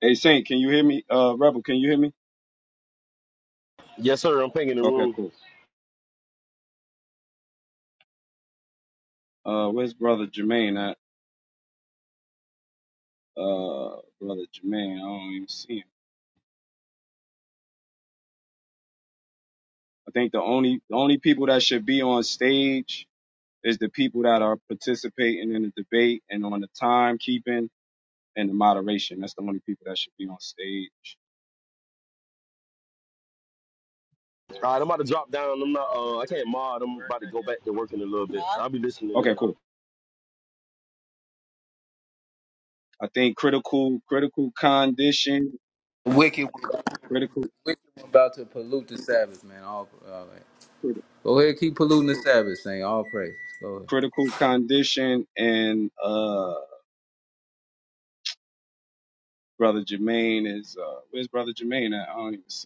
Hey Saint, can you hear me? Uh Rebel, can you hear me? Yes, sir. I'm pinging the Okay, room. cool. Uh where's brother Jermaine at? Uh brother Jermaine, I don't even see him. I think the only the only people that should be on stage is the people that are participating in the debate and on the timekeeping and the moderation. That's the only people that should be on stage. All right, I'm about to drop down. I'm not. Uh, I can't mod. I'm about to go back to working a little bit. I'll be listening Okay, in. cool. I think critical critical condition, Wicked, critical wicked one about to pollute the Sabbath, man. All, all right. criti- Go ahead, keep polluting the Sabbath, saying all praise. Go ahead. critical condition and uh brother Jermaine is uh where's brother Jermaine at? I don't even see.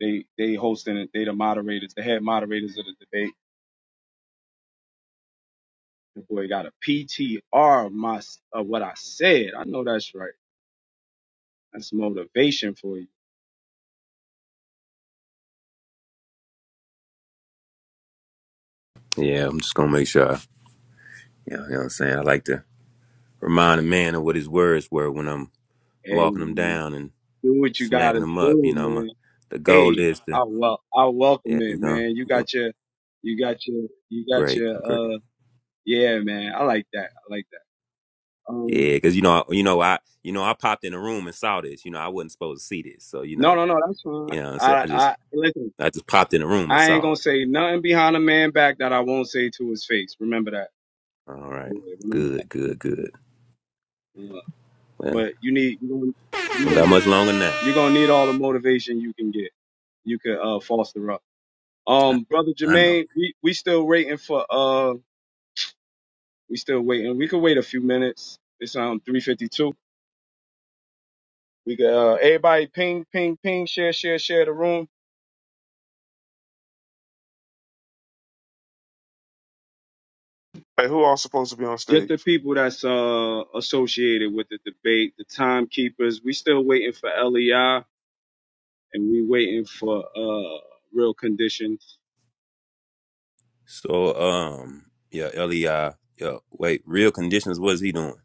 They they hosting it. They the moderators, the head moderators of the debate. The boy got a P T R PTR. My of what I said. I know that's right. That's motivation for you. Yeah, I'm just gonna make sure. I, you, know, you know what I'm saying? I like to remind a man of what his words were when I'm Hey walking him man, down and do what you smacking gotta him up. do, You know, I'm a, man. the goal Hey, is to I well I welcome yeah, you it, know, man. You you know, got your you got your you got great, great. your uh yeah, man. I like that. I like that. Yeah, Um because you know, you know, I you know, I popped in the room and saw this. You know, I wasn't supposed to see this, so you no know, no no, that's fine. you know, what I'm saying I I just I listen. I just popped in the room and I ain't saw gonna it. say nothing behind a man back that I won't say to his face. Remember that. All right, Yeah, remember good, good, good. that. Well, But you need you're gonna you're don't got gonna, much longer now. you're gonna need all the motivation you can get. You could uh foster up. I, Um, brother I know. Jermaine, we we still waiting for uh we still waiting. We could wait a few minutes. It's um 3:52. We could uh everybody ping ping ping share share share the room. Hey, who all supposed to be on Just the stage? people that's uh associated with the debate, the timekeepers. We still waiting for LEI and we waiting for uh real conditions. So, um, yeah, Eli, uh, yeah, wait, real conditions. What's he doing?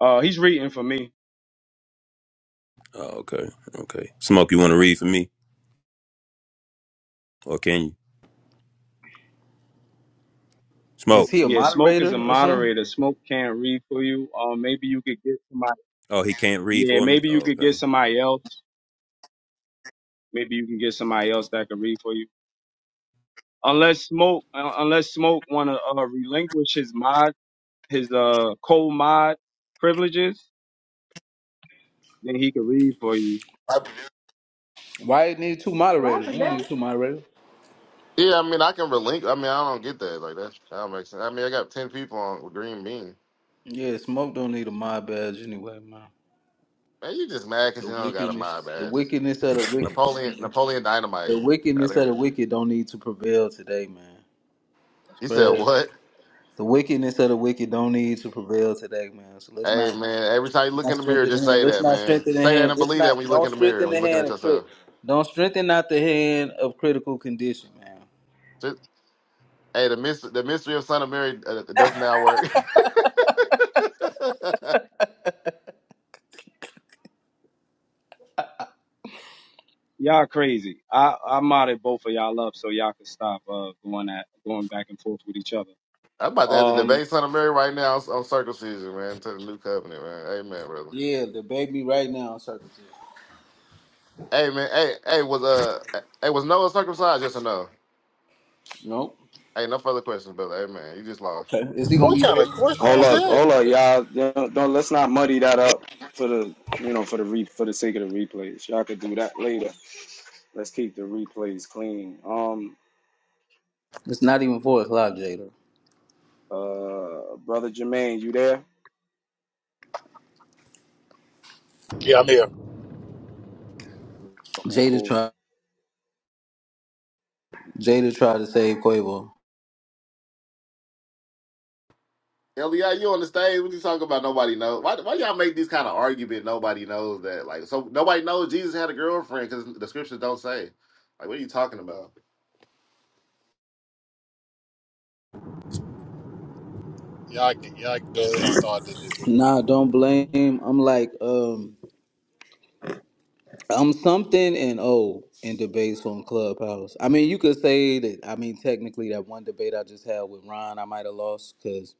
Uh, he's reading for me. Oh, okay. Okay. Smoke, you want to read for me? Or can you? Is Smoke. he a Yeah, Smoke is a moderator or something? moderator. Smoke can't read for you. Um, maybe you could get somebody. Oh, he can't read Yeah, for me? maybe you Oh, could get okay. somebody else. Maybe you can get somebody else that can read for you. Unless Smoke, uh, unless Smoke want to uh, relinquish his mod, his uh co-mod privileges, then he could read for you. Why it need two What moderators? You happened don't there? need two moderators. Yeah, I mean, I can relinquish. I mean, I don't get that. Like that, that don't make sense. I mean, I got ten people on with green bean. Yeah, smoke don't need a mod badge anyway, man. Man, you just mad because The you don't got a wickedness, mob the ass. wickedness of the wicked, Napoleon, Napoleon Dynamite. the Got wickedness of the here. wicked don't need to prevail today, man. It's You said crazy. what? The wickedness of the wicked don't need to prevail today, man. So let's Hey not. man, every time you look Not in the mirror, strength in the just hand. say Let's that, not man. strengthen the Say that hand. and Let's believe that not when you look don't in the mirror strengthen when the you're looking hand at of yourself. crit. Don't strengthen not the hand of critical condition, man. Just, hey, the mystery, the mystery of Son of Mary uh, does now work. Y'all crazy. I I modded both of y'all up so y'all could stop uh going at going back and forth with each other. I'm about to have to Um, debate Son of Mary right now on circumcision, man, to the new covenant, man. Amen, brother. Yeah, the baby right now circumcised. Hey man, hey, hey, was uh hey was Noah circumcised, yes or no? Nope. Hey, no further questions, brother. Hey man, you just lost. Okay. Is he gonna What be kind ready? of question Hold is up, that? hold up, y'all. Don't, don't let's not muddy that up for the you know for the re for the sake of the replays. Y'all could do that later. Let's keep the replays clean. Um, It's not even four o'clock, Jada. uh, brother Jermaine, you there? Yeah, I'm here. Okay, Jada cool. try Jada tried to save Quavo. Elliot, you on the stage, what you talking about nobody knows? Why why y'all make this kind of argument nobody knows that? Like so nobody knows Jesus had a girlfriend because the scriptures don't say. Like what are you talking about? Y'all, can- y'all can go ahead and start the debate. Nah, don't blame. I'm like, um, I'm something and old in debates from Clubhouse. I mean, you could say that. I mean, technically, that one debate I just had with Ron, I might have lost because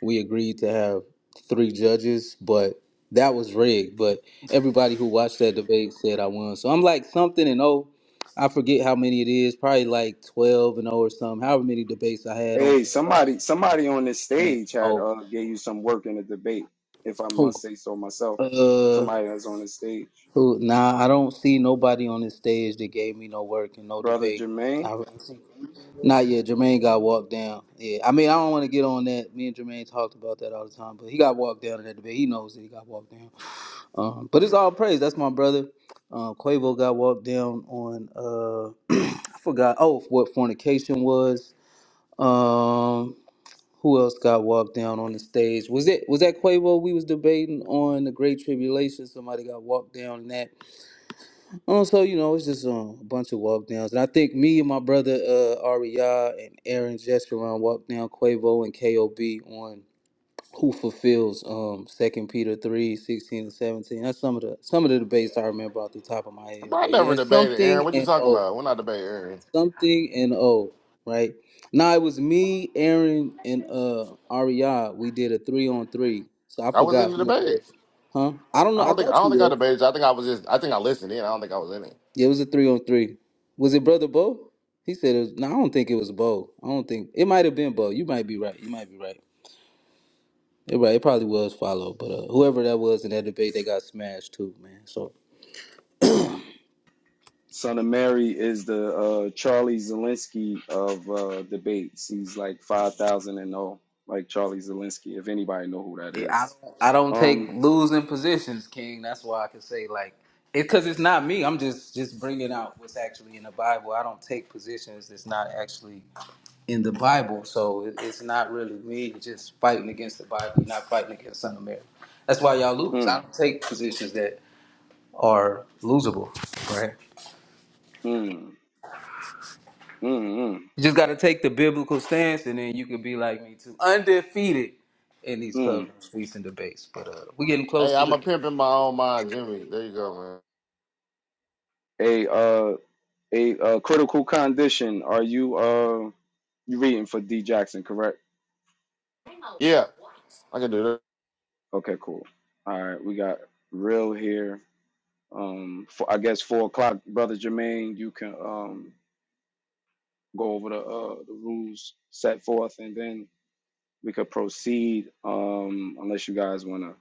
we agreed to have three judges, but that was rigged. But everybody who watched that debate said I won. So I'm like something and oh, I forget how many it is. Probably like twelve and oh or something. However many debates I had on. Hey, somebody, somebody on this And stage had oh, uh gave you some work in the debate. If I who? must say so myself, Uh, somebody that's on the stage, who? Nah, I don't see nobody on this stage that gave me no work and no brother debate. Jermaine. I, not yet. Jermaine got walked down. Yeah, I mean I don't want to get on that. Me and Jermaine talked about that all the time, but he got walked down in that debate. He knows that he got walked down. Um, but it's all praise. That's my brother. Uh, Quavo got walked down on uh, I forgot. Oh, what fornication was. Um, who else got walked down on the stage? Was it was that Quavo we was debating on the Great Tribulation? Somebody got walked down in that. Um, so you know it's just um, a bunch of walk downs, and I think me and my brother uh, Aria and Aaron Jeshurun walked down Quavo and Kob on who fulfills um second peter 3 16 and 17 that's some of the some of the debates i remember off the top of my head Bro, I but yeah never it's debated something Aaron. What you and talking oh about? We're not debating Aaron. something and oh right now it was me aaron and uh Ariad. we did a three on three so i I was in forgot the who it debate. was huh i don't I know i don't think I thought don't you think I were debated you. I think I was just I think I listened in. I don't think I was in it. yeah it was a three on three was it brother bo he said it was no i don't think it was bo i don't think it might have been bo you might be right you might be right Yeah, right. It probably was followed, but uh, whoever that was in that debate, they got smashed too, man. So Son of Mary is the uh, Charlie Zelinsky of uh, debates. He's like five thousand and oh, like Charlie Zelinsky. If anybody know who that yeah, I is, don't, I don't take um, losing positions, King. That's why I can say like it because it's not me. I'm just just bringing out what's actually in the Bible. I don't take positions that's not actually in the Bible, so it, it's not really me just fighting against the Bible, not fighting against Son of Mary. That's why y'all lose. I mm, don't take positions that are losable, right? mm, mm, mm, You just got to take the biblical stance, and then you could be like me too, undefeated in these club mm. streets and debates. But uh, we getting Hey, close to I'm the. a pimp in my own mind, Jimmy. There you go, man. a uh, a uh, critical condition. Are you uh you reading for D Jackson? Correct. Yeah, I can do that. Okay, cool. All right, we got real here. Um, for, I guess four o'clock, brother Jermaine. You can um go over the uh the rules set forth, and then we could proceed um, unless you guys want to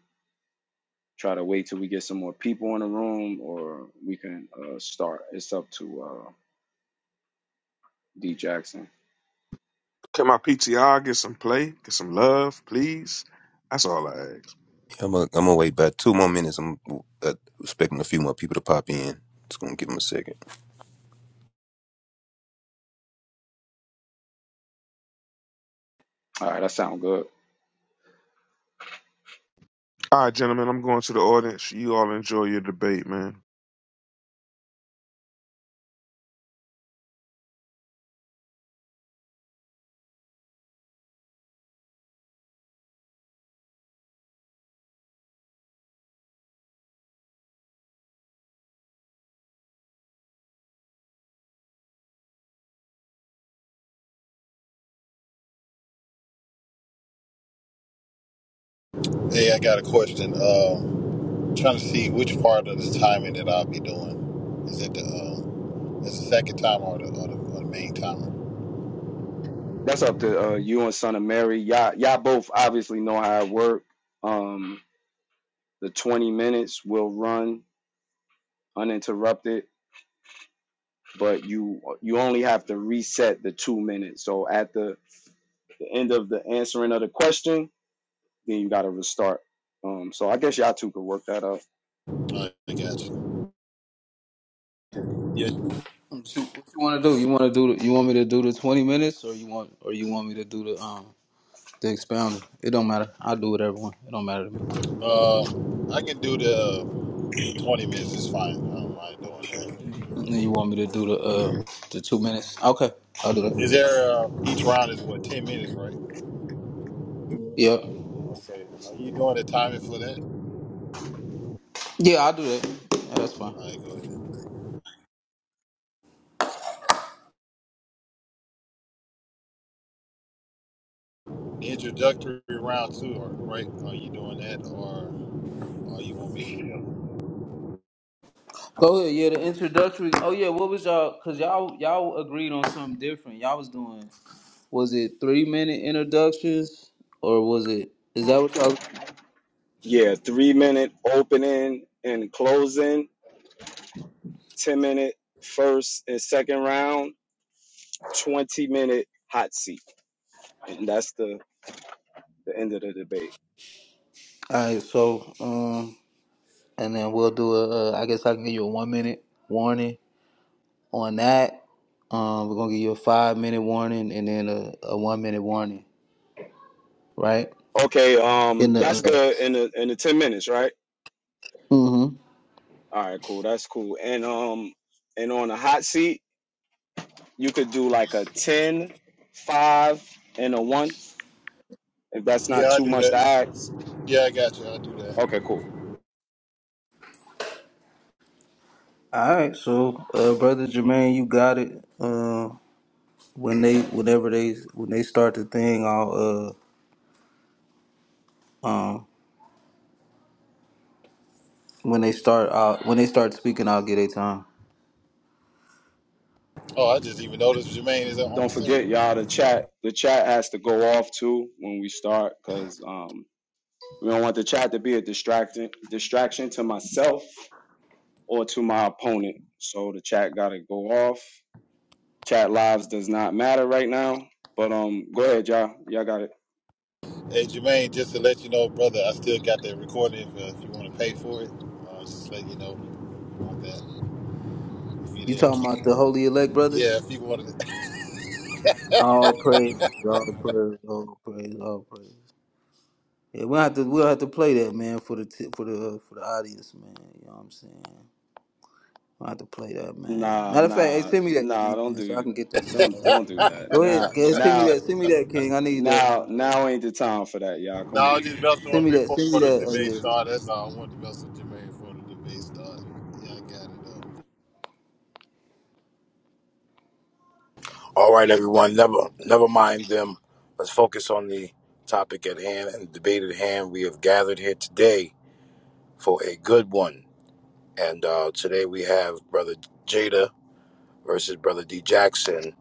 try to wait till we get some more people in the room or we can uh, start it's up to uh, d jackson Can my PTR get some play, get some love, please? That's all I ask. I'm going I'm to wait about two more minutes. I'm uh, expecting a few more people to pop in. It's going to give them a second. all right that sound good All right, gentlemen, I'm going to the audience. You all enjoy your debate, man. Hey, I got a question. Um, trying to see which part of the timing that I'll be doing. Is it the um, is the second timer or the, or the, or the main timer? that's up to uh, you and son of mary y'all, y'all both obviously know how it work um, the 20 minutes will run uninterrupted but you you only have to reset the two minutes so at the, the end of the answering of the question then you got to restart um, so i guess y'all two could work that out All right, I got you. Yeah. Shoot, What you, want to do? You want to do? The, you want me to do the twenty minutes, or you want, or you want me to do the um the expounding? It don't matter. I'll do it, everyone. It don't matter to me. Um, I can do the uh, twenty minutes. It's fine. I don't mind doing And then you want me to do the uh the two minutes? Okay, I'll do that. that. Is there uh, each round is what ten minutes, right? Yeah, Okay. Are you doing the timing for that? All yeah, I'll do that. Yeah, that's fine. right, go ahead. Introductory round two, or- right? Are you doing that, or are you want me? Go ahead, yeah. The introductory. Oh yeah, what was y'all? Cause y'all y'all agreed on something different. Y'all was doing. Was it three minute introductions or was it? Is that what y'all? All Yeah, three minute opening and closing, 10 minute first and second round, 20 minute hot seat. And that's the, the end of the debate. right. So um, and then we'll do a. Uh, I guess I can give you a one minute warning on that. Um, we're gonna give you a five minute warning and then a, a one minute warning, right? Okay, um, In the. that's Uh, good in the in the 10 minutes, right? mm-hmm. All right, cool. That's cool. And um and on the hot seat, you could do like a 10, 5, and a 1. If that's not Yeah, I too do much to that. ask. Yeah, I got you. I do that. Okay, cool. All right. So, uh, brother Jermaine, you got it. Um. when they whenever they when they start the thing I'll uh um when they start uh when they start speaking I'll get a time. Oh, I just even noticed Jermaine is on Don't stage, forget, y'all, man. the chat. The chat has to go off too when we start, cause um We don't want the chat to be a distraction distraction to myself or to my opponent. So the chat gotta go off. Chat lives does not matter right now. But um go ahead, y'all. Y'all got it. Hey, Jermaine, just to let you know, brother, I still got that recording if, uh, if you want to pay for it. Uh, just let you know about that. If you're You there, talking keep it. about the holy elect Yeah, brothers? if you wanted to. All praise, all praise, all praise, all praise. Yeah, we'll have to we'll have to play that man for the t- for the uh, for the audience, man. You know what I'm saying? We will have to play that man. Nah, Matter of fact, hey, nah, send me that nah, king, don't man, so I do can get that don't tomorrow. don't do that. Go ahead, Now go ahead, send me now that, send me that king. I need that now tomorrow. now ain't the time for that, y'all. No, Come I on. was just messing with Send him me that, before send me the that. uh, debate yeah, started. man. That's all. I wanted to mess with Jermaine before the debate started. Yeah, I got All right, everyone. Never, never mind them. Let's focus on the topic at hand and the debate at hand. We have gathered here today for a good one, and uh, today we have Brother Jada versus Brother D Jackson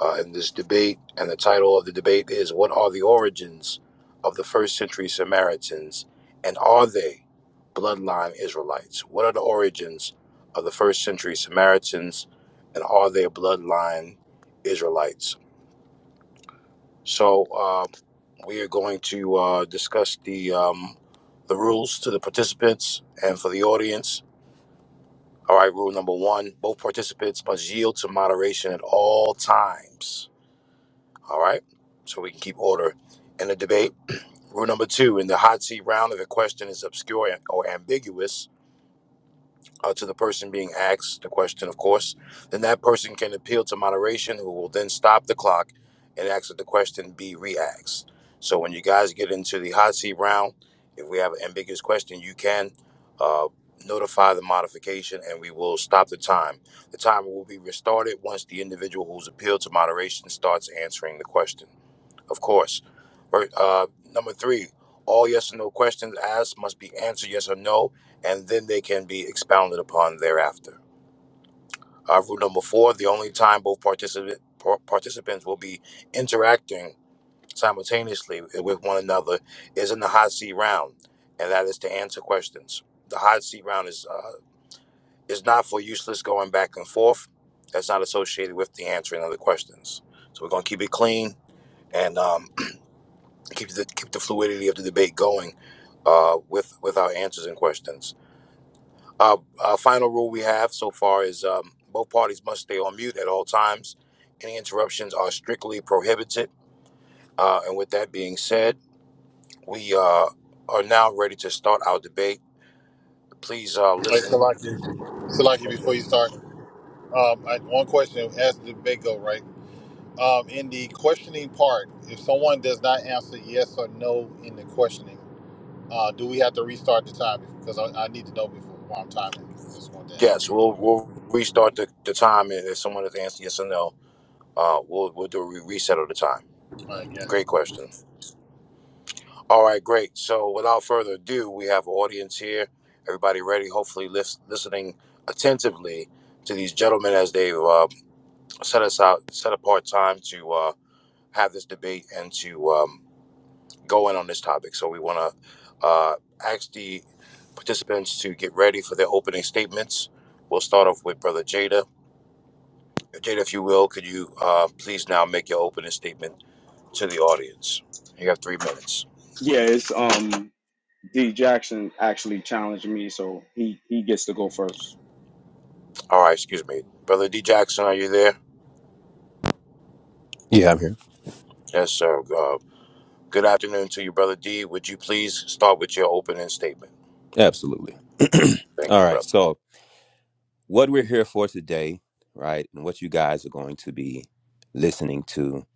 uh, in this debate. And the title of the debate is "What are the origins of the first-century Samaritans, and are they bloodline Israelites? What are the origins of the first-century Samaritans, and are they bloodline?" Israelites. So uh, we are going to uh, discuss the um, the rules to the participants and for the audience. All right, rule number one: both participants must yield to moderation at all times. All right, so we can keep order in the debate. Rule number two: in the hot seat round, if a question is obscure or ambiguous, uh, to the person being asked the question, of course, then that person can appeal to moderation, who will then stop the clock and ask that the question be re asked. So when you guys get into the hot seat round, if we have an ambiguous question, you can uh, notify the modification and we will stop the time. The timer will be restarted once the individual who's appealed to moderation starts answering the question. Of course. Ver- Uh, number three, all yes or no questions asked must be answered yes or no, and then they can be expounded upon thereafter. Uh, rule number four, the only time both participant, par- participants will be interacting simultaneously with one another is in the hot seat round, and that is to answer questions. The hot seat round is, uh, is not for useless going back and forth. That's not associated with the answering of the questions. So we're going to keep it clean and um, keep the keep the fluidity of the debate going uh, with with our answers and questions. Uh, our final rule we have so far is um, both parties must stay on mute at all times. Any interruptions are strictly prohibited. Uh, and with that being said, we uh, are now ready to start our debate. Please uh, it. Uh, hey, listen. Salaki. Salaki, Go ahead. before you start, um, I, one question. Ask the debate go, right? Um, in the questioning part, if someone does not answer yes or no in the questioning, uh, do we have to restart the time? Because I, I need to know before while I'm timing. I just want to Yes, ask. we'll we'll restart the, the time and if someone has answered yes or no. Uh, we'll we'll do a re- reset of the time. All right, yeah. Great question. All right, great. So without further ado, we have an audience here. Everybody ready? Hopefully, lis- listening attentively to these gentlemen as they uh, set us out, set apart time to uh, have this debate and to um, go in on this topic. So we want to uh, ask the participants to get ready for their opening statements. We'll start off with Brother Jada. Jada, if you will, could you uh, please now make your opening statement to the audience? You have three minutes. Yeah, it's um D Jackson actually challenged me, so he he gets to go first. All right, excuse me. Brother D. Jackson, are you there? Yeah, I'm here. Yes, sir. Uh, good afternoon to you, Brother D. Would you please start with your opening statement? Absolutely. Thank All you, right. brother. So, what we're here for today, right, and what you guys are going to be listening to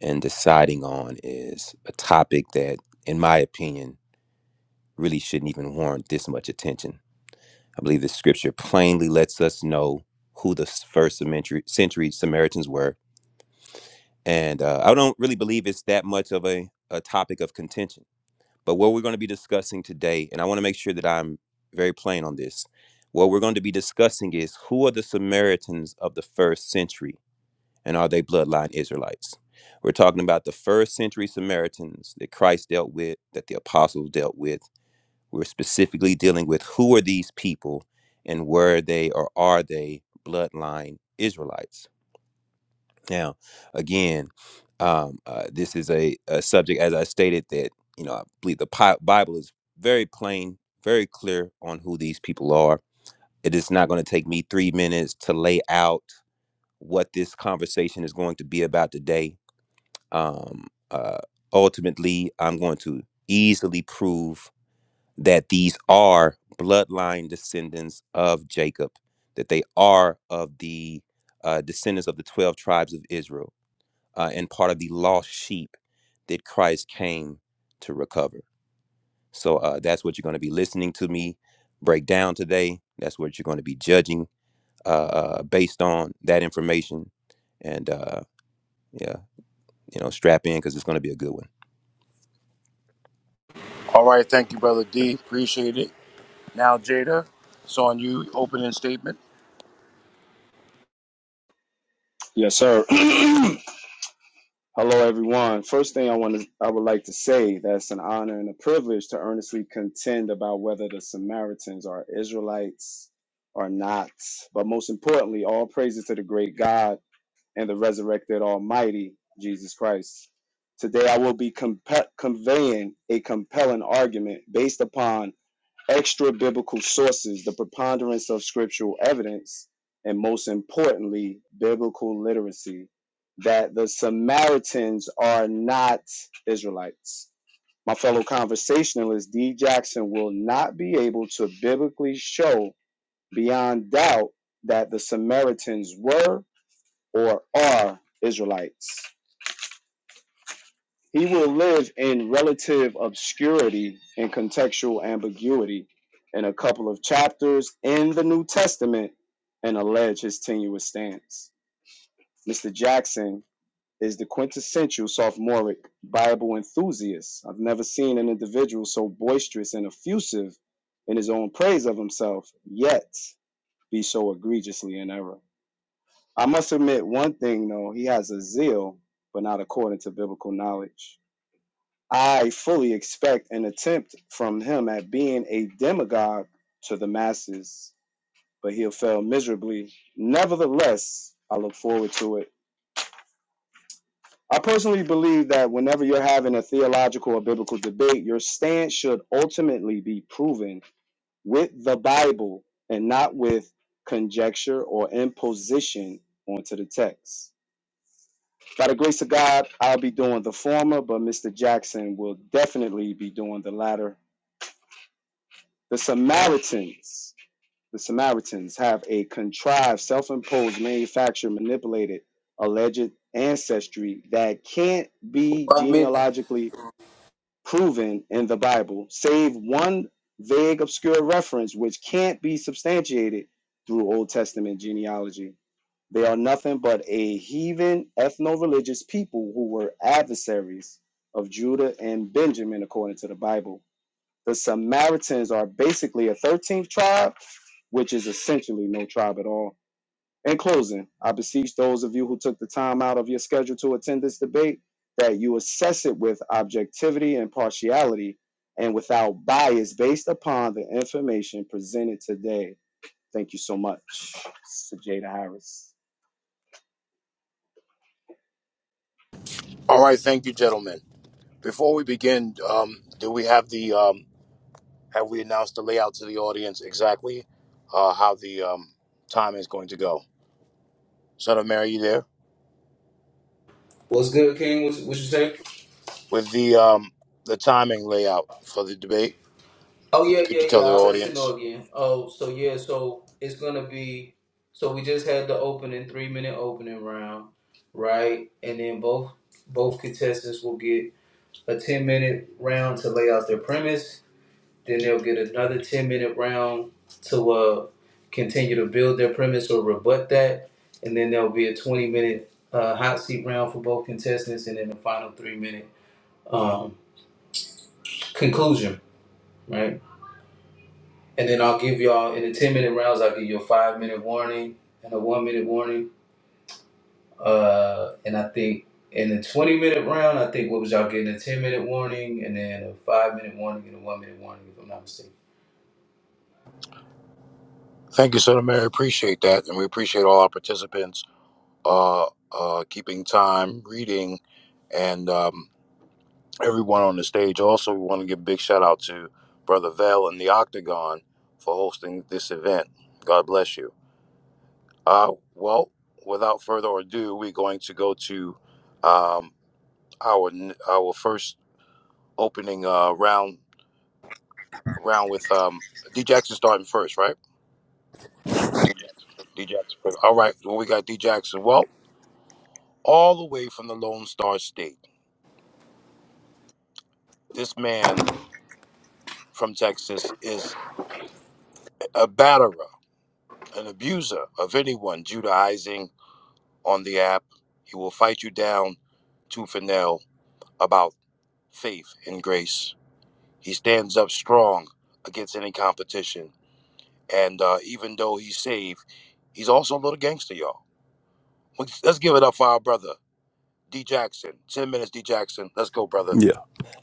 and deciding on is a topic that, in my opinion, really shouldn't even warrant this much attention. I believe the scripture plainly lets us know who the first century, century Samaritans were. And uh, I don't really believe it's that much of a, a topic of contention. But what we're going to be discussing today, and I want to make sure that I'm very plain on this, what we're going to be discussing is who are the Samaritans of the first century and are they bloodline Israelites? We're talking about the first century Samaritans that Christ dealt with, that the apostles dealt with we're specifically dealing with who are these people and were they or are they bloodline Israelites? Now, again, um, uh, this is a, a subject, as I stated, that, you know, I believe the Pi- Bible is very plain, very clear on who these people are. It is not going to take me three minutes to lay out what this conversation is going to be about today. Um, uh, ultimately, I'm going to easily prove that these are bloodline descendants of Jacob, that they are of the uh, descendants of the 12 tribes of Israel, uh, and part of the lost sheep that Christ came to recover. So uh, that's what you're going to be listening to me break down today. That's what you're going to be judging uh, uh, based on that information. And uh, yeah. You know, strap in because it's going to be a good one. All right. Thank you, Brother D. Appreciate it. Now, Jada, it's on you. Opening statement. Yes, sir. Hello, everyone. First thing I want to, I would like to say that it's an honor and a privilege to earnestly contend about whether the Samaritans are Israelites or not. But most importantly, all praises to the great God and the resurrected Almighty Jesus Christ. Today, I will be compe- conveying a compelling argument based upon extra biblical sources, the preponderance of scriptural evidence, and most importantly, biblical literacy, that the Samaritans are not Israelites. My fellow conversationalist D. Jackson will not be able to biblically show beyond doubt that the Samaritans were or are Israelites. He will live in relative obscurity and contextual ambiguity in a couple of chapters in the New Testament and allege his tenuous stance. Mr. Jackson is the quintessential sophomoric Bible enthusiast. I've never seen an individual so boisterous and effusive in his own praise of himself, yet be so egregiously in error. I must admit one thing though, he has a zeal, but not according to biblical knowledge. I fully expect an attempt from him at being a demagogue to the masses, but he'll fail miserably. Nevertheless, I look forward to it. I personally believe that whenever you're having a theological or biblical debate, your stance should ultimately be proven with the Bible and not with conjecture or imposition onto the text. By the grace of God, I'll be doing the former, but Mr. Jackson will definitely be doing the latter. The Samaritans, the Samaritans have a contrived, self-imposed, manufactured, manipulated, alleged ancestry that can't be One minute. genealogically proven in the Bible, save one vague, obscure reference which can't be substantiated through Old Testament genealogy. They are nothing but a heathen, ethno-religious people who were adversaries of Judah and Benjamin, according to the Bible the Samaritans are basically a 13th tribe, which is essentially no tribe at all. In closing, I beseech those of you who took the time out of your schedule to attend this debate that you assess it with objectivity and partiality and without bias based upon the information presented today. Thank you so much, Sajada Harris. All right. Thank you, gentlemen. Before we begin, um, do we have the, um, have we announced the layout to the audience exactly uh, how the um, time is going to go? Son of Mary, you there? What's good, King? What, what you say? With the, um, the timing layout for the debate, Oh yeah, could you yeah, yeah. tell the I'll let you audience? know again. Oh, so yeah, so it's gonna be. So we just had the opening three minute opening round, right? And then both both contestants will get a ten minute round to lay out their premise. Then they'll get another ten minute round to uh continue to build their premise or rebut that. And then there'll be a twenty minute uh, hot seat round for both contestants, and then the final three minute um, conclusion, right? and then I'll give y'all in the ten minute rounds. I'll give you a five minute warning and a one minute warning. Uh, and I think in the twenty minute round, I think what was y'all getting a ten minute warning and then a five minute warning and a one minute warning. If I'm not mistaken. Thank you, Son of Mary. Appreciate that. And we appreciate all our participants uh, uh, keeping time, reading, and um, everyone on the stage. Also, we want to give a big shout out to Brother Val and the Octagon for hosting this event. God bless you. Uh, well, without further ado, we're going to go to um, our our first opening uh, round round with um, D Jackson starting first, right? D Jackson. first. All right. Well, we got D Jackson. Well, all the way from the Lone Star State. This man from Texas is a batterer, an abuser of anyone Judaizing on the app. He will fight you down tooth and nail about faith and grace. He stands up strong against any competition. And uh, even though he's saved, he's also a little gangster, y'all. Let's let's give it up for our brother, D Jackson. 10 minutes, D Jackson. Let's go, brother. Yeah.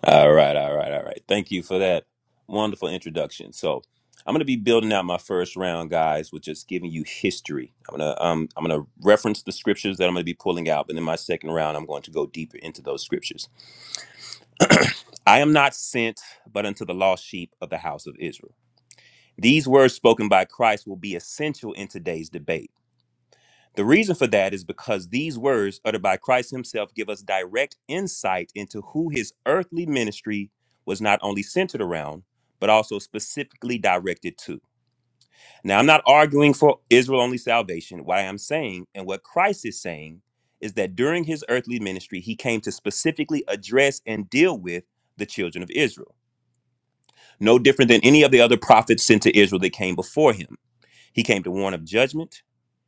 All right, all right, all right. Thank you for that wonderful introduction. So I'm going to be building out my first round, guys, with just giving you history. I'm going to um, I'm going to reference the scriptures that I'm going to be pulling out, but in my second round, I'm going to go deeper into those scriptures. I am not sent, but unto the lost sheep of the house of Israel. These words spoken by Christ will be essential in today's debate. The reason for that is because these words uttered by Christ himself give us direct insight into who his earthly ministry was not only centered around, but also specifically directed to. Now, I'm not arguing for Israel only salvation. What I am saying and what Christ is saying is that during his earthly ministry, he came to specifically address and deal with the children of Israel, no different than any of the other prophets sent to Israel that came before him. He came to warn of judgment,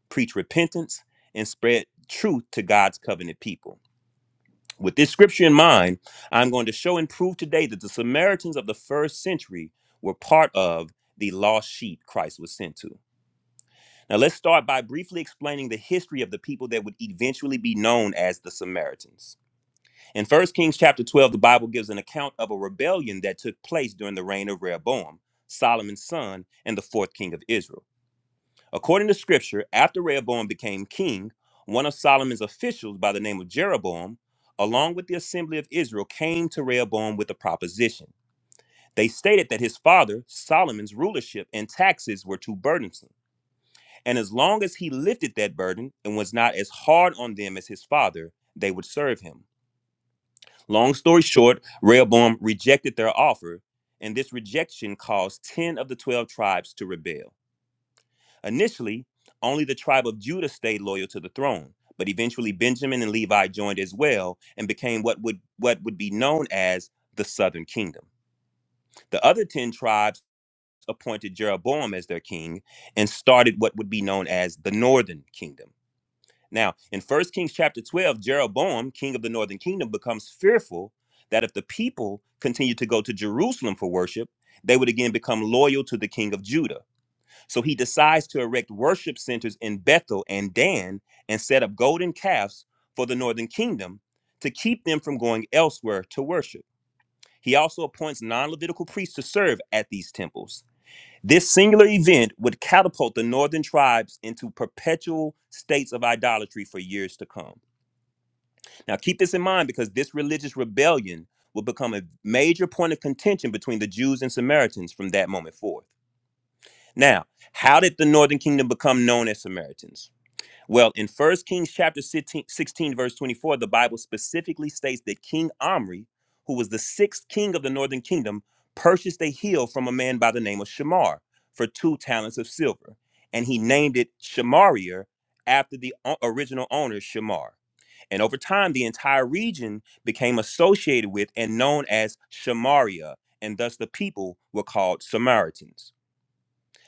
preach repentance, and spread truth to God's covenant people. With this scripture in mind, I'm going to show and prove today that the Samaritans of the first century were part of the lost sheep Christ was sent to. Now, let's start by briefly explaining the history of the people that would eventually be known as the Samaritans. In 1 Kings chapter 12, the Bible gives an account of a rebellion that took place during the reign of Rehoboam, Solomon's son, and the fourth king of Israel. According to scripture, after Rehoboam became king, one of Solomon's officials by the name of Jeroboam, along with the assembly of Israel, came to Rehoboam with a proposition. They stated that his father, Solomon's rulership and taxes were too burdensome. And as long as he lifted that burden and was not as hard on them as his father, they would serve him. Long story short, Rehoboam rejected their offer, and this rejection caused 10 of the 12 tribes to rebel. Initially, only the tribe of Judah stayed loyal to the throne, but eventually Benjamin and Levi joined as well and became what would what would be known as the southern kingdom. The other 10 tribes appointed Jeroboam as their king and started what would be known as the northern kingdom. Now, in First Kings chapter 12, Jeroboam, king of the northern kingdom, becomes fearful that if the people continue to go to Jerusalem for worship, they would again become loyal to the king of Judah. So he decides to erect worship centers in Bethel and Dan and set up golden calves for the northern kingdom to keep them from going elsewhere to worship. He also appoints non Levitical priests to serve at these temples. This singular event would catapult the northern tribes into perpetual states of idolatry for years to come. Now, keep this in mind because this religious rebellion will become a major point of contention between the Jews and Samaritans from that moment forth. Now, how did the northern kingdom become known as Samaritans? Well, in First Kings chapter 16, verse 24, the Bible specifically states that King Omri, who was the sixth king of the northern kingdom, purchased a hill from a man by the name of Shamar for two talents of silver, and he named it Shamarier after the o- original owner, Shamar. And over time, the entire region became associated with and known as Shamaria, and thus the people were called Samaritans.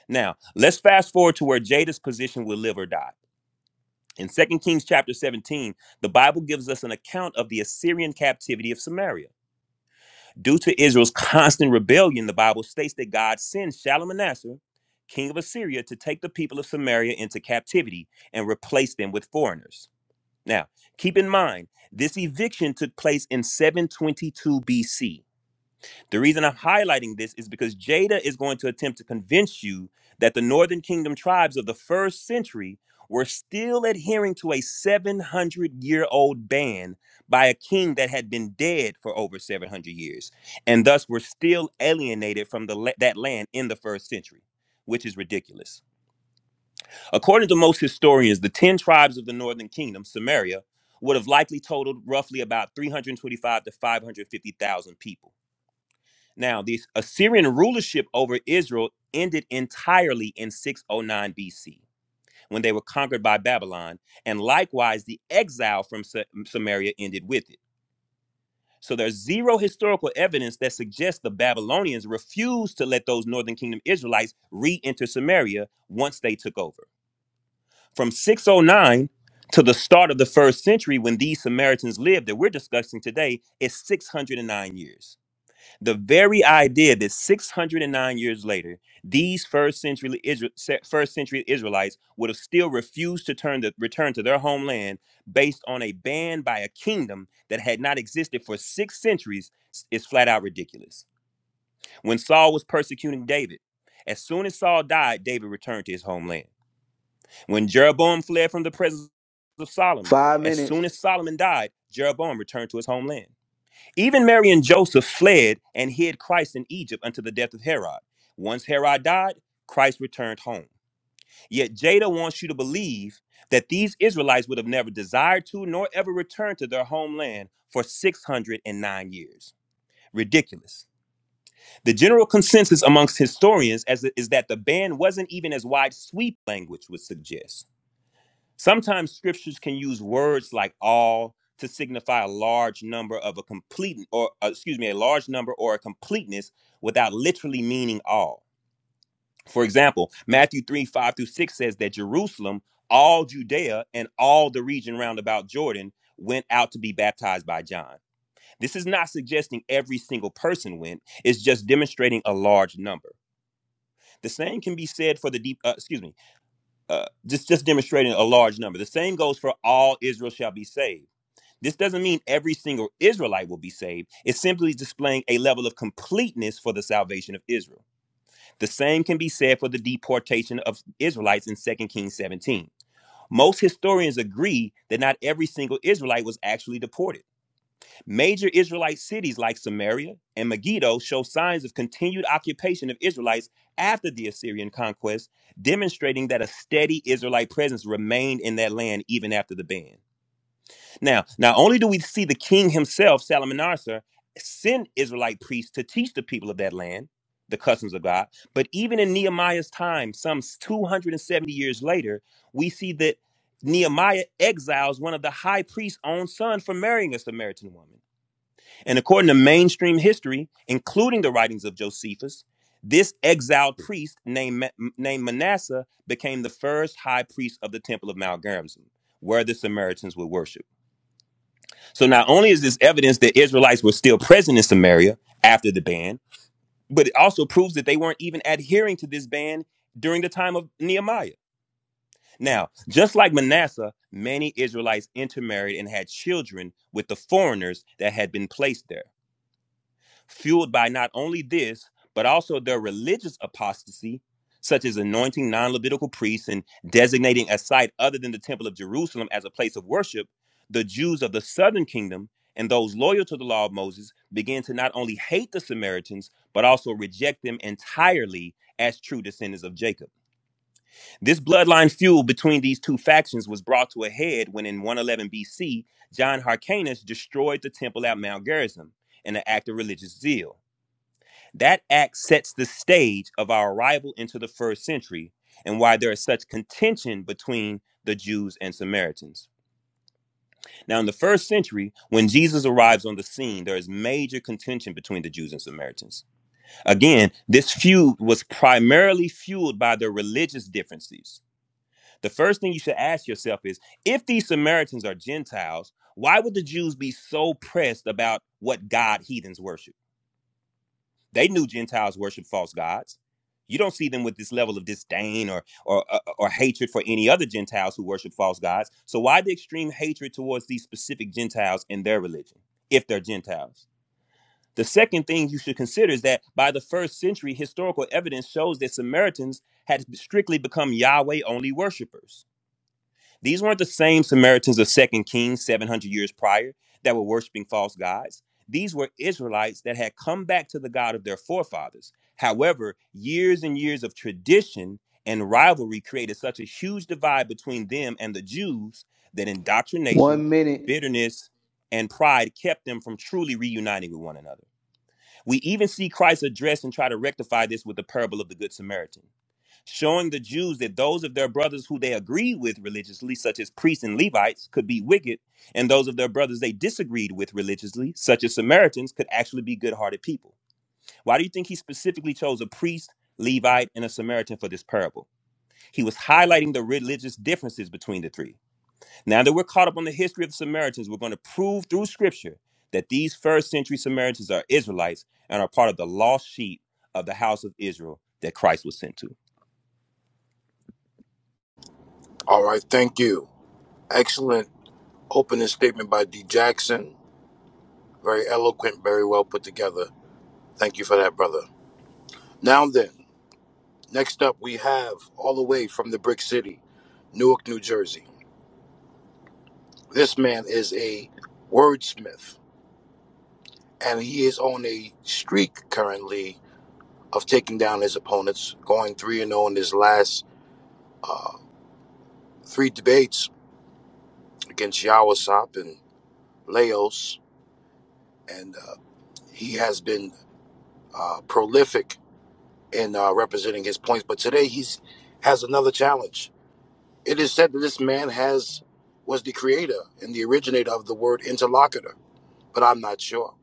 Now, let's fast forward to where Jada's position will live or die. In Second Kings chapter 17, the Bible gives us an account of the Assyrian captivity of Samaria. Due to Israel's constant rebellion, the Bible states that God sends Shalmaneser, king of Assyria, to take the people of Samaria into captivity and replace them with foreigners. Now, keep in mind, this eviction took place in 722 BC. The reason I'm highlighting this is because Jada is going to attempt to convince you that the Northern Kingdom tribes of the first century were still adhering to a 700 year old ban by a king that had been dead for over 700 years, and thus were still alienated from the, la- that land in the first century, which is ridiculous. According to most historians, the 10 tribes of the Northern Kingdom, Samaria, would have likely totaled roughly about 325 to 550,000 people now, the Assyrian rulership over Israel ended entirely in 609 BC when they were conquered by Babylon, and likewise the exile from Sa- mm, Samaria ended with it. So there's zero historical evidence that suggests the Babylonians refused to let those northern kingdom Israelites re-enter Samaria once they took over. From 609 to the start of the first century when these Samaritans lived that we're discussing today is 609 years the very idea that 609 years later these first century Isra- first century israelites would have still refused to turn the return to their homeland based on a ban by a kingdom that had not existed for six centuries is flat out ridiculous when saul was persecuting david as soon as saul died david returned to his homeland when jeroboam fled from the presence of solomon Five as minutes. soon as solomon died jeroboam returned to his homeland even Mary and Joseph fled and hid Christ in Egypt until the death of Herod. Once Herod died, Christ returned home. Yet Jada wants you to believe that these Israelites would have never desired to nor ever returned to their homeland for 609 years. Ridiculous. The general consensus amongst historians as- is that the ban wasn't even as wide sweep language would suggest. Sometimes scriptures can use words like all to signify a large number of a complete or uh, excuse me, a large number or a completeness without literally meaning all. For example, Matthew 3, 5 through 6 says that Jerusalem, all Judea, and all the region round about Jordan went out to be baptized by John. This is not suggesting every single person went, it's just demonstrating a large number. The same can be said for the deep, uh, excuse me, uh, just just demonstrating a large number. The same goes for all Israel shall be saved. This doesn't mean every single Israelite will be saved. It's simply displaying a level of completeness for the salvation of Israel. The same can be said for the deportation of Israelites in Second Kings 17. Most historians agree that not every single Israelite was actually deported. Major Israelite cities like Samaria and Megiddo show signs of continued occupation of Israelites after the Assyrian conquest, demonstrating that a steady Israelite presence remained in that land even after the ban. Now, not only do we see the king himself, Salmanassar, send Israelite priests to teach the people of that land the customs of God, but even in Nehemiah's time, some 270 years later, we see that Nehemiah exiles one of the high priest's own son for marrying a Samaritan woman. And according to mainstream history, including the writings of Josephus, this exiled priest named, Ma- named Manasseh became the first high priest of the temple of Mount Gerizim, where the Samaritans would worship. So not only is this evidence that Israelites were still present in Samaria after the ban, but it also proves that they weren't even adhering to this ban during the time of Nehemiah. Now, just like Manasseh, many Israelites intermarried and had children with the foreigners that had been placed there. fueled by not only this, but also their religious apostasy, such as anointing non Levitical priests and designating a site other than the Temple of Jerusalem as a place of worship, the Jews of the southern kingdom and those loyal to the law of Moses began to not only hate the Samaritans, but also reject them entirely as true descendants of Jacob. This bloodline feud between these two factions was brought to a head when, in 111 BC, John Hyrcanus destroyed the temple at Mount Gerizim in an act of religious zeal. That act sets the stage of our arrival into the first century and why there is such contention between the Jews and Samaritans. Now, in the first century, when Jesus arrives on the scene, there is major contention between the Jews and Samaritans. Again, this feud was primarily fueled by their religious differences. The first thing you should ask yourself is if these Samaritans are Gentiles, why would the Jews be so pressed about what God heathens worship? They knew Gentiles worship false gods. You don't see them with this level of disdain or, or, or, or hatred for any other Gentiles who worship false gods. So, why the extreme hatred towards these specific Gentiles in their religion, if they're Gentiles? The second thing you should consider is that by the first century, historical evidence shows that Samaritans had strictly become Yahweh only worshipers these weren't the same Samaritans of Second Kings 700 years prior that were worshiping false gods. These were Israelites that had come back to the God of their forefathers. However, years and years of tradition and rivalry created such a huge divide between them and the Jews that indoctrination, One minute. bitterness, and pride kept them from truly reuniting with one another. We even see Christ address and try to rectify this with the parable of the Good Samaritan showing the Jews that those of their brothers who they agreed with religiously, such as priests and Levites, could be wicked, and those of their brothers they disagreed with religiously, such as Samaritans, could actually be good hearted people. Why do you think he specifically chose a priest, Levite, and a Samaritan for this parable? He was highlighting the religious differences between the three. Now that we're caught up on the history of the Samaritans, we're going to prove through scripture that these first century Samaritans are Israelites and are part of the lost sheep of the house of Israel that Christ was sent to. All right, thank you. Excellent opening statement by D Jackson. Very eloquent, very well put together. Thank you for that, brother. Now then. Next up, we have all the way from the Brick City, Newark, New Jersey. This man is a wordsmith, and he is on a streak currently of taking down his opponents, going 3 and 0 in his last uh, three debates against Yawasop and Laos. And uh, he has been uh, prolific in uh, representing his points, but today he's has another challenge. It is said that this man has was the creator and the originator of the word interlocutor but I'm not sure.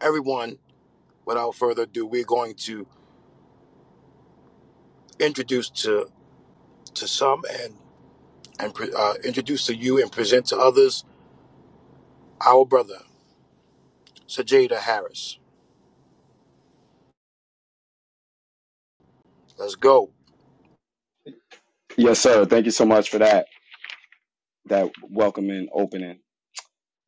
Everyone, without further ado, we're going to introduce to to some and and uh, introduce to you and present to others our brother Sajada Harris. Let's go. Yes, sir. Thank you so much for that that welcoming opening.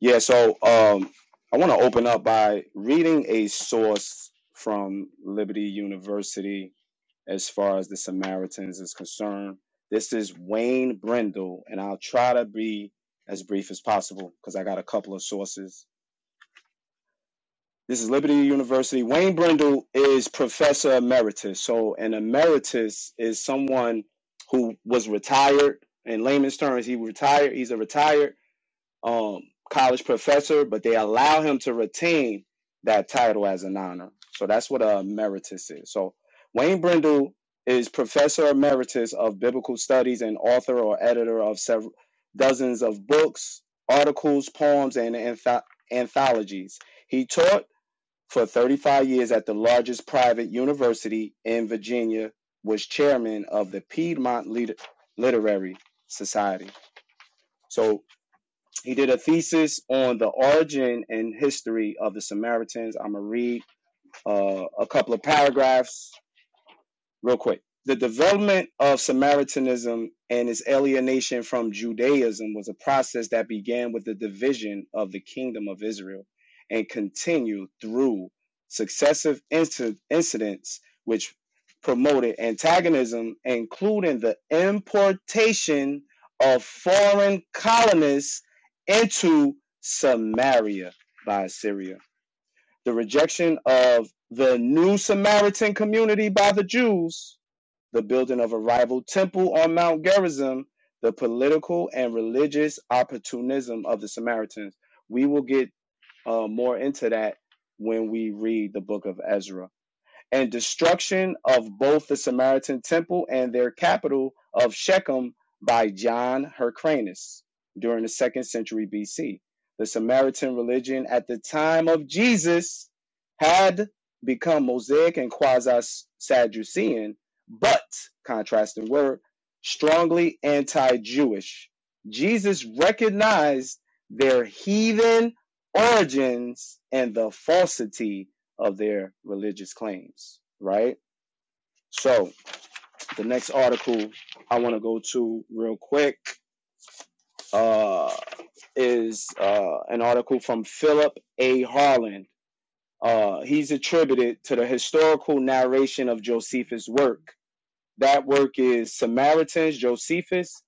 Yeah, so um, I want to open up by reading a source from Liberty University as far as the Samaritans is concerned. This is Wayne Brindle, and I'll try to be as brief as possible because I got a couple of sources. This is Liberty University. Wayne Brindle is professor emeritus. So, an emeritus is someone who was retired. In layman's terms, he retired. He's a retired um, college professor, but they allow him to retain that title as an honor. So that's what a emeritus is. So Wayne Brindle is professor emeritus of biblical studies and author or editor of several dozens of books, articles, poems, and anth- anthologies. He taught for 35 years at the largest private university in Virginia, was chairman of the Piedmont Liter- Literary Society. So he did a thesis on the origin and history of the Samaritans. I'm going to read uh, a couple of paragraphs real quick. The development of Samaritanism and its alienation from Judaism was a process that began with the division of the kingdom of Israel and continued through successive inci- incidents which promoted antagonism, including the importation of foreign colonists into Samaria by Assyria. The rejection of the new Samaritan community by the Jews the building of a rival temple on Mount Gerizim, the political and religious opportunism of the Samaritans. We will get uh, more into that when we read the book of Ezra and destruction of both the Samaritan temple and their capital of Shechem by John Hyrcanus during the second century BC. The Samaritan religion at the time of Jesus had become Mosaic and quasi Sadducean, but contrasting word, strongly anti Jewish. Jesus recognized their heathen origins and the falsity of their religious claims, right? So the next article I want to go to real quick uh, is uh, an article from Philip A. Harland. Uh, he's attributed to the historical narration of Josephus' work. That work is Samaritans, Josephus,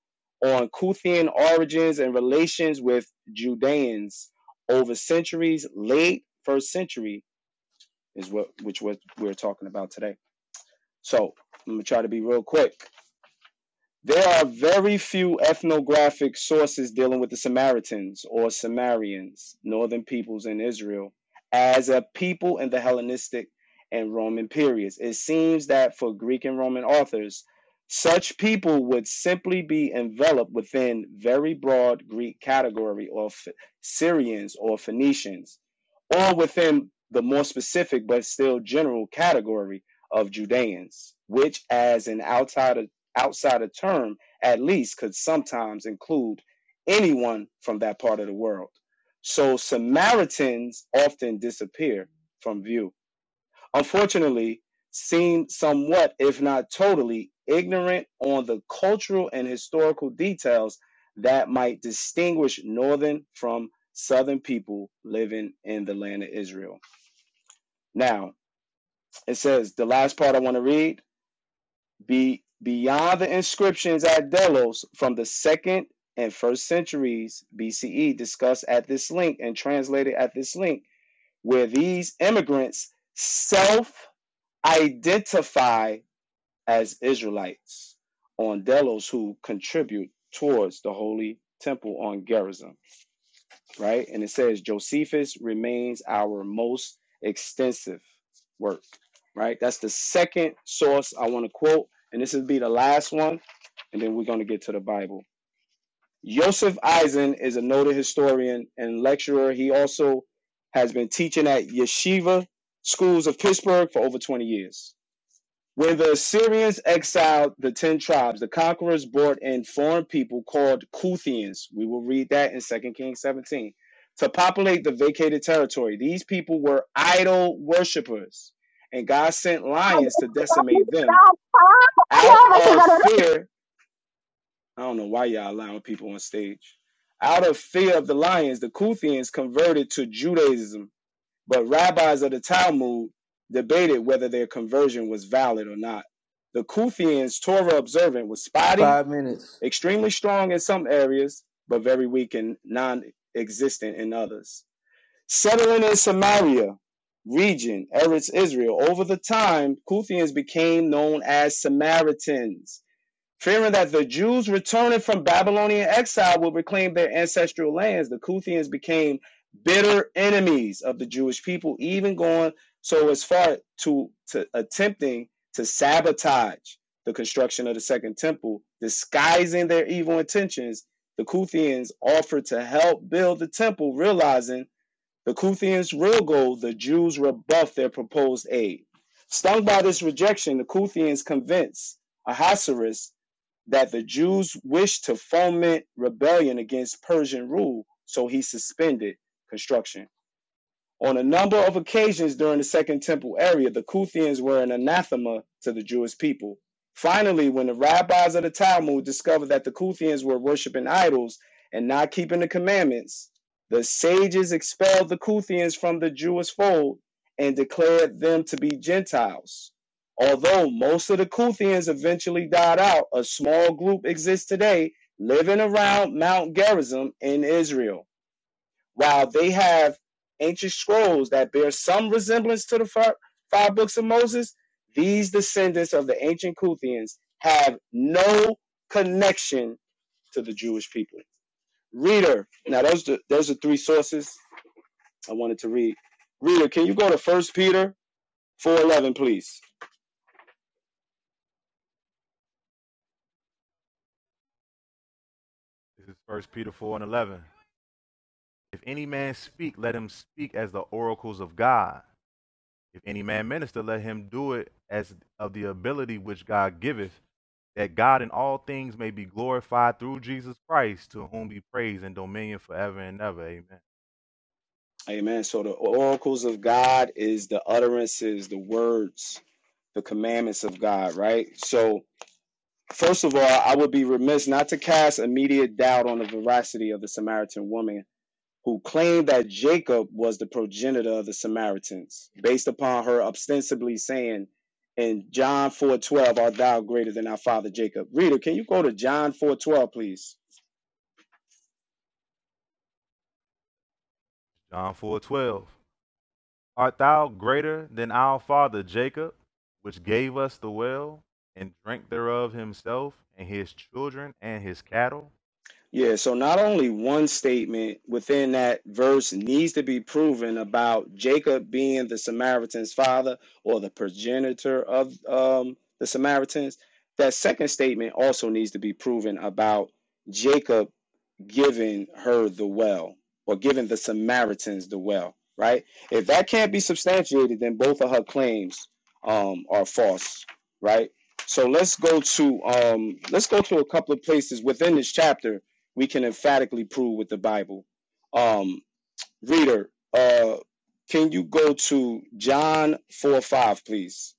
on Kuthian origins and relations with Judeans over centuries, late first century is what which what we're talking about today. So I'm gonna try to be real quick. There are very few ethnographic sources dealing with the Samaritans or Samarians, northern peoples in Israel, as a people in the Hellenistic and Roman periods. It seems that for Greek and Roman authors, such people would simply be enveloped within very broad Greek category of Syrians or Phoenicians, or within the more specific but still general category of Judeans, which, as an outsider outside a term at least could sometimes include anyone from that part of the world. So Samaritans often disappear from view. Unfortunately, seem somewhat, if not totally, ignorant on the cultural and historical details that might distinguish northern from southern people living in the land of Israel. Now, it says the last part I want to read be beyond the inscriptions at Delos from the second and first centuries BCE discussed at this link and translated at this link, where these immigrants self identify as Israelites on Delos who contribute towards the Holy Temple on Gerizim right? And it says Josephus remains our most extensive work, right? That's the second source I want to quote, and this will be the last one, and then we're going to get to the Bible. Joseph Eisen is a noted historian and lecturer. He also has been teaching at yeshiva schools of Pittsburgh for over 20 years. When the Assyrians exiled the ten tribes, the conquerors brought in foreign people called Kuthians. We will read that in Second Kings 17. To populate the vacated territory, these people were idol worshippers, and God sent Siapa lions to decimate them out yang of tinggal fear. I don't know why y'all allowing people on stage. Out of fear of the lions, the Kuthians converted to Judaism but rabbis of the Talmud debated whether their conversion was valid or not. The Kufians' Torah observant was spotty, Five minutes. extremely strong in some areas, but very weak and non existent in others. Settling in Samaria region, Eretz Israel, over the time, Kuthians became known as Samaritans Fearing that the Jews returning from Babylonian exile would reclaim their ancestral lands, the Kuthians became bitter enemies of the Jewish people, even going so as far to, to attempting to sabotage the construction of the Second Temple. Disguising their evil intentions, the Kuthians offered to help build the temple, realizing the Kuthians' real goal, the Jews rebuffed their proposed aid. Stung by this rejection, the Kuthians convinced Ahasuerus that the Jews wished to foment rebellion against Persian rule, so he suspended construction. On a number of occasions during the Second Temple era the Kuthians were an anathema to the Jewish people. Finally, when the rabbis of the Talmud discovered that the Kuthians were worshiping idols and not keeping the commandments, the sages expelled the Kuthians from the Jewish fold and declared them to be Gentiles. Although most of the Kuthians eventually died out, a small group exists today living around Mount Gerizim in Israel. While they have ancient scrolls that bear some resemblance to the fi- five books of Moses, these descendants of the ancient Kuthians have no connection to the Jewish people. Reader, now those the, those are three sources I wanted to read. Reader, can you go to First Peter four eleven, please? This is First Peter four and eleven. If any man speak, let him speak as the oracles of God. If any man minister, let him do it as of the ability which God giveth, that God in all things may be glorified through Jesus Christ, to whom be praise and dominion forever and ever. Amen. Amen. So the oracles of God is the utterances, the words, the commandments of God, right? So First of all, I would be remiss not to cast immediate doubt on the veracity of the Samaritan woman who claimed that Jacob was the progenitor of the Samaritans, based upon her ostensibly saying in John 4:12, "Art thou greater than our father Jacob?" Reader, can you go to John 4:12, please? John four twelve. Art thou greater than our father Jacob, which gave us the well, and drank thereof himself, and his children, and his cattle? Yeah, so not only one statement within that verse needs to be proven about Jacob being the Samaritan's father or the progenitor of um, the Samaritans, that second statement also needs to be proven about Jacob giving her the well or giving the Samaritans the well, right? If that can't be substantiated, then both of her claims um, are false, right? So let's go to um, let's go to a couple of places within this chapter we can emphatically prove with the Bible. Um, reader, uh, can you go to John four five, please?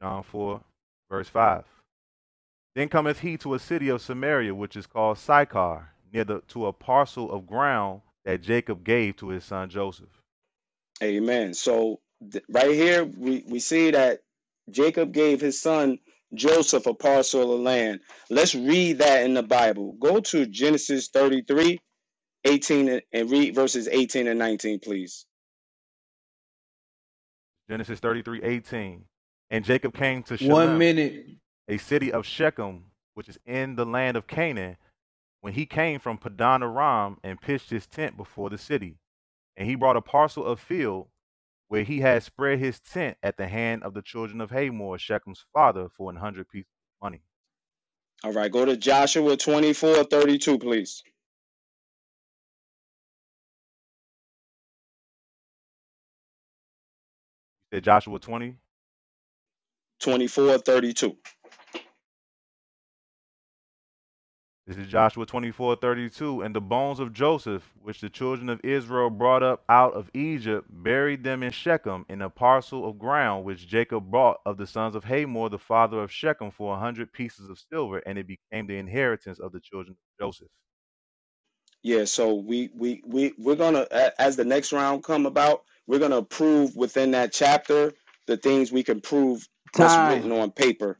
John 4, verse 5. Then cometh he to a city of Samaria, which is called Sychar, near the, to a parcel of ground that Jacob gave to his son Joseph. Amen. So th- right here we, we see that Jacob gave his son Joseph a parcel of land. Let's read that in the Bible. Go to Genesis 33:18 and and read verses 18 and 19, please. Genesis thirty-three eighteen. And Jacob came to One Shalem, minute. a city of Shechem, which is in the land of Canaan, when he came from Padan Aram and pitched his tent before the city. And he brought a parcel of field where he had spread his tent at the hand of the children of Hamor, Shechem's father, for an hundred pieces of money. All right, go to Joshua 24:32, please. You said Joshua 20? 24:32. This is Joshua 24 32 And the bones of Joseph, which the children of Israel brought up out of Egypt, buried them in Shechem in a parcel of ground which Jacob bought of the sons of Hamor, the father of Shechem, for a hundred pieces of silver, and it became the inheritance of the children of Joseph. Yeah, so we we we we're gonna as the next round come about, we're gonna prove within that chapter the things we can prove what's Time. written on paper.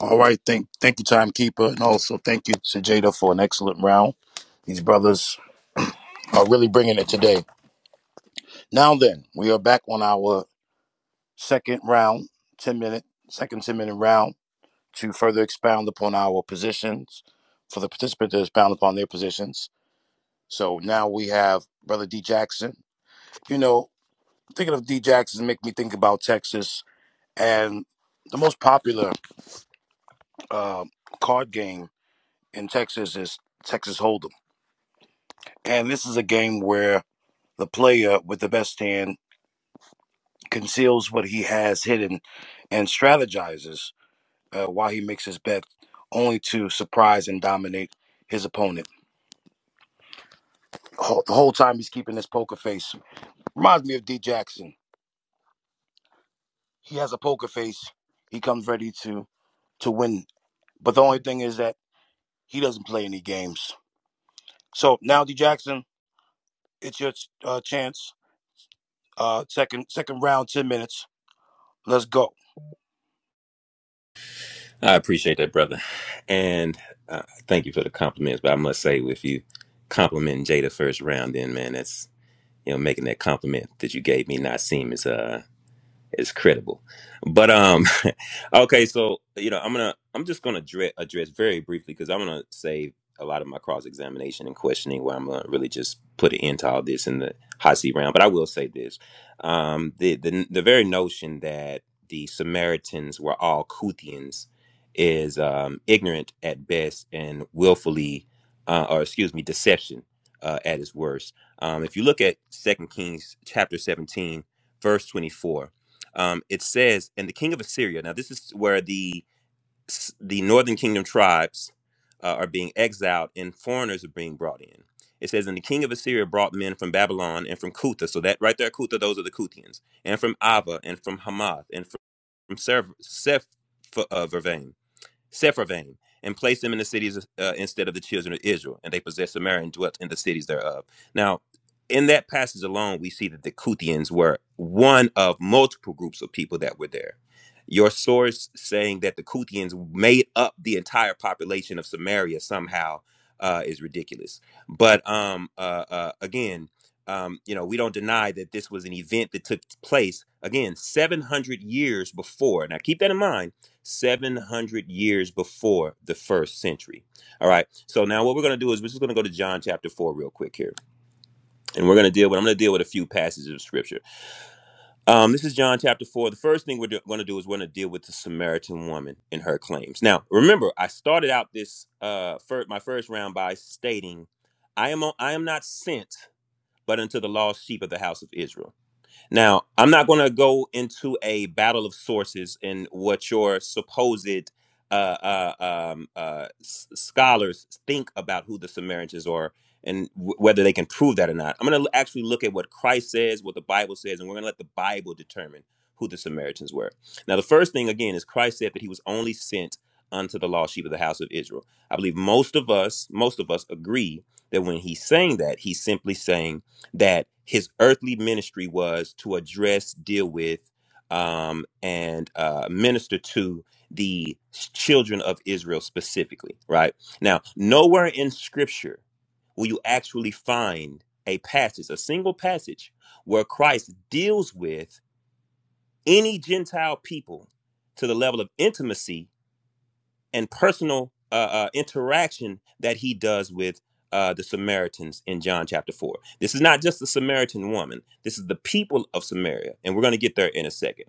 All right, thank thank you, timekeeper, and also thank you, Sajada, for an excellent round. These brothers are really bringing it today. Now then, we are back on our second round, ten minute, second ten minute round to further expound upon our positions for the participant to expound upon their positions So now we have Brother D Jackson. You know, thinking of D Jackson make me think about Texas. And the most popular uh, card game in Texas is Texas Hold'em. And this is a game where the player with the best hand conceals what he has hidden and strategizes uh, while he makes his bet, only to surprise and dominate his opponent. Ho- The whole time he's keeping his poker face. Reminds me of D Jackson. He has a poker face. He comes ready to to win. But the only thing is that he doesn't play any games. So now, D Jackson, it's your uh, chance. Uh, second second round, ten minutes. Let's go. I appreciate that, brother. And uh, thank you for the compliments. But I must say, if you complimenting Jada first round, then man, that's you know making that compliment that you gave me not seem as uh is credible. But um, okay, so you know, I'm gonna I'm just gonna address, address very briefly because I'm gonna save a lot of my cross examination and questioning where I'm gonna really just put an end to all this in the hot seat round. But I will say this: um, the the the very notion that the Samaritans were all Kuthians is um, ignorant at best and willfully, uh, or excuse me, deception uh, at its worst. Um, if you look at Second Kings chapter 17, verse 24 um, it says, "And the king of Assyria." Now, this is where the the northern kingdom tribes uh, are being exiled, and foreigners are being brought in. It says, "And the king of Assyria brought men from Babylon and from Cutha." So that right there, Cutha, those are the Kuthians, and from Ava, and from Hamath, and from Seph- Sepharvaim, Sepharvaim, and placed them in the cities uh, instead of the children of Israel. And they possessed Samaria and dwelt in the cities thereof. Now, in that passage alone, we see that the Kuthians were one of multiple groups of people that were there. Your source saying that the Kuthians made up the entire population of Samaria somehow uh, is ridiculous. But um, uh, uh, again, um, you know, we don't deny that this was an event that took place again 700 years before. Now, keep that in mind 700 years before the first century. All right. So now what we're going to do is we're just going to go to John chapter 4 real quick here. And we're going to deal with, I'm going to deal with a few passages of scripture. Um, this is John chapter 4. The first thing we're going to do is we're going to deal with the Samaritan woman and her claims. Now, remember, I started out this, uh, fir- my first round by stating, I am, on, I am not sent, but unto the lost sheep of the house of Israel. Now, I'm not going to go into a battle of sources and what your supposed uh, uh, um, uh, s- scholars think about who the Samaritans are and w- whether they can prove that or not. I'm going to actually look at what Christ says, what the Bible says, and we're going to let the Bible determine who the Samaritans were. Now, the first thing, again, is Christ said that he was only sent unto the lost sheep of the house of Israel. I believe most of us, most of us agree that when he's saying that, he's simply saying, that his earthly ministry was to address, deal with, um, and uh, minister to the children of Israel specifically, right? Now, nowhere in scripture will you actually find a passage, a single passage, where Christ deals with any Gentile people to the level of intimacy and personal uh, uh, interaction that he does with uh, the Samaritans in John chapter 4. This is not just the Samaritan woman, this is the people of Samaria. And we're going to get there in a second.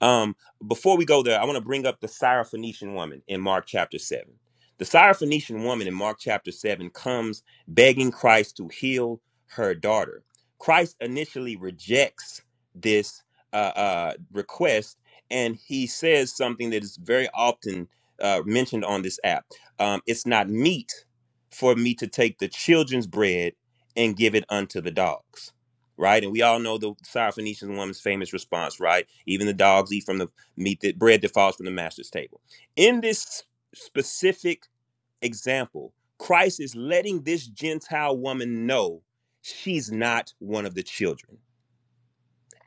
Um, before we go there, I want to bring up the Syrophoenician woman in Mark chapter 7. The Syrophoenician woman in Mark chapter 7 comes begging Christ to heal her daughter. Christ initially rejects this uh, uh, request and he says something that is very often uh, mentioned on this app. Um, it's not meat for me to take the children's bread and give it unto the dogs, right? And we all know the Syrophoenician woman's famous response, right? Even the dogs eat from the meat that bread that falls from the master's table. In this specific example, Christ is letting this Gentile woman know she's not one of the children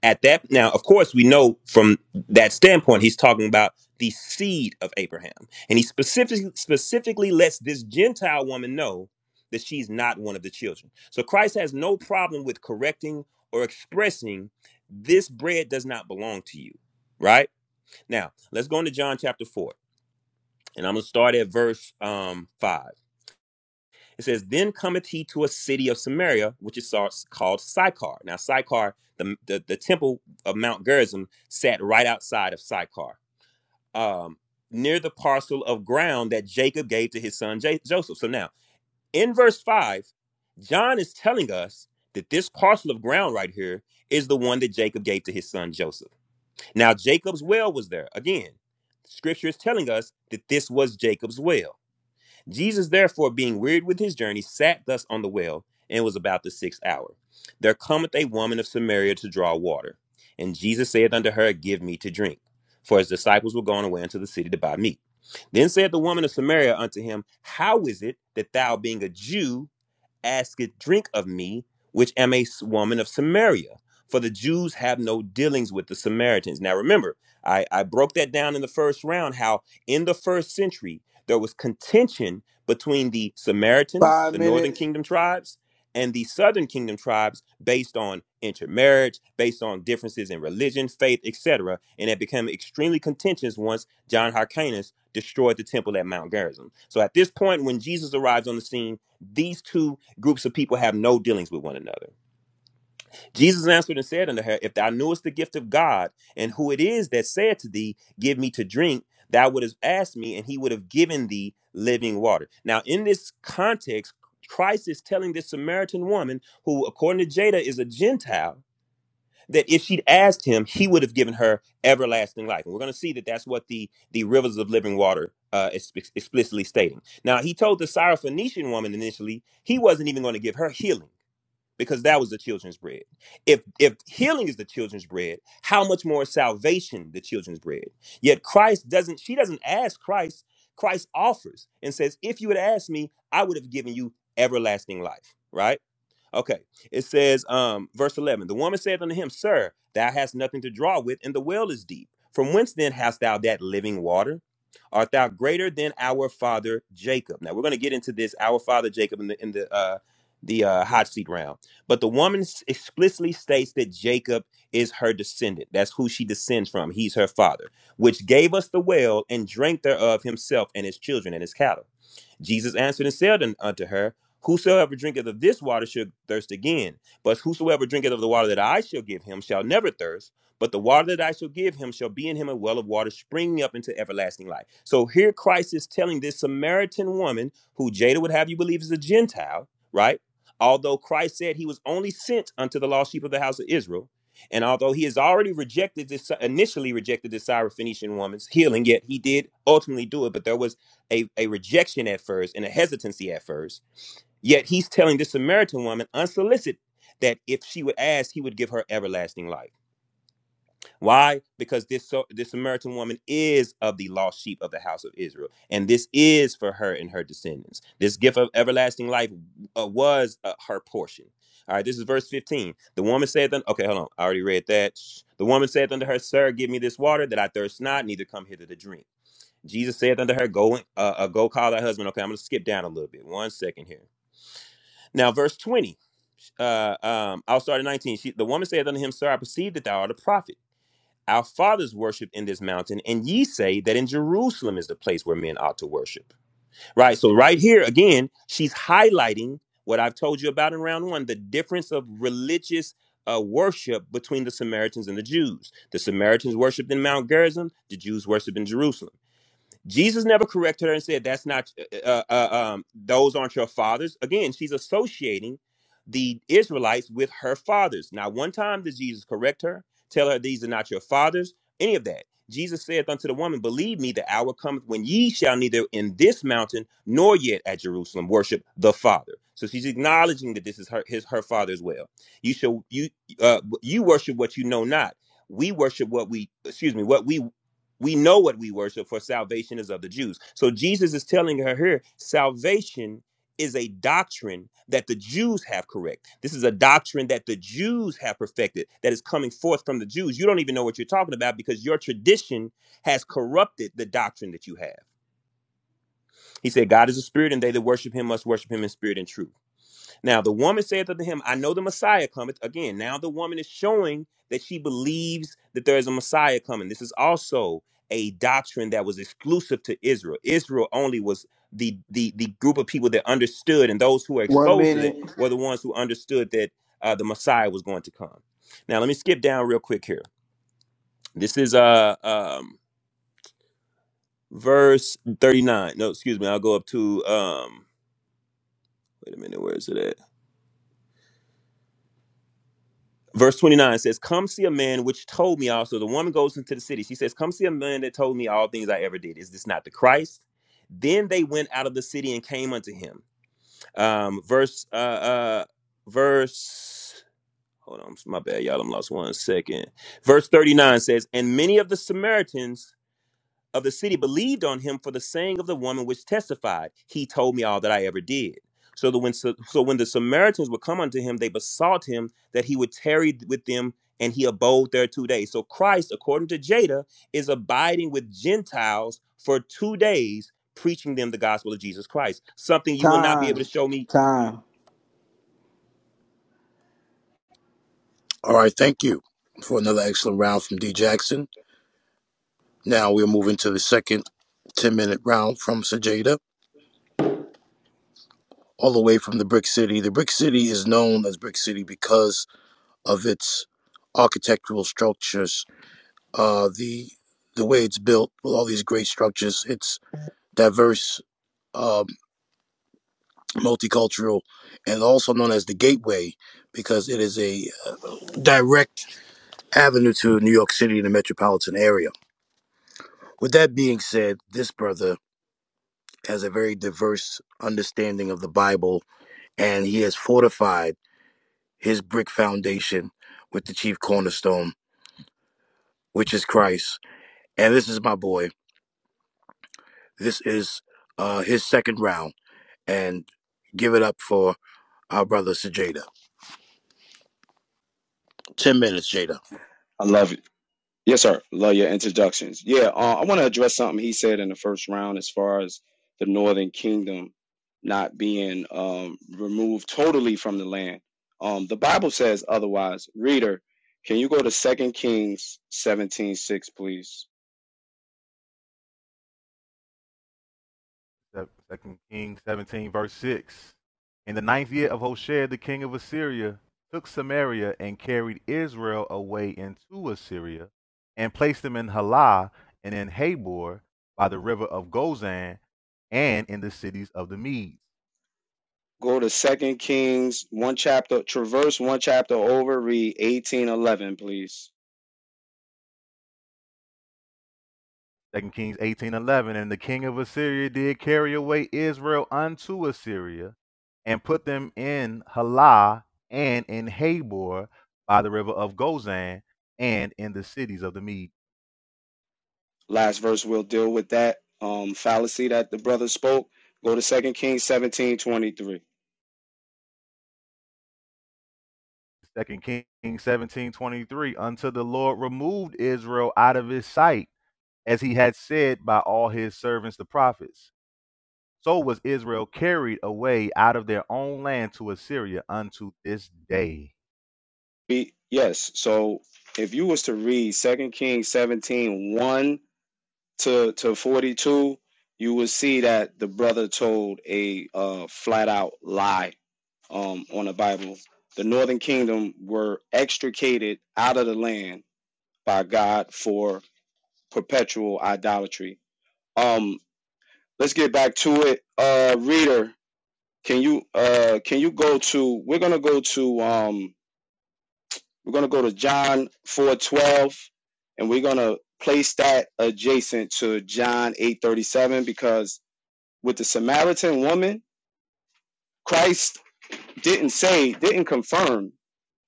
at that now of course we know from that standpoint he's talking about the seed of abraham and he specifically specifically lets this gentile woman know that she's not one of the children so christ has no problem with correcting or expressing this bread does not belong to you right now let's go into john chapter 4 and i'm going to start at verse um 5 it says, Then cometh he to a city of Samaria, which is called Sychar. Now, Sychar, the, the, the temple of Mount Gerizim, sat right outside of Sychar, um, near the parcel of ground that Jacob gave to his son Ja- Joseph. So now, in verse 5, John is telling us that this parcel of ground right here is the one that Jacob gave to his son Joseph. Now, Jacob's well was there. Again, scripture is telling us that this was Jacob's well. Jesus, therefore, being wearied with his journey, sat thus on the well, and it was about the sixth hour. There cometh a woman of Samaria to draw water. And Jesus saith unto her, Give me to drink. For his disciples were gone away into the city to buy meat. Then said the woman of Samaria unto him, How is it that thou, being a Jew, asketh drink of me, which am a woman of Samaria. For the Jews have no dealings with the Samaritans. Now remember, I, I broke that down in the first round how in the first century there was contention between the Samaritans, Five the northern minutes. kingdom tribes, and the southern kingdom tribes based on intermarriage, based on differences in religion, faith, etc. And it became extremely contentious once John Hyrcanus destroyed the temple at Mount Gerizim. So at this point, when Jesus arrives on the scene, these two groups of people have no dealings with one another. Jesus answered and said unto her, If thou knewest the gift of God, and who it is that said to thee, Give me to drink, thou wouldst have asked me, and he would have given thee living water. Now, in this context, Christ is telling this Samaritan woman, who, according to Jada, is a Gentile, that if she'd asked him, he would have given her everlasting life. And we're going to see that that's what the, the rivers of living water uh, is explicitly stating. Now, he told the Syrophoenician woman initially he wasn't even going to give her healing because that was the children's bread. If if healing is the children's bread, how much more is salvation the children's bread? Yet Christ doesn't she doesn't ask Christ, Christ offers and says, "If you had asked me, I would have given you everlasting life." Right? Okay. It says, um, verse 11 The woman said unto him, Sir, thou hast nothing to draw with, and the well is deep. From whence then hast thou that living water? Art thou greater than our father Jacob? Now we're going to get into this, our father Jacob, in the in the uh, the uh, hot seat round. But the woman s- explicitly states that Jacob is her descendant. That's who she descends from. He's her father, which gave us the well and drank thereof himself and his children and his cattle. Jesus answered and said unto her, Whosoever drinketh of this water shall thirst again. But whosoever drinketh of the water that I shall give him shall never thirst. But the water that I shall give him shall be in him a well of water springing up into everlasting life. So here Christ is telling this Samaritan woman, who Jada would have you believe is a Gentile, right? Although Christ said he was only sent unto the lost sheep of the house of Israel, and although he has already rejected this, initially rejected this Syrophoenician woman's healing, yet he did ultimately do it. But there was a, a rejection at first and a hesitancy at first. Yet he's telling this Samaritan woman unsolicited that if she would ask, he would give her everlasting life. Why? Because this so, this Samaritan woman is of the lost sheep of the house of Israel, and this is for her and her descendants. This gift of everlasting life uh, was uh, her portion. All right, this is verse 15. The woman said, then, okay, hold on. I already read that. The woman said unto her, Sir, give me this water that I thirst not, neither come hither to drink. Jesus saith unto her, Go and- uh, uh, go call thy husband. Okay, I'm gonna skip down a little bit. One second here. Now, verse 20. Uh um, I'll start at 19. She, the woman saith unto him, Sir, I perceive that thou art a prophet. Our fathers worshiped in this mountain, and ye say that in Jerusalem is the place where men ought to worship. Right. So right here again, she's highlighting what I've told you about in round one, the difference of religious uh, worship between the Samaritans and the Jews. The Samaritans worshipped in Mount Gerizim, the Jews worshipped in Jerusalem. Jesus never corrected her and said, "That's not uh, uh, uh, um, those aren't your fathers." Again, she's associating the Israelites with her fathers. Now, one time did Jesus correct her, tell her these are not your fathers, any of that. Jesus saith unto the woman, Believe me, the hour cometh when ye shall neither in this mountain nor yet at Jerusalem worship the Father. So she's acknowledging that this is her his her father as well. You shall you uh, you worship what you know not. We worship what we excuse me what we we know what we worship, for salvation is of the Jews. So Jesus is telling her here salvation is a doctrine that the Jews have correct. This is a doctrine that the Jews have perfected, that is coming forth from the Jews. You don't even know what you're talking about because your tradition has corrupted the doctrine that you have. He said, God is a spirit, and they that worship him must worship him in spirit and truth. Now the woman saith unto him, I know the Messiah cometh. Again, now the woman is showing that she believes that there is a Messiah coming. This is also a doctrine that was exclusive to Israel. Israel only was the the the group of people that understood, and those who were One exposed to it minute. were the ones who understood that uh, the Messiah was going to come. Now let me skip down real quick here. This is uh um verse 39. No, excuse me, I'll go up to um wait a minute, where is it at? Verse 29 says, Come see a man which told me also. The woman goes into the city. She says, Come see a man that told me all things I ever did. Is this not the Christ? Then they went out of the city and came unto him. Um, verse, uh, uh, verse, hold on, my bad, y'all. I'm lost one second. Verse 39 says, And many of the Samaritans of the city believed on him for the saying of the woman which testified, He told me all that I ever did. So that when so when the Samaritans would come unto him, they besought him that he would tarry with them, and he abode there two days. So Christ, according to Jada, is abiding with Gentiles for two days, preaching them the gospel of Jesus Christ. Something you will not be Time. able to show me. Time. All right, thank you for another excellent round from D Jackson. Now we're moving to the second 10 minute round from Sajada, all the way from the Brick City. The Brick City is known as Brick City because of its architectural structures, uh, the the way it's built with all these great structures. It's diverse. uh, multicultural, and also known as the Gateway because it is a uh, direct avenue to New York City and the metropolitan area. With that being said, this brother has a very diverse understanding of the Bible, and he has fortified his brick foundation with the chief cornerstone, which is Christ. And this is my boy. This is uh, his second round, and give it up for our brother Sajada. Ten minutes, Jada. I love it. Yes, sir. Love your introductions. Yeah, uh, I want to address something he said in the first round as far as the Northern Kingdom not being um, removed totally from the land. Um, the Bible says otherwise. Reader, can you go to Second Kings 17 6, please? Second Kings 17, verse 6. In the ninth year of Hoshea, the king of Assyria took Samaria and carried Israel away into Assyria and placed them in Halah and in Habor by the river of Gozan and in the cities of the Medes. Go to Second Kings, one chapter, traverse one chapter over, read eighteen eleven, please. Second Kings 18 11, And the king of Assyria did carry away Israel unto Assyria and put them in Halah and in Habor by the river of Gozan and in the cities of the Medes. Last verse, we'll deal with that um, fallacy that the brother spoke. Go to Second Kings seventeen twenty three. Second Kings seventeen twenty three. 23, until the Lord removed Israel out of his sight, as he had said by all his servants the prophets. So was Israel carried away out of their own land to Assyria unto this day. Be, yes. So if you was to read Second Kings seventeen one to, to 42, you will see that the brother told a uh, flat out lie um, on the Bible. The northern kingdom were extricated out of the land by God for perpetual idolatry. Um, let's get back to it. Uh, reader, can you uh, can you go to? We're gonna go to um, We're going to go to John 4:12 and we're going to place that adjacent to John 8:37 because with the Samaritan woman, Christ didn't say, didn't confirm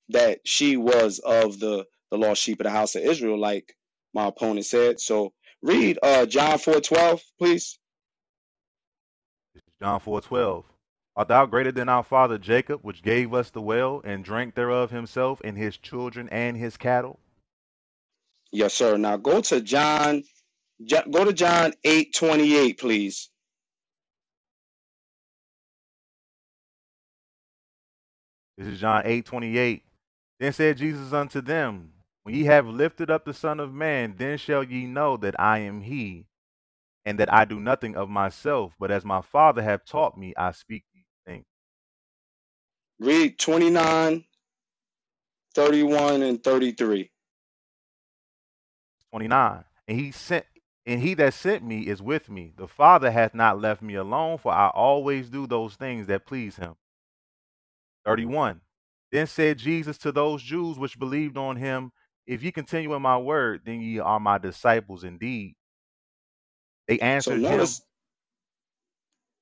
that she was of the the lost sheep of the house of Israel like my opponent said. So read uh John 4:12, please. John four twelve. Art thou greater than our father Jacob, which gave us the well and drank thereof himself and his children and his cattle? Yes, sir. Now go to John Ja, go to John 8:28, please. This is John eight twenty eight. Then said Jesus unto them, When ye have lifted up the Son of Man, then shall ye know that I am he and that I do nothing of myself, but as my Father hath taught me, I speak these things. Read 29, 31 and 33. 29. And he sent and he that sent me is with me. The Father hath not left me alone, for I always do those things that please him. 31. Then said Jesus to those Jews which believed on him, If ye continue in my word, then ye are my disciples indeed. They So answered him, notice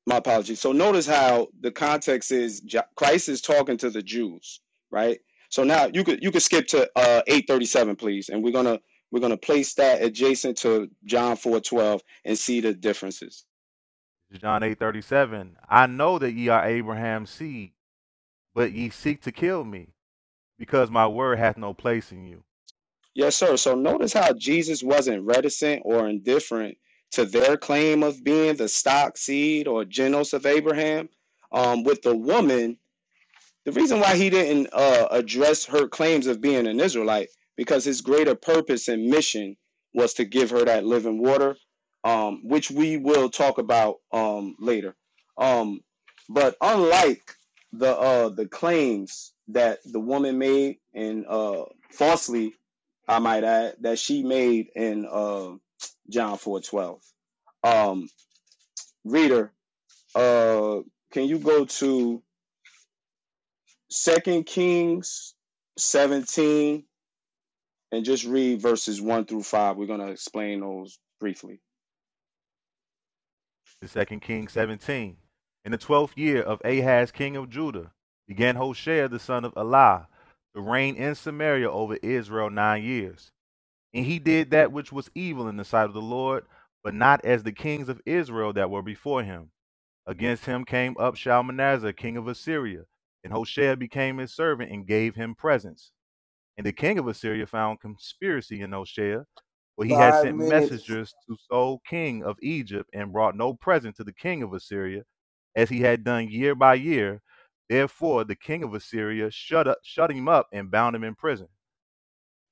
my apologies. So notice how the context is Ja, Christ is talking to the Jews, right? So now you could you could skip to uh, eight thirty seven, please, and we're gonna we're gonna place that adjacent to John four twelve and see the differences. John 8 37. I know that ye are Abraham's seed, but ye seek to kill me, because my word hath no place in you. Yes, sir. So notice how Jesus wasn't reticent or indifferent to their claim of being the stock seed or genos of Abraham. Um, with the woman, The reason why he didn't uh, address her claims of being an Israelite because his greater purpose and mission was to give her that living water, um, which we will talk about um, later. Um, but unlike the uh, the claims that the woman made and uh, falsely, I might add, that she made in uh, John four twelve. Um, reader, uh, can you go to Second Kings 17 and just read verses 1 through 5. We're going to explain those briefly. The second Kings 17. In the twelfth year of Ahaz, king of Judah, began Hoshea the son of Elah to reign in Samaria over Israel nine years. And he did that which was evil in the sight of the Lord, but not as the kings of Israel that were before him. Against him came up Shalmaneser, king of Assyria, and Hoshea became his servant and gave him presents. And the king of Assyria found conspiracy in Oshea, for he had Five sent minutes. messengers to So king of Egypt, and brought no present to the king of Assyria, as he had done year by year. Therefore the king of Assyria shut up, shut him up, and bound him in prison.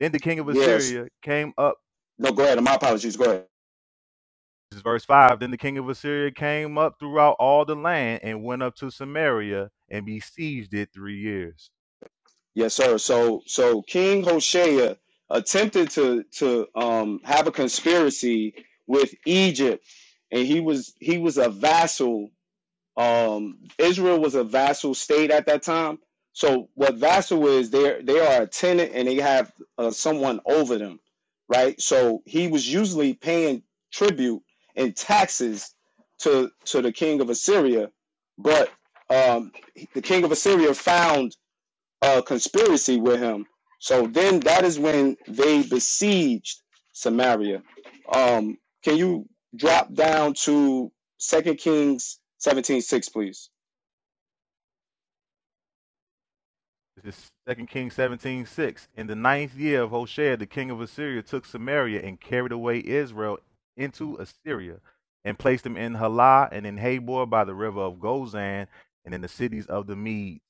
Then the king of Yes. Assyria came up. No, go ahead. My apologies. Go ahead. This is verse five. Then the king of Assyria came up throughout all the land and went up to Samaria and besieged it three years. Yes, sir. So so King Hoshea attempted to to um have a conspiracy with Egypt and he was he was a vassal Um, Israel was a vassal state at that time. So what vassal is, they they are a tenant and they have uh, someone over them, right? So he was usually paying tribute and taxes to to the king of Assyria, but um, the king of Assyria found a conspiracy with him. So then that is when they besieged Samaria. Um, can you drop down to Second Kings 17 6, please? This is 2 Kings 17 6. In the ninth year of Hoshea, the king of Assyria took Samaria and carried away Israel into Assyria and placed them in Halah and in Habor by the river of Gozan and in the cities of the Medes.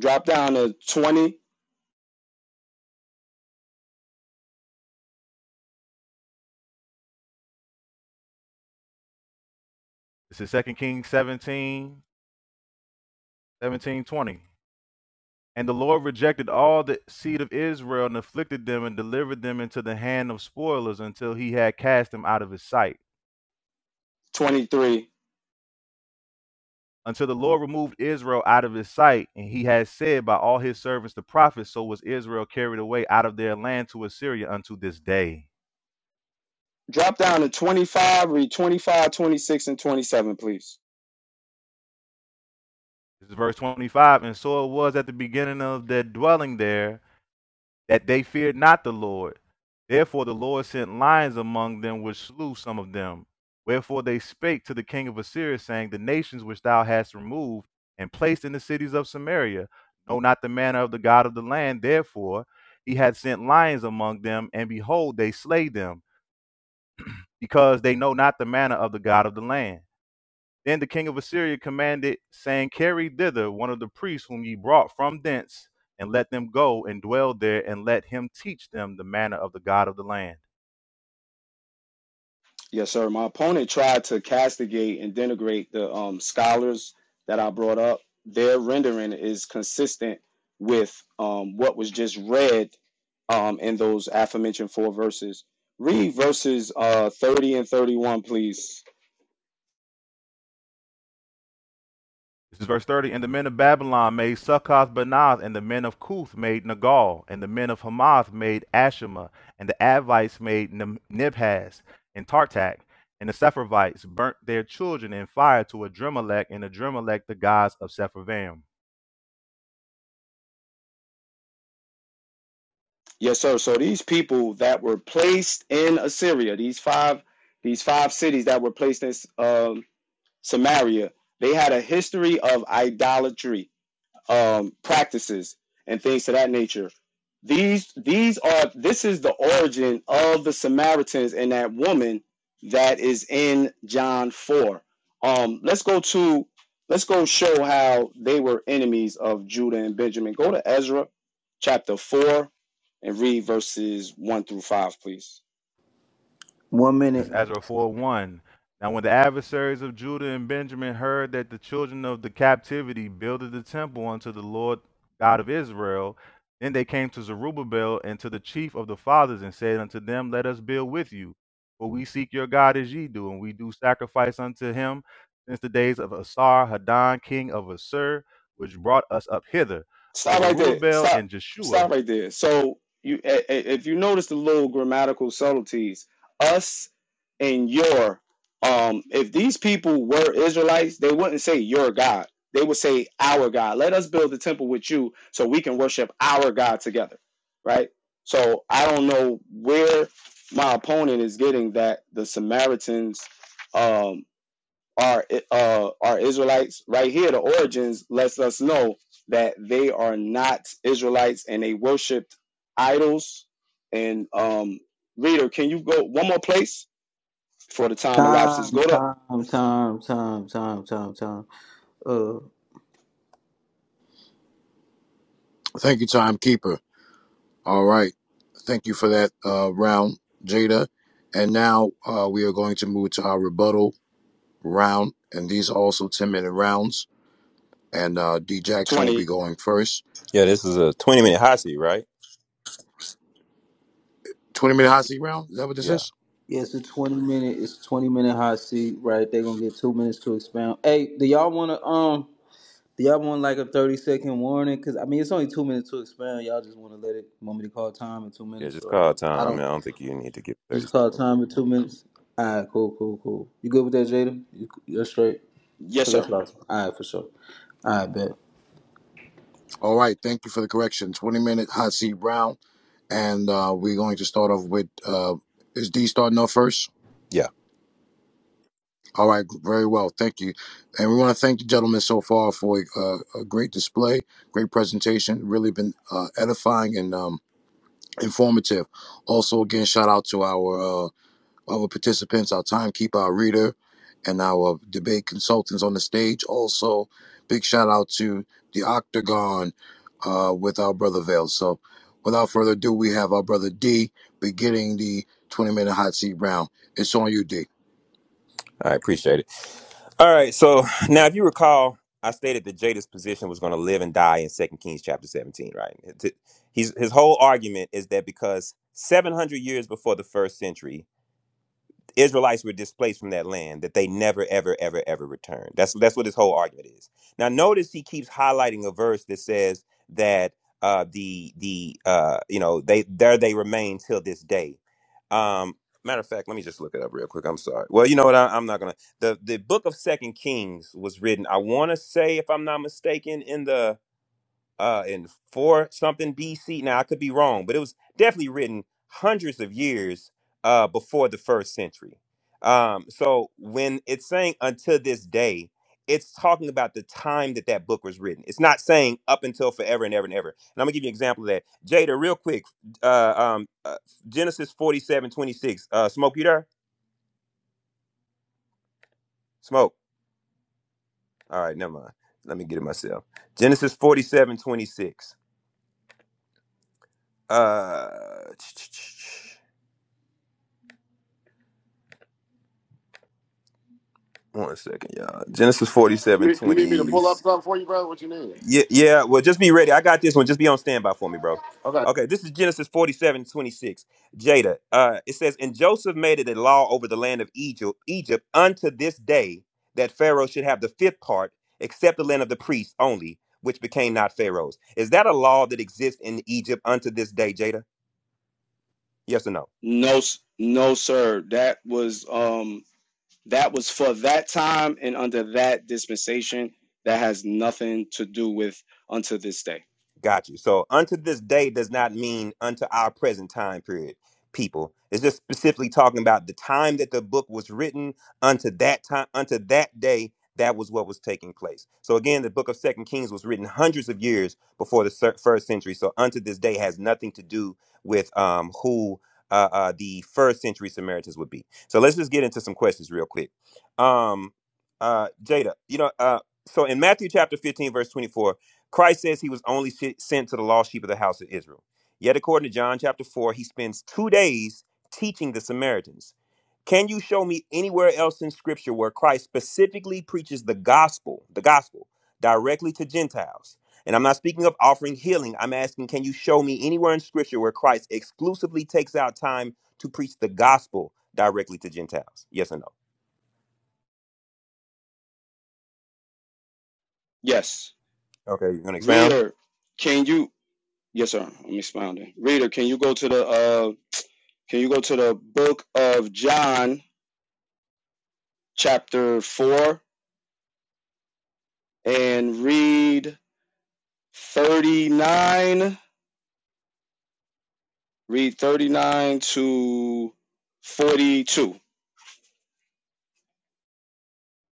Drop down to twenty This is 2 Kings 17 17 20. And the Lord rejected all the seed of Israel and afflicted them and delivered them into the hand of spoilers until he had cast them out of his sight. twenty three. until the Lord removed Israel out of his sight, and he has said by all his servants the prophets, so was Israel carried away out of their land to Assyria unto this day. Drop down to 25, read 25, 26, and 27, please. This is verse 25. And so it was at the beginning of their dwelling there that they feared not the Lord. Therefore the Lord sent lions among them which slew some of them. Wherefore they spake to the king of Assyria, saying, The nations which thou hast removed and placed in the cities of Samaria know not the manner of the God of the land. Therefore he hath sent lions among them, and behold, they slay them, because they know not the manner of the God of the land. Then the king of Assyria commanded, saying, Carry thither one of the priests whom ye brought from thence, and let them go and dwell there, and let him teach them the manner of the God of the land. Yes, sir. My opponent tried to castigate and denigrate the um, scholars that I brought up. Their rendering is consistent with um, what was just read um, in those aforementioned four verses. Read verses uh, 30 and 31, please. This is verse 30. And the men of Babylon made Succoth Banath, and the men of Cuth made Nagal, and the men of Hamath made Ashima, and the Avites made Nim- Nibhaz and Tartak, and the Sepharvites burnt their children in fire to Adrimelech and Adrimelech the gods of Sepharvaim. Yes, sir. So these people that were placed in Assyria, these five, these five cities that were placed in um, Samaria, they had a history of idolatry um, practices and things of that nature. These these are this is the origin of the Samaritans and that woman that is in John four. Um, let's go to let's go show how they were enemies of Judah and Benjamin. Go to Ezra chapter four and read verses one through five, please. One This minute. is Ezra 4 1. Now, when the adversaries of Judah and Benjamin heard that the children of the captivity builded the temple unto the Lord God of Israel, then they came to Zerubbabel and to the chief of the fathers and said unto them, Let us build with you, for we seek your God as ye do, and we do sacrifice unto him since the days of Asar Haddon, king of Assur, which brought us up hither. But Stop right there. Zerubbabel Stop. and Jeshua Stop right there. So you, i- i- if you notice the little grammatical subtleties, us and your, um, if these people were Israelites, they wouldn't say your God. They would say our God. Let us build the temple with you, so we can worship our God together, right? So I don't know where my opponent is getting that the Samaritans um our uh our Israelites right here, the origins lets us know that they are not Israelites and they worshipped idols. And um reader, can you go one more place for the time elapses? Time. Go to Time. Time. Time. Time. Time. Time. Uh. Thank you, timekeeper. All right. Thank you for that uh, round, Jada. And now uh, we are going to move to our rebuttal round. And these are also 10 minute rounds. And uh, D Jackson will be twenty. going first. Yeah, this is a 20 minute hot seat, right? 20 minute hot seat round. Is that what this Yeah. is? Yes, a twenty minute. It's twenty minute hot seat, right? They're gonna get two minutes to expound. Hey, do y'all want to um? Do y'all want like a thirty second warning? Cause I mean, it's only two minutes to expound. Y'all just want to let it. Want me to call time in two Yeah, minutes just or call how? I time. I don't don't think you need to give 30 just call seconds. time in two minutes. All right, cool, cool, cool. You good with that, Jada? You, you're straight. Yes, Cause sir. that's what I was. All right, for sure. All right, bet. All right. Thank you for the correction. 20 minute hot seat round. And uh, we're going to start off with uh, is D starting off first? Yeah. All right. Very well. Thank you. And we want to thank the gentleman so far for uh, a great display, great presentation. Really been uh, edifying and um, informative. Also, again, shout out to our uh, other participants, our timekeeper, our reader, and our debate consultants on the stage. Also, big shout out to the Octagon uh, with our brother Vale. So, without further ado, we have our brother D beginning the 20 minute hot seat round. It's on you, D. All right. Appreciate it. All right. So now, if you recall, I stated that Jada's position was going to live and die in Second Kings chapter 17, right? His, his whole argument is that because 700 years before the first century, the Israelites were displaced from that land that they never, ever, ever, ever returned. That's that's what his whole argument is. Now, notice he keeps highlighting a verse that says that uh, the the uh, you know they there they remain till this day. Um, matter of fact, let me just look it up real quick. I'm sorry. Well, you know what? I, I'm not gonna. The the book of Second Kings was written. I want to say, if I'm not mistaken, in the uh in four something BC. Now I could be wrong, but it was definitely written hundreds of years uh before the first century. Um so when it's saying until this day, it's talking about the time that that book was written. It's not saying up until forever and ever and ever. And I'm gonna give you an example of that. Jada, real quick, uh, um, uh, Genesis forty seven twenty six. Uh, Smoke, you there? Smoke. All right, never mind. Let me get it myself. Genesis 47 26. Uh, One second, y'all. Genesis You forty-seven need, you twenty. need me to pull up something for you, brother? What you need? Yeah, yeah. Well, just be ready. I got this one. Just be on standby for me, bro. Okay. Okay, this is Genesis forty-seven twenty-six. Jada. Uh, it says, and Joseph made it a law over the land of Egypt, Egypt unto this day that Pharaoh should have the fifth part, except the land of the priests only, which became not Pharaoh's. Is that a law that exists in Egypt unto this day, Jada? Yes or no? No, no, sir. That was um that was for that time and under that dispensation. That has nothing to do with unto this day. Got you. So unto this day does not mean unto our present time period, people. It's just specifically talking about the time that the book was written unto that time, unto that day, that was what was taking place. So again, the book of Second Kings was written hundreds of years before the cer- first century. So unto this day has nothing to do with um, who uh, uh, the first century Samaritans would be. So let's just get into some questions real quick. Um, uh, Jada, you know, uh, so in Matthew chapter 15, verse 24, Christ says he was only si- sent to the lost sheep of the house of Israel. Yet, according to John chapter 4, he spends two days teaching the Samaritans. Can you show me anywhere else in scripture where Christ specifically preaches the gospel, the gospel, directly to Gentiles? And I'm not speaking of offering healing. I'm asking, can you show me anywhere in scripture where Christ exclusively takes out time to preach the gospel directly to Gentiles? Yes or no? Yes, Okay, you're going to expound? reader. Can you? Yes, sir. I'm expounding. Reader, can you go to the uh can you go to the book of John chapter 4 and read 39 read 39 to 42.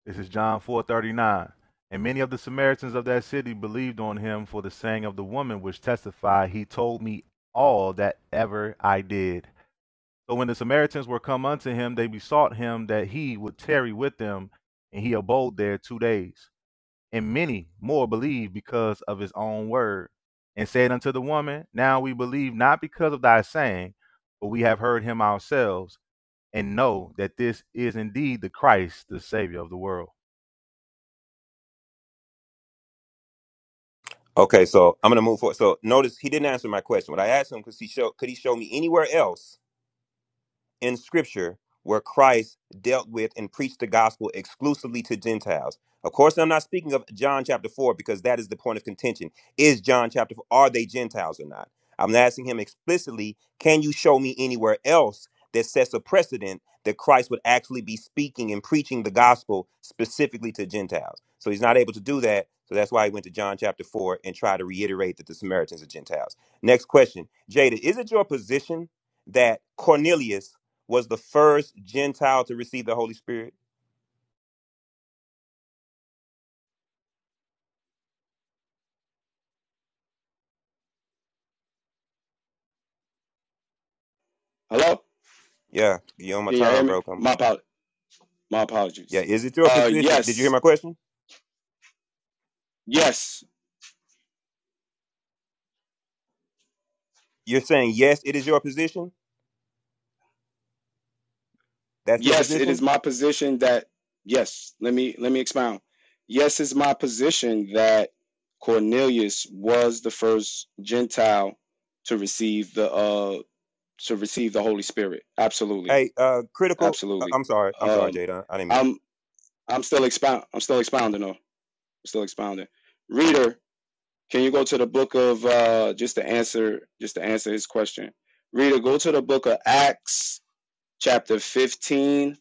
This is John 4:39. And many of the Samaritans of that city believed on him for the saying of the woman which testified, he told me all that ever I did. So when the Samaritans were come unto him, they besought him that he would tarry with them, and he abode there 2 days. And many more believed because of his own word. And said unto the woman, now we believe not because of thy saying, but we have heard him ourselves and know that this is indeed the Christ, the savior of the world. Okay, so I'm gonna move forward. So notice he didn't answer my question. When I asked him, could he show could he show me anywhere else in scripture where Christ dealt with and preached the gospel exclusively to Gentiles. Of course, I'm not speaking of John chapter 4 because that is the point of contention. Is John chapter 4, are they Gentiles or not? I'm asking him explicitly, can you show me anywhere else that sets a precedent that Christ would actually be speaking and preaching the gospel specifically to Gentiles? So he's not able to do that. So that's why he went to John chapter 4 and tried to reiterate that the Samaritans are Gentiles. Next question Jada, is it your position that Cornelius? was the first Gentile to receive the Holy Spirit? Hello? Yeah, you on my Can y'all hear time, me? bro. Come on. My apologies. My Yeah, apologies. is it your Uh position? Did you hear yes. my question? Yes. You're saying yes, it is your position. That's your yes it position. is my position that yes let me let me expound yes it's my position that cornelius was the first gentile to receive the uh to receive the holy spirit absolutely Hey, uh, critical. Uh, absolutely I'm sorry. I'm sorry, um Jada. I didn't mean to. i'm i'm still expound i'm still expounding though. I'm still expounding reader can you go to the book of uh just to answer just to answer his question reader go to the book of acts chapter 15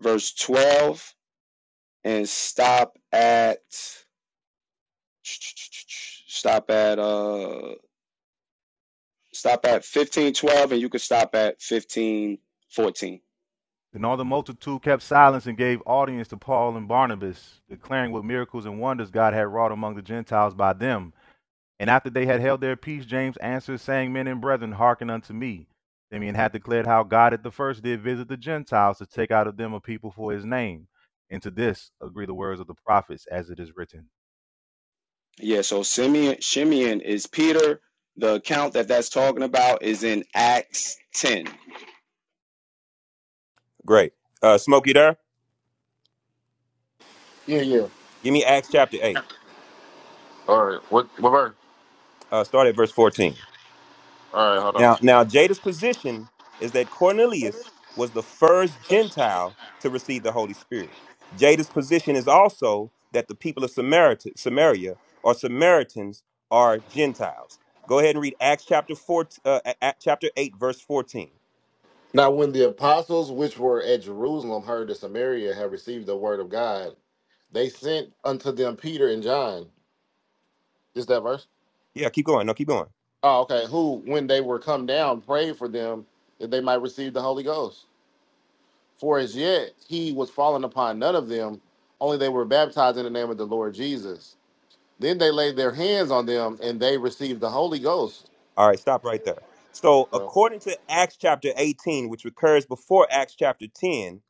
verse 12 and stop at stop at uh stop at fifteen twelve, and you can stop at fifteen fourteen. Then all the multitude kept silence and gave audience to Paul and Barnabas, declaring what miracles and wonders God had wrought among the Gentiles by them. And after they had held their peace, James answered, saying, Men and brethren, hearken unto me. Simeon had declared how God at the first did visit the Gentiles to take out of them a people for his name. And to this agree the words of the prophets, as it is written. Yeah. So Simeon Shimeon is Peter. The account that that's talking about is in Acts ten. Great. Uh, Smokey, there. Yeah, yeah. Give me Acts chapter eight. All right. What what verse? Uh, start at verse fourteen. All right, hold on. Now, now Jada's position is that Cornelius was the first Gentile to receive the Holy Spirit. Jada's position is also that the people of Samaritan, Samaria or Samaritans are Gentiles. Go ahead and read Acts chapter four, uh, A- A- chapter eight, verse fourteen. Now when the apostles which were at Jerusalem heard that Samaria had received the word of God, they sent unto them Peter and John. Is that verse? Yeah, keep going. No, keep going. Oh, okay. Who, when they were come down, prayed for them that they might receive the Holy Ghost. For as yet he was fallen upon none of them, only they were baptized in the name of the Lord Jesus. Then they laid their hands on them and they received the Holy Ghost. All right, stop right there. So, So according to Acts chapter 18, which recurs before Acts chapter 10,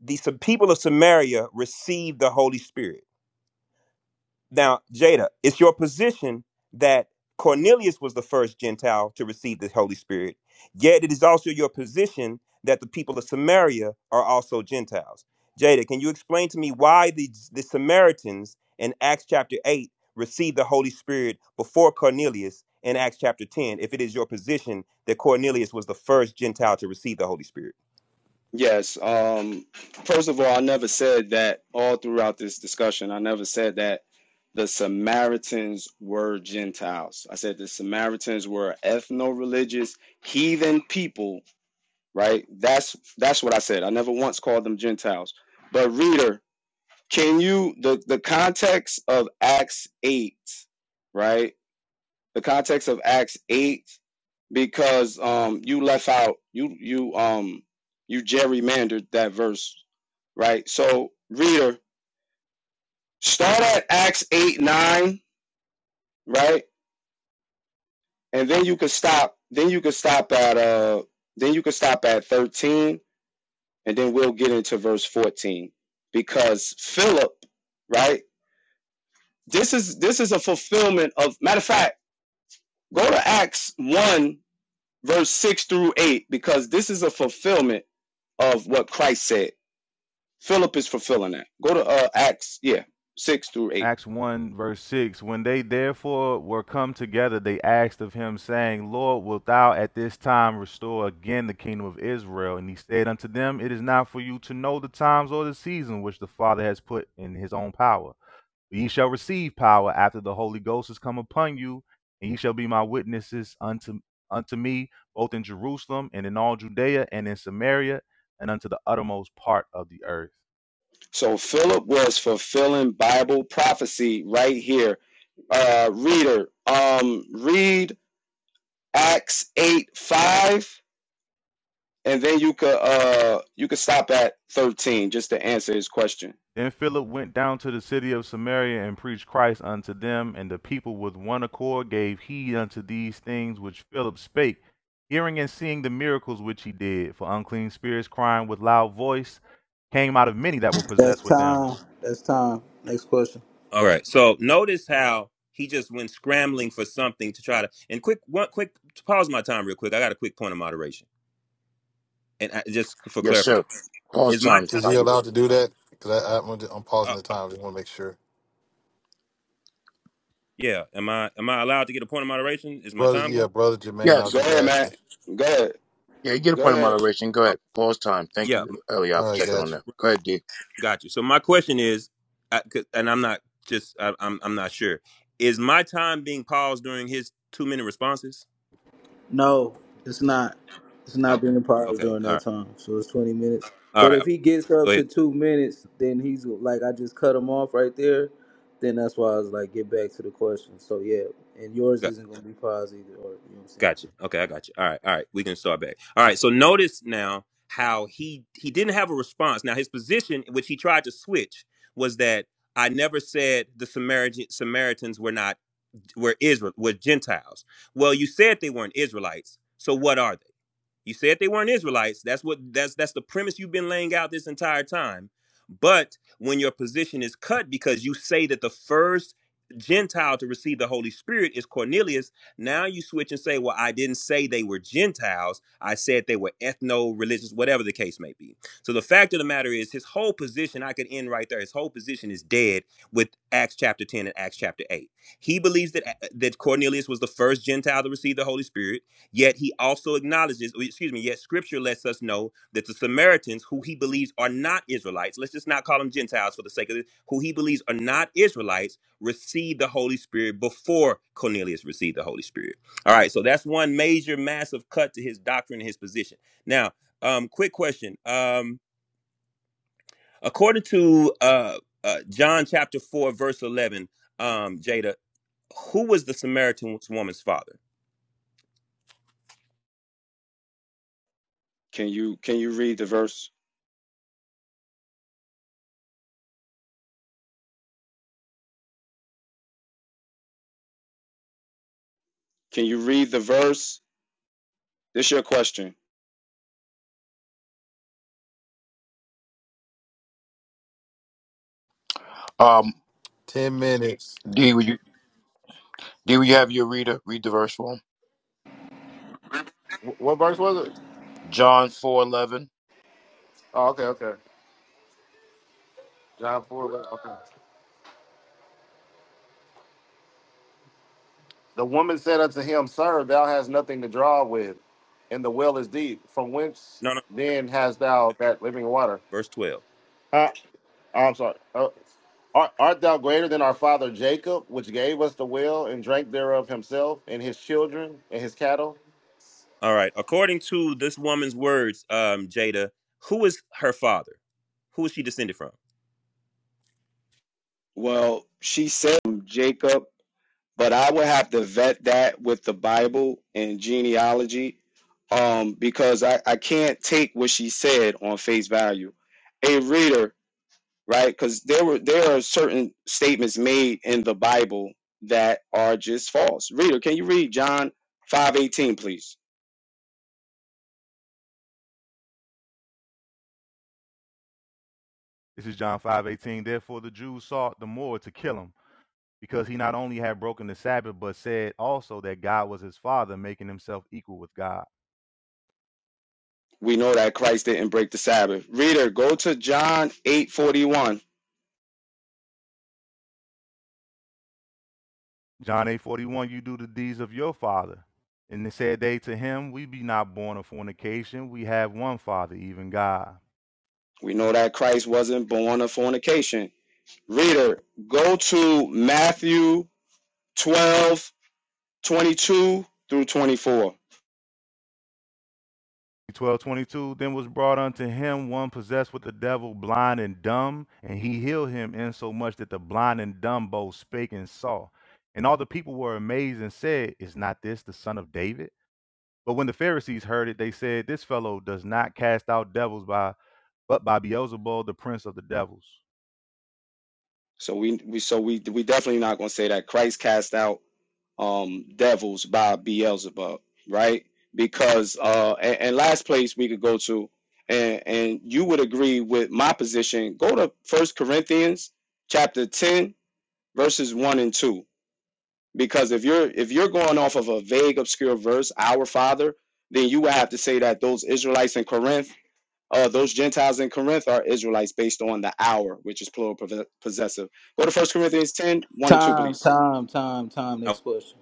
the some people of Samaria received the Holy Spirit. Now, Jada, it's your position that Cornelius was the first Gentile to receive the Holy Spirit, yet it is also your position that the people of Samaria are also Gentiles. Jada, can you explain to me why the, the Samaritans in Acts chapter 8 received the Holy Spirit before Cornelius in Acts chapter 10, if it is your position that Cornelius was the first Gentile to receive the Holy Spirit? Yes. Um. First of all, I never said that all throughout this discussion. I never said that the Samaritans were Gentiles. I said the Samaritans were ethno religious heathen people right? That's that's what I said. I never once called them Gentiles. But reader, can you the the context of Acts eight, right? The context of Acts eight, because um you left out you you um you gerrymandered that verse, right? So reader, start at Acts eight nine, right? And then you can stop. Then you can stop at uh. Then you can stop at thirteen and then we'll get into verse 14 because Philip, right? This is this is a fulfillment of matter of fact, go to Acts 1 verse 6 through 8 because this is a fulfillment of what Christ said. Philip is fulfilling that. Go to uh, Acts, yeah, 6 through 8. Acts 1, verse 6 When they therefore were come together, they asked of him, saying, Lord, wilt thou at this time restore again the kingdom of Israel? And he said unto them, It is not for you to know the times or the season which the Father has put in his own power. But ye shall receive power after the Holy Ghost is come upon you, and ye shall be my witnesses unto, unto me, both in Jerusalem and in all Judea and in Samaria, and unto the uttermost part of the earth. So Philip was fulfilling Bible prophecy right here. Uh reader, um read Acts 8 5 and then you could uh you could stop at 13 just to answer his question Then Philip went down to the city of Samaria and preached Christ unto them, and the people with one accord gave heed unto these things which Philip spake, hearing and seeing the miracles which he did. For unclean spirits, crying with loud voice, came out of many that were That's possessed with them. time. That's time. Next question. All right. So notice how he just went scrambling for something to try to. And quick, one quick pause my time real quick. I got a quick point of moderation, and I, just for Yes, sir. clarification, Pause is my time, Is he time? timekeeper. allowed to do that? Because I, I, am I'm Uh, pausing the uh, time. Just want to make sure. yeah. Am I am I allowed to get a point of moderation? Is my Brother, time yeah, going? brother Jermaine, I'm go Yes. just ahead man asking. go ahead Yeah, you get a go point of ahead moderation. Go Uh, ahead. Pause time. Thank yeah. you, Eliot, All for right, checking on got you. that. Go ahead, D. Got you. So my question is, I, 'cause- and I'm not just I, I'm I'm not sure. Is my time being paused during his two minute responses? No, it's not. It's Ah, not being paused okay. during All right. that time. So it's 20 minutes. All But right. if okay, he gets Go up to ahead. two minutes, then he's like, I just cut him off right there. Then that's why I was like, get back to the question. So yeah, and yours isn't going to be paused either. Or you know what I'm saying? Gotcha. Okay, I got you. All right, all right. We can start back. All right. So notice now how he he didn't have a response. Now his position, which he tried to switch, was that I never said the Samaritan, Samaritans were not were Israel were Gentiles. Well, you said they weren't Israelites. So what are they? You said they weren't Israelites. That's what that's that's the premise you've been laying out this entire time. But when your position is cut because you say that the first Gentile to receive the Holy Spirit is Cornelius, now you switch and say, "Well, I didn't say they were Gentiles. I said they were ethno-religious, whatever the case may be." So the fact of the matter is, his whole position, I could end right there. His whole position is dead with Acts chapter ten and Acts chapter eight. He believes that uh, that Cornelius was the first Gentile to receive the Holy Spirit. Yet he also acknowledges, or excuse me, yet scripture lets us know that the Samaritans, who he believes are not Israelites, let's just not call them Gentiles for the sake of this, who he believes are not Israelites, received the Holy Spirit before Cornelius received the Holy Spirit. All right, so that's one major, massive cut to his doctrine and his position. Now, um, quick question. Um, according to uh, uh, John chapter 4, verse 11, um, Jada, who was the Samaritan woman's father? can you can you read the verse can you read the verse this your question Um, Ten minutes. D, would you? Do we have your reader? Read the verse for him. Wh- What verse was it? John four eleven. Oh, okay, okay. John 4. Okay. The woman said unto him, Sir, thou hast nothing to draw with, and the well is deep. From whence No, no, no. then hast thou that living water? verse 12. Uh, I'm sorry. Uh, art, art thou greater than our father Jacob, which gave us the well and drank thereof himself and his children and his cattle? All right. According to this woman's words, um, Jada, who is her father? Who is she descended from? well she said jacob but i would have to vet that with the bible and genealogy um because i i can't take what she said on face value a reader right? Because there were there are certain statements made in the Bible that are just false. Reader, can you read John five eighteen, please? This is John five eighteen. Therefore the Jews sought the more to kill him, because he not only had broken the Sabbath, but said also that God was his father, making himself equal with God. We know that Christ didn't break the Sabbath. Reader, go to John eight forty one. John 8 41, you do the deeds of your father. And they said they to him, We be not born of fornication, we have one father, even God. We know that Christ wasn't born of fornication. Reader, go to Matthew twelve twenty two through twenty four. Twelve twenty two. then was brought unto him one possessed with the devil, blind and dumb, and he healed him insomuch that the blind and dumb both spake and saw. And all the people were amazed and said, Is not this the son of David? But when the Pharisees heard it, they said, This fellow does not cast out devils by but by Beelzebul, the prince of the devils. So we, we so we we definitely not gonna say that Christ cast out um, devils by Beelzebub, right? Because uh, and, and last place we could go to, and and you would agree with my position. Go to First Corinthians chapter ten, verses one and two. Because if you're if you're going off of a vague, obscure verse, our Father, then you would have to say that those Israelites in Corinth, uh, those Gentiles in Corinth, are Israelites based on the hour, which is plural possessive. Go to First Corinthians ten, one and two, Time, please. time, time, time. I Next question.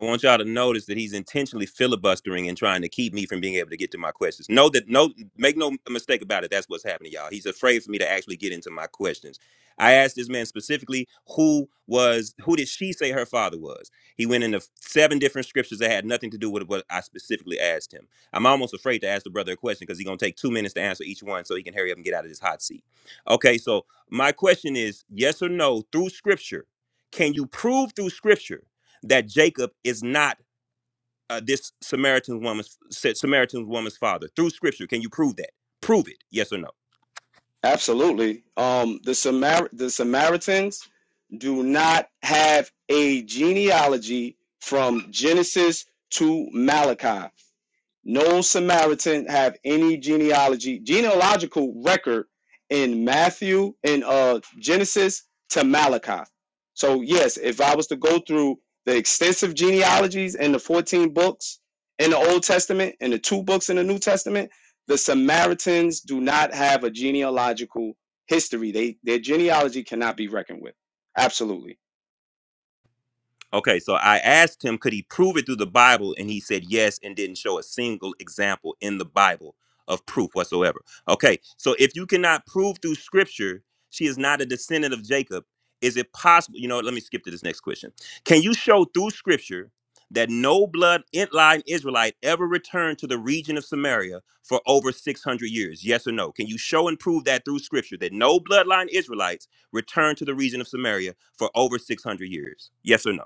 I want y'all to notice that he's intentionally filibustering and trying to keep me from being able to get to my questions. Know that no make no mistake about it, that's what's happening, y'all. He's afraid for me to actually get into my questions. I asked this man specifically who was who did she say her father was? He went into seven different scriptures that had nothing to do with what I specifically asked him. I'm almost afraid to ask the brother a question because he's gonna take two minutes to answer each one so he can hurry up and get out of this hot seat. Okay, so my question is yes or no, through scripture, can you prove through scripture? that Jacob is not uh, this Samaritan woman's Samaritan woman's father through Scripture? Can you prove that? Prove it. Yes or no? Absolutely. Um, the Samar- the Samaritans do not have a genealogy from Genesis to Malachi. No Samaritan have any genealogy, genealogical record in Matthew in uh Genesis to Malachi. So yes, if I was to go through the extensive genealogies in the 14 books in the Old Testament and the two books in the New Testament, the Samaritans do not have a genealogical history. They their genealogy cannot be reckoned with. Absolutely. Okay, so I asked him, could he prove it through the Bible? And he said yes, and didn't show a single example in the Bible of proof whatsoever. Okay, so if you cannot prove through scripture she is not a descendant of Jacob, is it possible? You know, what, let me skip to this next question. Can you show through scripture that no bloodline Israelite ever returned to the region of Samaria for over 600 years? Yes or no? Can you show and prove that through scripture that no bloodline Israelites returned to the region of Samaria for over 600 years? Yes or no?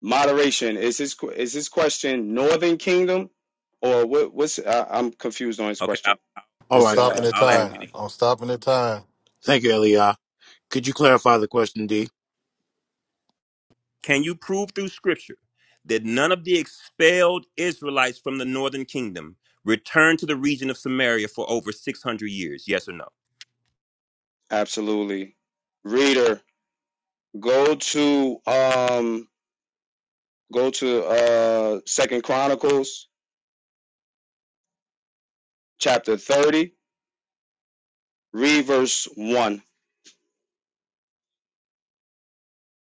Moderation is his que- is his question Northern Kingdom or what? What's I, I'm confused on his Okay, I'll, question. All I'm Just right. good. stopping uh, the I'll ask point time. it out again. I'm stopping the time. Thank you, Elia. Could you clarify the question, D? Can you prove through scripture that none of the expelled Israelites from the northern kingdom returned to the region of Samaria for over 600 years? Yes or no? absolutely. Reader, go to um go to uh Second Chronicles chapter thirty, read verse one.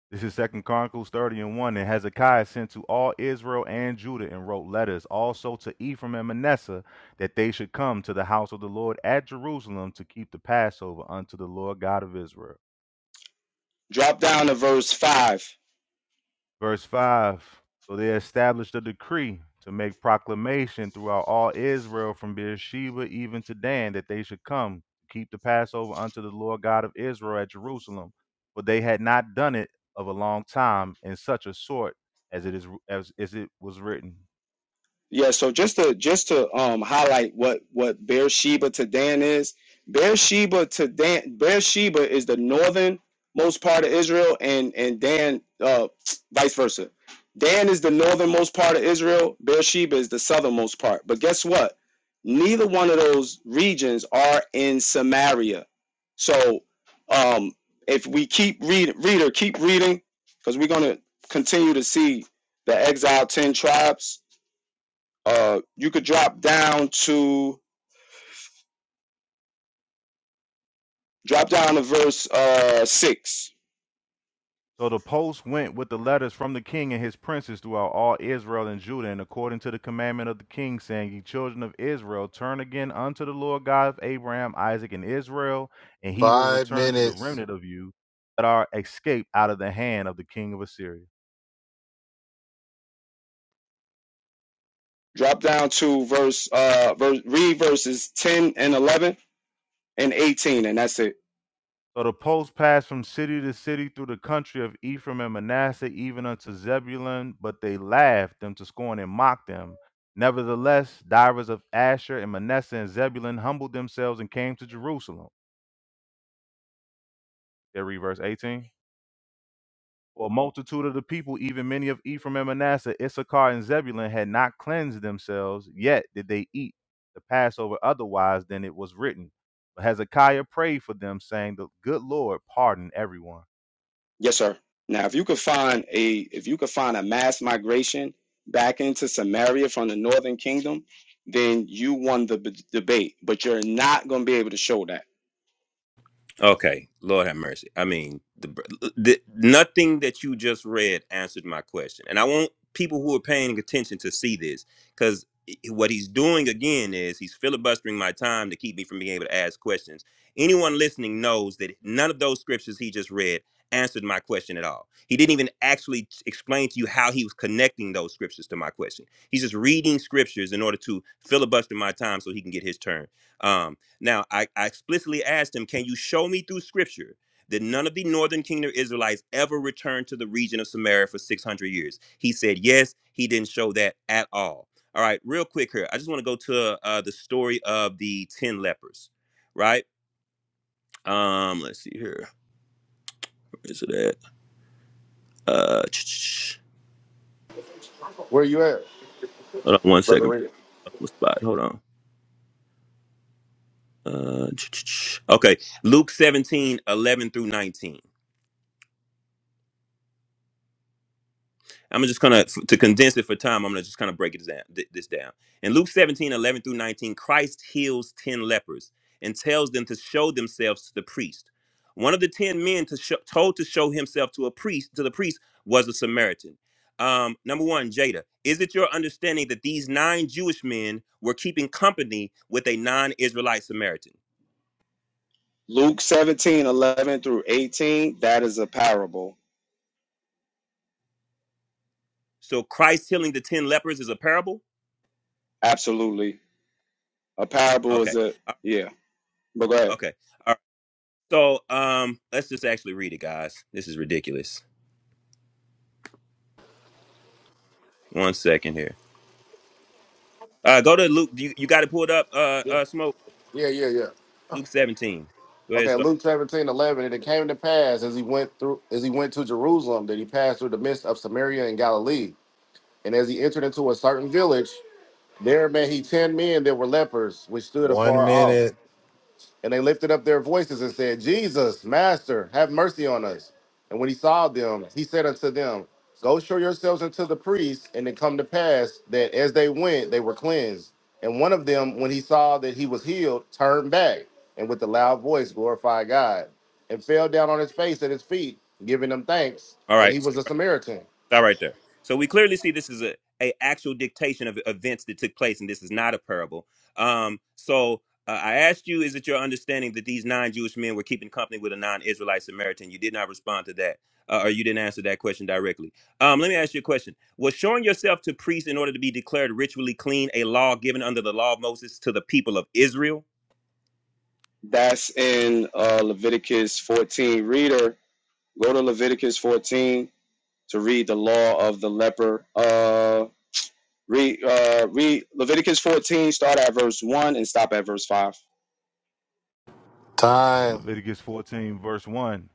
This is Second Chronicles 30 and 1. And Hezekiah sent to all Israel and Judah and wrote letters also to Ephraim and Manasseh that they should come to the house of the Lord at Jerusalem to keep the Passover unto the Lord God of Israel. Drop down to verse five. Verse 5 So they established a decree to make proclamation throughout all Israel from Beersheba even to Dan that they should come to keep the Passover unto the Lord God of Israel at Jerusalem. For they had not done it of a long time in such a sort as it is as, as it was written. Yeah, so just to just to um highlight what what Beersheba to Dan is. Beersheba to Dan Beersheba is the northernmost part of Israel and and Dan uh vice versa. Dan is the northernmost part of Israel, Beersheba is the southernmost part. But guess what? Neither one of those regions are in Samaria. So um if we keep read reader, keep reading, because we're gonna continue to see the exiled ten tribes uh, you could drop down to drop down to verse uh six. So the post went with the letters from the king and his princes throughout all Israel and Judah, and according to the commandment of the king, saying, Ye children of Israel, turn again unto the Lord God of Abraham, Isaac, and Israel, and he will Five return to the minutes. remnant of you that are escaped out of the hand of the king of Assyria. Drop down to verse uh verse read verses ten and eleven and eighteen, and that's it. So the post passed from city to city through the country of Ephraim and Manasseh, even unto Zebulun, but they laughed them to scorn and mocked them. Nevertheless, divers of Asher and Manasseh and Zebulun humbled themselves and came to Jerusalem. There read verse 18. For a multitude of the people, even many of Ephraim and Manasseh, Issachar and Zebulun, had not cleansed themselves, yet did they eat the Passover otherwise than it was written. But Hezekiah prayed for them, saying, The good Lord pardon everyone. Yes, sir. Now, if you could find a if you could find a mass migration back into Samaria from the northern kingdom, then you won the b- debate. But you're not going to be able to show that. Okay, Lord have mercy. I mean, the, the nothing that you just read answered my question, and I want people who are paying attention to see this because what he's doing again is he's filibustering my time to keep me from being able to ask questions. Anyone listening knows that none of those scriptures he just read answered my question at all. He didn't even actually t- explain to you how he was connecting those scriptures to my question. He's just reading scriptures in order to filibuster my time so he can get his turn. Um, now, I, I explicitly asked him, Can you show me through scripture that none of the northern kingdom Israelites ever returned to the region of Samaria for 600 years? He said, Yes, he didn't show that at all. All right, real quick here. I just want to go to uh, the story of the 10 lepers, right? Um, let's see here. Where is it at? Uh, Where you at, hold on one brother? second. Read it. Spot. Hold on. Uh, okay, Luke 17 11 through 19. I'm just gonna to condense it for time. I'm gonna just kind of break it down. th- This down in Luke 17, 11 through 19, Christ heals ten lepers and tells them to show themselves to the priest. One of the ten men to show, told to show himself to a priest to the priest was a Samaritan. Um, number one, Jada, is it your understanding that these nine Jewish men were keeping company with a non-Israelite Samaritan? Luke seventeen eleven through 18, that is a parable. So Christ healing the ten lepers is a parable. Absolutely. A parable is Okay, a, Uh, yeah, but go ahead. okay. So um, let's just actually read it, guys. This is ridiculous. One second here. Uh, go to Luke. You, you got it pulled up. Uh, Yeah, uh, smoke yeah, yeah. yeah. Luke seventeen. Go ahead, Okay, start. Luke 17 11. And it came to pass as he went through, as he went to Jerusalem, that he passed through the midst of Samaria and Galilee. And as he entered into a certain village, there met he ten men that were lepers, which stood afar One off. minute. And they lifted up their voices and said, Jesus, Master, have mercy on us. And when he saw them, he said unto them, Go show yourselves unto the priests. And it come to pass that as they went, they were cleansed. And one of them, when he saw that he was healed, turned back and with a loud voice glorified God and fell down on his face at his feet, giving them thanks. All And right. he was a Samaritan. That right there. So we clearly see this is a, a actual dictation of events that took place, and this is not a parable. Um, so uh, I asked you, is it your understanding that these non-Jewish men were keeping company with a non-Israelite Samaritan? You did not respond to that, uh, or you didn't answer that question directly. Um, let me ask you a question: Was showing yourself to priests in order to be declared ritually clean a law given under the law of Moses to the people of Israel? That's in uh, Leviticus 14. Reader, go to Leviticus 14 to read the law of the leper. Uh, read, uh, read Leviticus 14, start at verse 1 and stop at verse 5. This is Time. Leviticus 14, verse 1.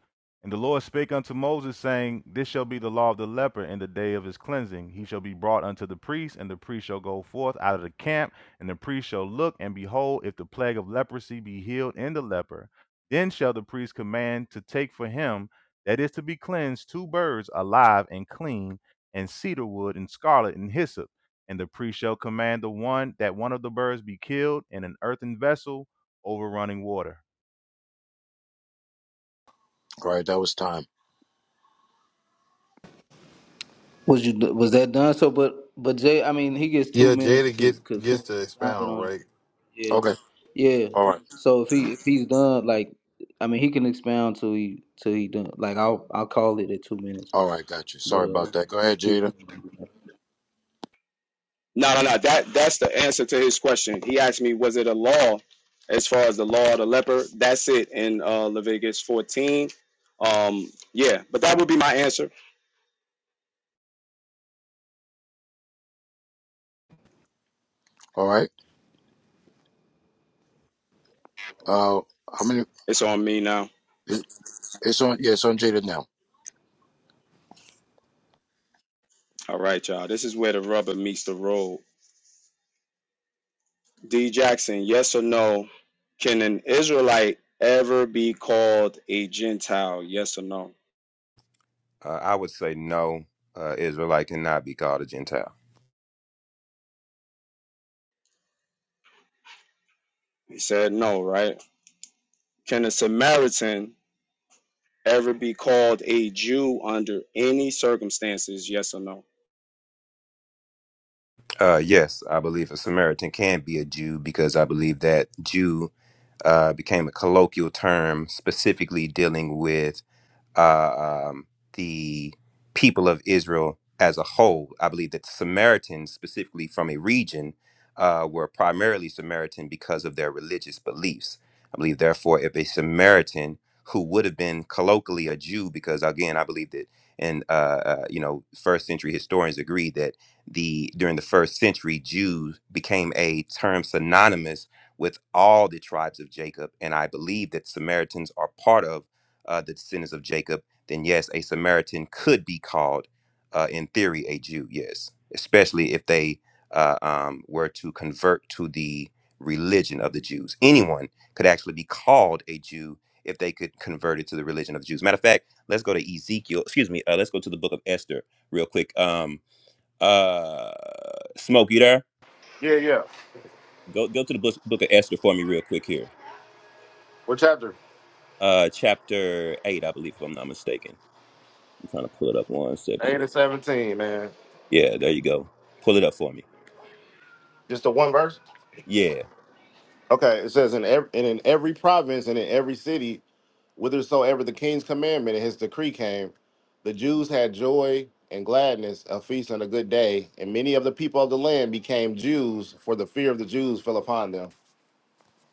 And the Lord spake unto Moses, saying, This shall be the law of the leper in the day of his cleansing. He shall be brought unto the priest, and the priest shall go forth out of the camp, and the priest shall look, and behold, if the plague of leprosy be healed in the leper, then shall the priest command to take for him that is to be cleansed two birds alive and clean, and cedar wood, and scarlet, and hyssop. And the priest shall command the one that one of the birds be killed in an earthen vessel over running water All right, that was time. Was you was that done? So, but but Jay, I mean, he gets two Yeah, Jada minutes to get because gets since to you counted expound, on it, right? yeah. Okay. Yeah. All right. So if he if he's done, like, I mean, he can expound till he till he done. Like, I'll I'll call it at two minutes. All right, got you. But Sorry uh, about that. Go ahead, if Jada. he's- No, no, no. That that's the answer to his question. He asked me, was it a law as far as the law of the leper? That's it in uh, Leviticus 14. Um, yeah, but that would be my answer. All right. Uh how many It's on me now. it- it's on yeah, it's on Jada now. All right, y'all. This is where the rubber meets the road. D Jackson, yes or no? Can an Israelite ever be called a Gentile? Yes or no? Uh, I would say no. Uh, Israelite cannot be called a Gentile. He said no, right? Can a Samaritan ever be called a Jew under any circumstances? Yes or no? Uh, yes, I believe a Samaritan can be a Jew because I believe that Jew uh, became a colloquial term specifically dealing with uh, um, the people of Israel as a whole. I believe that Samaritans, specifically from a region, uh, were primarily Samaritan because of their religious beliefs. I believe, therefore, if a Samaritan who would have been colloquially a Jew, because again, I believe that, and uh, uh, you know, first century historians agree that the during the first century, Jews became a term synonymous with all the tribes of Jacob, and I believe that Samaritans are part of uh, the descendants of Jacob, then yes, a Samaritan could be called, uh, in theory, a Jew. Yes, especially if they uh, um, were to convert to the religion of the Jews. Anyone could actually be called a Jew if they could convert it to the religion of the Jews. Matter of fact, let's go to Ezekiel. Excuse me. Uh, let's go to the book of Esther real quick. Um, uh, Smoke, you there? Yeah, yeah. Go go to the book, book of Esther for me real quick here. What chapter? Uh, chapter eight, I believe, if I'm not mistaken. I'm trying to pull it up one second. Eight to seventeen, man. Yeah, there you go. Pull it up for me. Just the one verse. Yeah, Okay, it says in every and in every province and in every city, whithersoever the king's commandment and his decree came, the Jews had joy and gladness, a feast and a good day, and many of the people of the land became Jews, for the fear of the Jews fell upon them.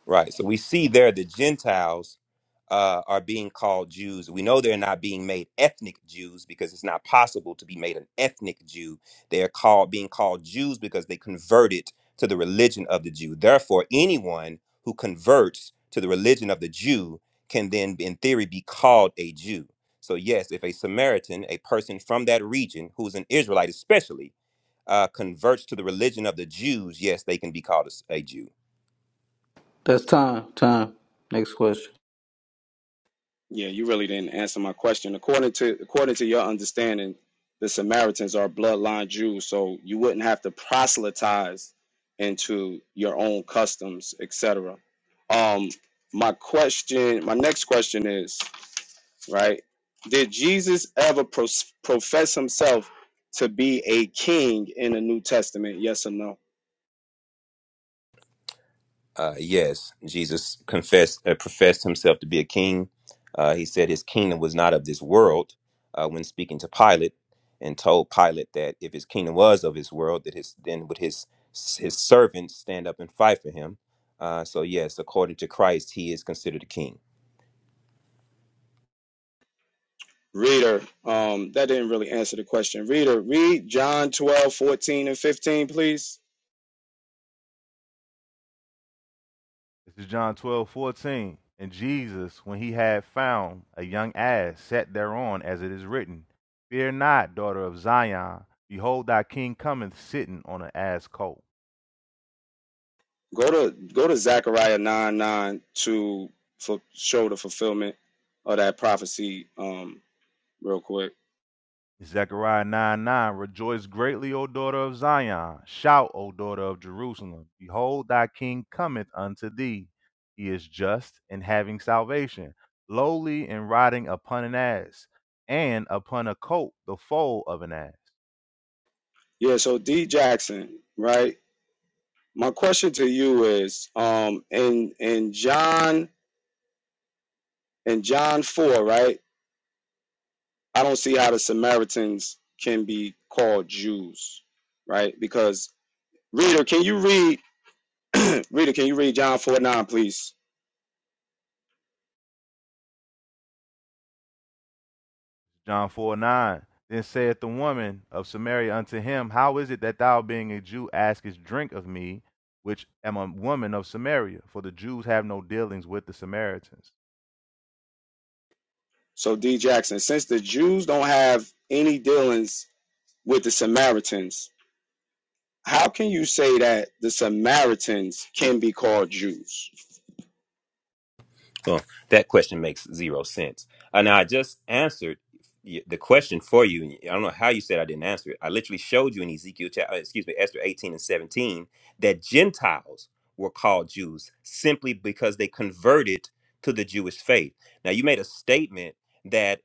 right. So we see there the Gentiles uh, are being called Jews. We know they're not being made ethnic Jews because it's not possible to be made an ethnic Jew. They are called being called Jews because they converted to the religion of the Jew. Therefore, anyone who converts to the religion of the Jew can then, in theory, be called a Jew. So yes, if a Samaritan, a person from that region who's an Israelite, especially uh, converts to the religion of the Jews, yes, they can be called a a Jew. that's time. Time. Next question. Yeah, you really didn't answer my question. According to according to your understanding, the Samaritans are bloodline Jews, so you wouldn't have to proselytize into your own customs, et cetera. Um, my question, my next question is, right? Did Jesus ever pros- profess himself to be a king in the New Testament? Yes or no? Uh, yes, Jesus confessed, uh, professed himself to be a king. Uh, he said his kingdom was not of this world uh, when speaking to Pilate, and told Pilate that if his kingdom was of his world, that his then would his his servants stand up and fight for him. Uh, so yes, according to Christ, he is considered a king. Reader, um, that didn't really answer the question. Reader, read John 12 14 and 15, please. This is John 12 14 And Jesus, when he had found a young ass, sat thereon, as it is written, Fear not, daughter of Zion. Behold, thy king cometh sitting on an ass colt. Go to go to Zechariah nine nine to fu- show the fulfillment of that prophecy. Um, real quick. Zechariah 9, 9. Rejoice greatly, O daughter of Zion. Shout, O daughter of Jerusalem. Behold, thy king cometh unto thee. He is just and having salvation, lowly and riding upon an ass, and upon a colt, the foal of an ass. Yeah. So D Jackson, right? My question to you is, um, in in John in John four, right? I don't see how the Samaritans can be called Jews, right? Because reader, can you read reader? Can you read John four nine, please? John 4 9. Then saith the woman of Samaria unto him, How is it that thou, being a Jew, askest drink of me, which am a woman of Samaria? For the Jews have no dealings with the Samaritans. So D Jackson, since the Jews don't have any dealings with the Samaritans How can you say that the Samaritans can be called Jews? Well, that question makes zero sense. And I just answered y- the question for you. I don't know how you said I didn't answer it. I literally showed you in Ezekiel, chapter, excuse me, Esther 18 and 17, that Gentiles were called Jews simply because they converted to the Jewish faith. Now, you made a statement that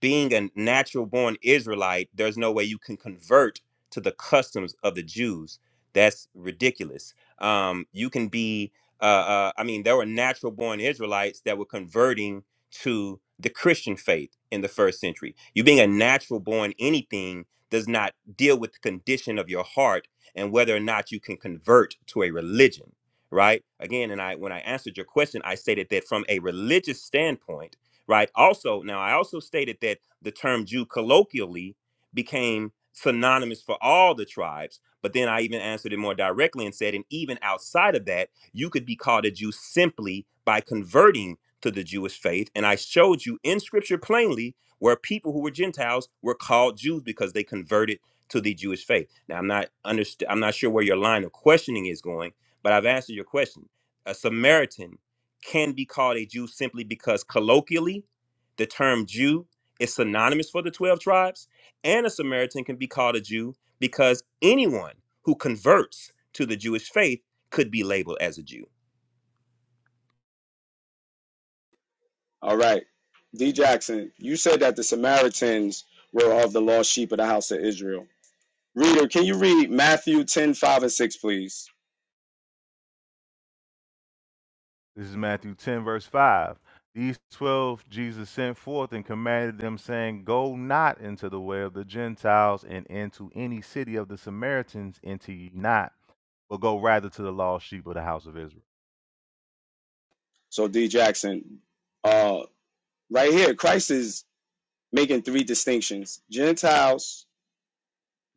being a natural born Israelite, there's no way you can convert to the customs of the Jews. That's ridiculous. Um, you can be, uh, uh, I mean, there were natural born Israelites that were converting to the Christian faith in the first century. You being a natural born anything does not deal with the condition of your heart and whether or not you can convert to a religion, right? Again, and I when I answered your question, I stated that from a religious standpoint right? Also, now I also stated that the term Jew colloquially became synonymous for all the tribes, but then I even answered it more directly and said, and even outside of that, you could be called a Jew simply by converting to the Jewish faith. And I showed you in scripture plainly where people who were Gentiles were called Jews because they converted to the Jewish faith. Now I'm not underst- I'm not sure where your line of questioning is going, but I've answered your question. A Samaritan can be called a Jew simply because colloquially, the term Jew is synonymous for the 12 tribes, and a Samaritan can be called a Jew because anyone who converts to the Jewish faith could be labeled as a Jew. All right. D. Jackson, you said that the Samaritans were of the lost sheep of the house of Israel. Reader, can you read Matthew 10 5 and 6, please? This is Matthew 10, verse 5. These twelve Jesus sent forth and commanded them, saying, Go not into the way of the Gentiles and into any city of the Samaritans, enter ye not, but go rather to the lost sheep of the house of Israel. So, D. Jackson, uh, right here, Christ is making three distinctions. Gentiles,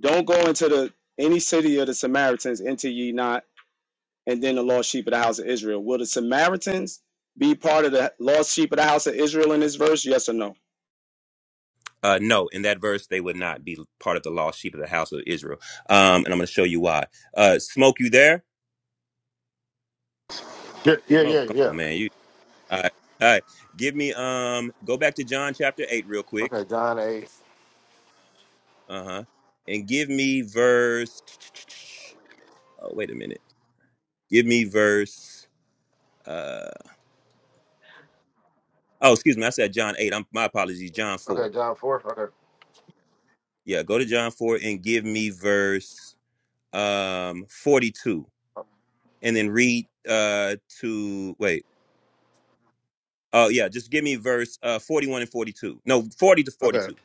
don't go into the any city of the Samaritans, enter ye not, and then the lost sheep of the house of Israel. Will the Samaritans be part of the lost sheep of the house of Israel in this verse? Yes or no? Uh, no, in that verse, they would not be part of the lost sheep of the house of Israel. Um, and I'm going to show you why. Uh, Smoke, you there? Yeah, yeah, Smoke, yeah, come yeah. on, man. You all right, all right. Give me um go back to John chapter eight real quick. Okay, John eight. Uh-huh. And give me verse oh wait a minute. Give me verse uh oh excuse me, I said John eight. I'm my apologies, John four. Okay, John four. Okay. Yeah, go to John four and give me verse um forty two. And then read uh to wait. Oh yeah, just give me verse uh forty one and forty two. No, forty to forty Okay. two.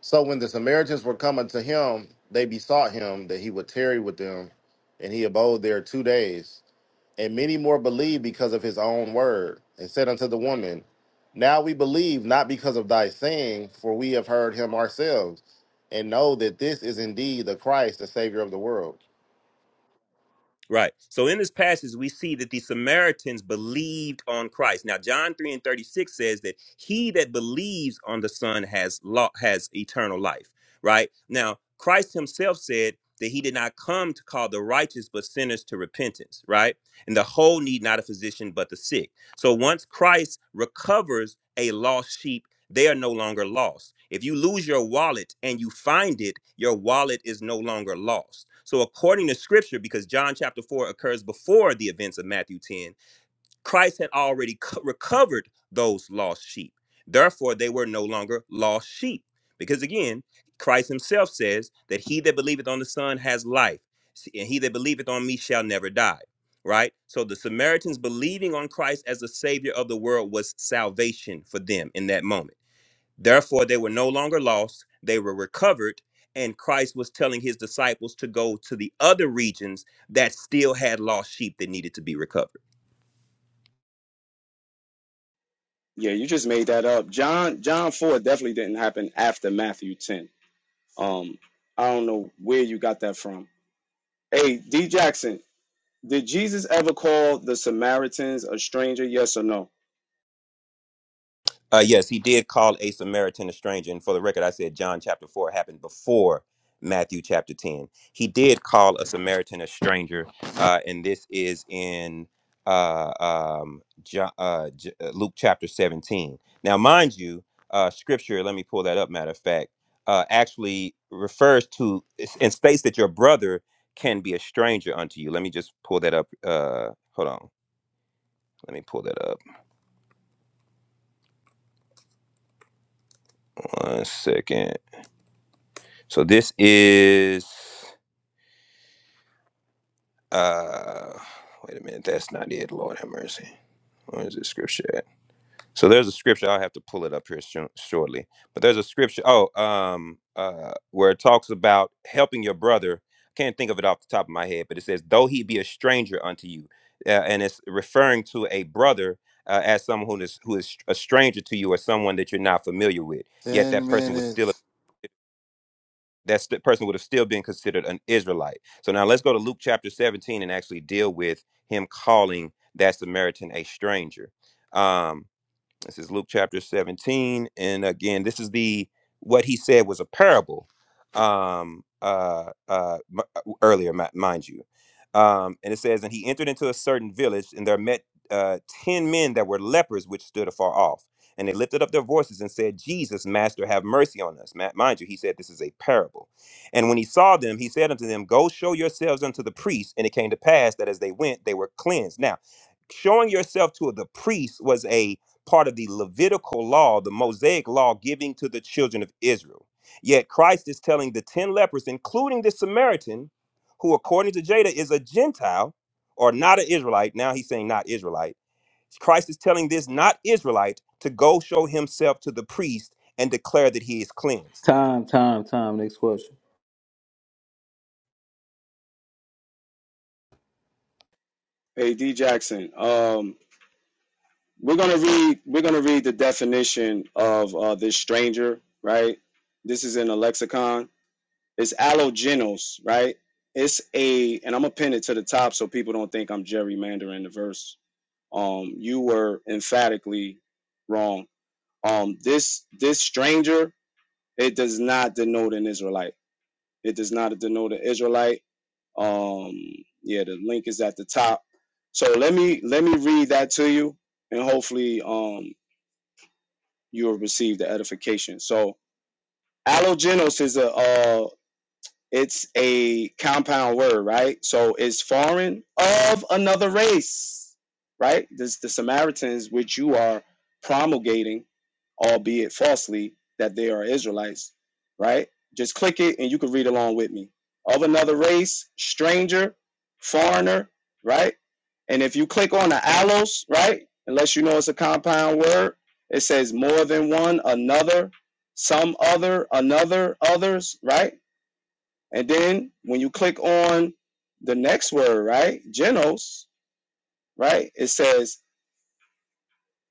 So when the Samaritans were coming to him, they besought him that he would tarry with them, and he abode there two days. And many more believed because of his own word, and said unto the woman, Now we believe not because of thy saying, for we have heard him ourselves, and know that this is indeed the Christ, the Savior of the world. Right. So in this passage, we see that the Samaritans believed on Christ. Now, John 3 and 36 says that he that believes on the Son has law, has eternal life. Right. Now, Christ himself said that he did not come to call the righteous but sinners to repentance. Right. And the whole need not a physician but the sick. So once Christ recovers a lost sheep they are no longer lost. If you lose your wallet and you find it, your wallet is no longer lost. So, according to scripture, because John chapter 4 occurs before the events of Matthew 10, Christ had already co- recovered those lost sheep. Therefore, they were no longer lost sheep. Because again, Christ himself says that he that believeth on the Son has life, and he that believeth on me shall never die right? So the Samaritans believing on Christ as the savior of the world was salvation for them in that moment. Therefore, they were no longer lost, they were recovered. And Christ was telling his disciples to go to the other regions that still had lost sheep that needed to be recovered. Yeah, you just made that up. John John four definitely didn't happen after Matthew ten. Um, I don't know where you got that from. Hey, D Jackson, did Jesus ever call the Samaritans a stranger? Yes or no? Uh, yes, he did call a Samaritan a stranger. And for the record, I said John chapter 4 happened before Matthew chapter 10. He did call a Samaritan a stranger. Uh, and this is in uh, um, John, uh, J- uh, Luke chapter 17. Now, mind you, uh, scripture, let me pull that up, matter of fact, uh, actually refers to and states that your brother can be a stranger unto you. Let me just pull that up. Uh, hold on. Let me pull that up. One second. So this is uh wait a minute, that's not it. Lord have mercy. Where is this scripture at? So there's a scripture I'll have to pull it up here sho- shortly. But there's a scripture oh um uh where it talks about helping your brother. I can't think of it off the top of my head, but it says though he be a stranger unto you. Uh, and it's referring to a brother uh, as someone who is who is a stranger to you or someone that you're not familiar with. Yet that Ten person was still minutes. that st- person would have still been considered an Israelite. So now let's go to Luke chapter 17 and actually deal with him calling that Samaritan a stranger. Um, this is Luke chapter 17. And again, this is the what he said was a parable um uh uh m- uh, earlier mi- mind you um and it says and he entered into a certain village and there met uh ten men that were lepers which stood afar off and they lifted up their voices and said jesus master have mercy on us Ma- mind you he said this is a parable and when he saw them he said unto them go show yourselves unto the priests and it came to pass that as they went they were cleansed now showing yourself to the priest was a part of the Levitical law, the Mosaic law giving to the children of Israel. Yet Christ is telling the 10 lepers, including the Samaritan, who according to Jada is a Gentile or not an Israelite. Now he's saying not Israelite. Christ is telling this not Israelite to go show himself to the priest and declare that he is cleansed. Time. Time. Time. Next question. Hey, D Jackson. Um, we're gonna read we're gonna read the definition of uh, this stranger. Right. This is in a lexicon. It's allogenos. Right. It's a and I'm gonna pin it to the top so people don't think I'm gerrymandering the verse um you were emphatically wrong um this this stranger it does not denote an israelite it does not denote an israelite um yeah the link is at the top so let me let me read that to you and hopefully um you will receive the edification so allogenos is a uh, It's a compound word, right? So it's foreign of another race, right? This the Samaritans, which you are promulgating, albeit falsely, that they are Israelites, right? Just click it and you can read along with me. Of another race, stranger, foreigner, right? And if you click on the allos, right? Unless you know it's a compound word, it says more than one, another, some other, another, others, right? And then when you click on the next word, right? Genos, right? It says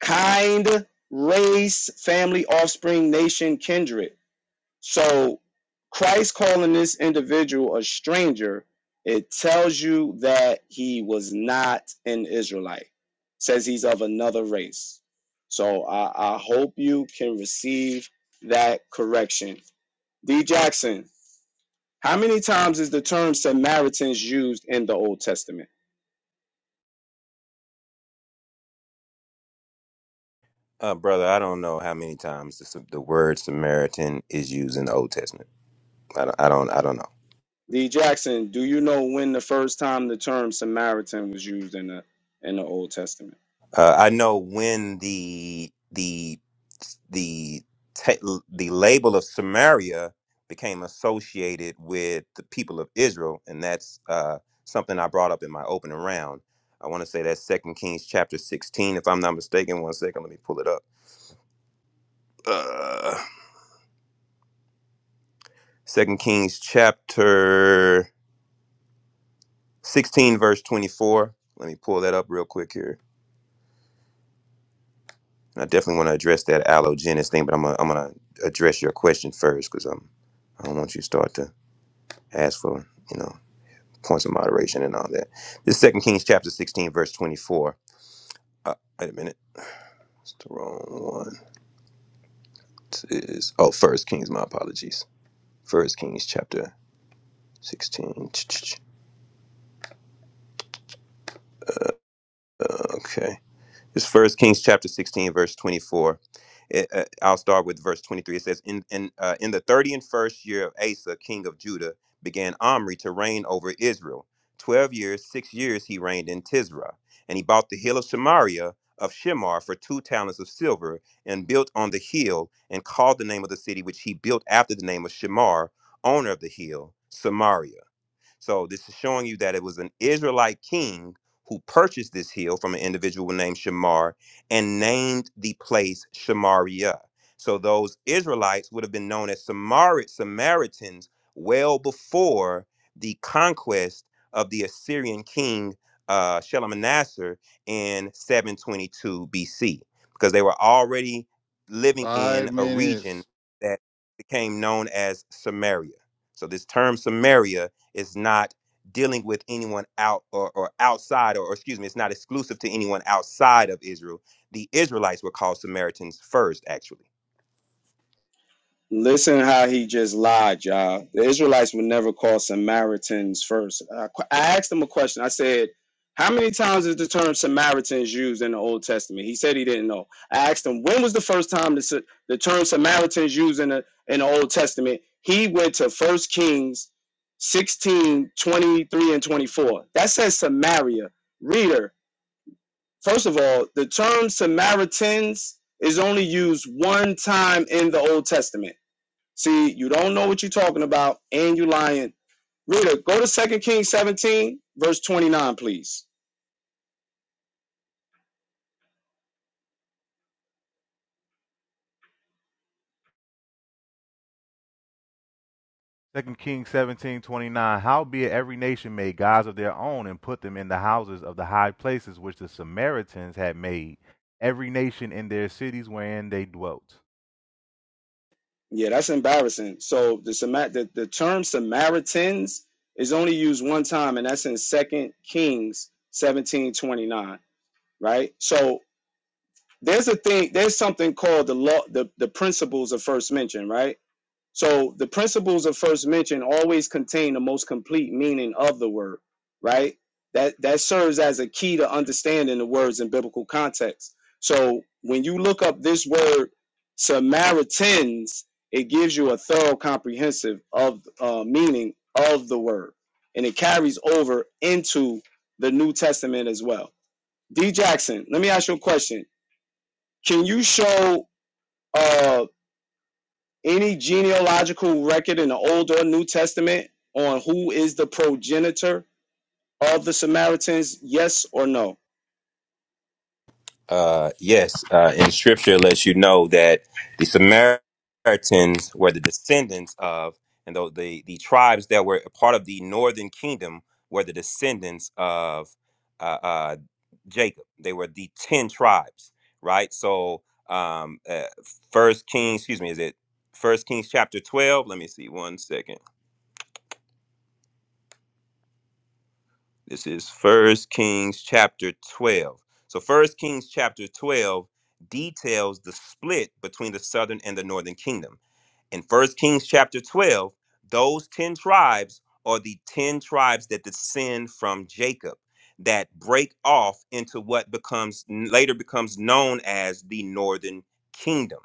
kind, race, family, offspring, nation, kindred. So Christ calling this individual a stranger, it tells you that he was not an Israelite. It says he's of another race. So I, I hope you can receive that correction. D Jackson, How many times is the term Samaritans used in the Old Testament? Uh, brother, I don't know how many times the, the word Samaritan is used in the Old Testament. I don't, I don't, I don't know. D. Jackson, do you know when the first time the term Samaritan was used in the in the Old Testament? Uh, I know when the the the ta- the label of Samaria became associated with the people of Israel, and that's uh, something I brought up in my opening round. I want to say that's Second Kings chapter sixteen, if I'm not mistaken. One second, let me pull it up. Uh, Second Kings chapter sixteen, verse twenty-four. Let me pull that up real quick here. And I definitely want to address that allogenist thing, but I'm gonna, I'm gonna address your question first because I'm I don't want you to start to ask for you know points of moderation and all that. This Second Kings chapter 16 verse 24. Uh, wait a minute, it's the wrong one. It Is oh First Kings. My apologies. First Kings chapter 16. Okay, it's First Kings chapter 16 verse 24 It, uh, I'll start with verse 23. It says, In, in, uh, in the thirty and first year of Asa, king of Judah, began Omri to reign over Israel. Twelve years, six years he reigned in Tisra. And he bought the hill of Samaria of Shemar for two talents of silver and built on the hill and called the name of the city which he built after the name of Shemar, owner of the hill, Samaria. So this is showing you that it was an Israelite king who purchased this hill from an individual named Shamar and named the place Shamariah. So those Israelites would have been known as Samari- Samaritans well before the conquest of the Assyrian king uh, Shalmaneser in 722 BC because they were already living in Five a region minutes. that became known as Samaria. So this term Samaria it's not dealing with anyone out or, or outside, or, or excuse me, it's not exclusive to anyone outside of Israel. The Israelites were called Samaritans first, actually Listen how he just lied, y'all. The Israelites would never call Samaritans first. I qu- I asked him a question. I said, How many times is the term Samaritans used in the Old Testament? He said he didn't know. I asked him, When was the first time the, Sa- the term Samaritans used in the, in the Old Testament? He went to First Kings 16 23 and 24. That says Samaria. Reader, first of all, the term Samaritans is only used one time in the Old Testament See, you don't know what you're talking about, and you lying. Rita, go to Second Kings 17, verse 29, please. Second Kings seventeen twenty nine. Howbeit every nation made gods of their own and put them in the houses of the high places which the Samaritans had made, every nation in their cities wherein they dwelt. Yeah, that's embarrassing. So the the, the term Samaritans is only used one time, and that's in Second Kings 17 29. right? So there's a thing, there's something called the law, the, the principles of first mention, right? So the principles of first mention always contain the most complete meaning of the word, right? That that serves as a key to understanding the words in biblical context. So when you look up this word Samaritans, it gives you a thorough comprehensive of uh, meaning of the word, and it carries over into the New Testament as well. D. Jackson, let me ask you a question. Can you show? Uh, any genealogical record in the Old or New Testament on who is the progenitor of the Samaritans? Yes or no? Uh, yes, uh, in scripture lets you know that the Samaritans were the descendants of, and the, the, the tribes that were a part of the northern kingdom were the descendants of uh, uh, Jacob. They were the 10 tribes, right? So, um, uh, first Kings, excuse me, is it first Kings chapter 12? Let me see one second. This is First Kings chapter 12. So First Kings chapter 12 details the split between the southern and the northern kingdom. In First Kings chapter 12, those 10 tribes are the 10 tribes that descend from Jacob that break off into what becomes later becomes known as the northern kingdom.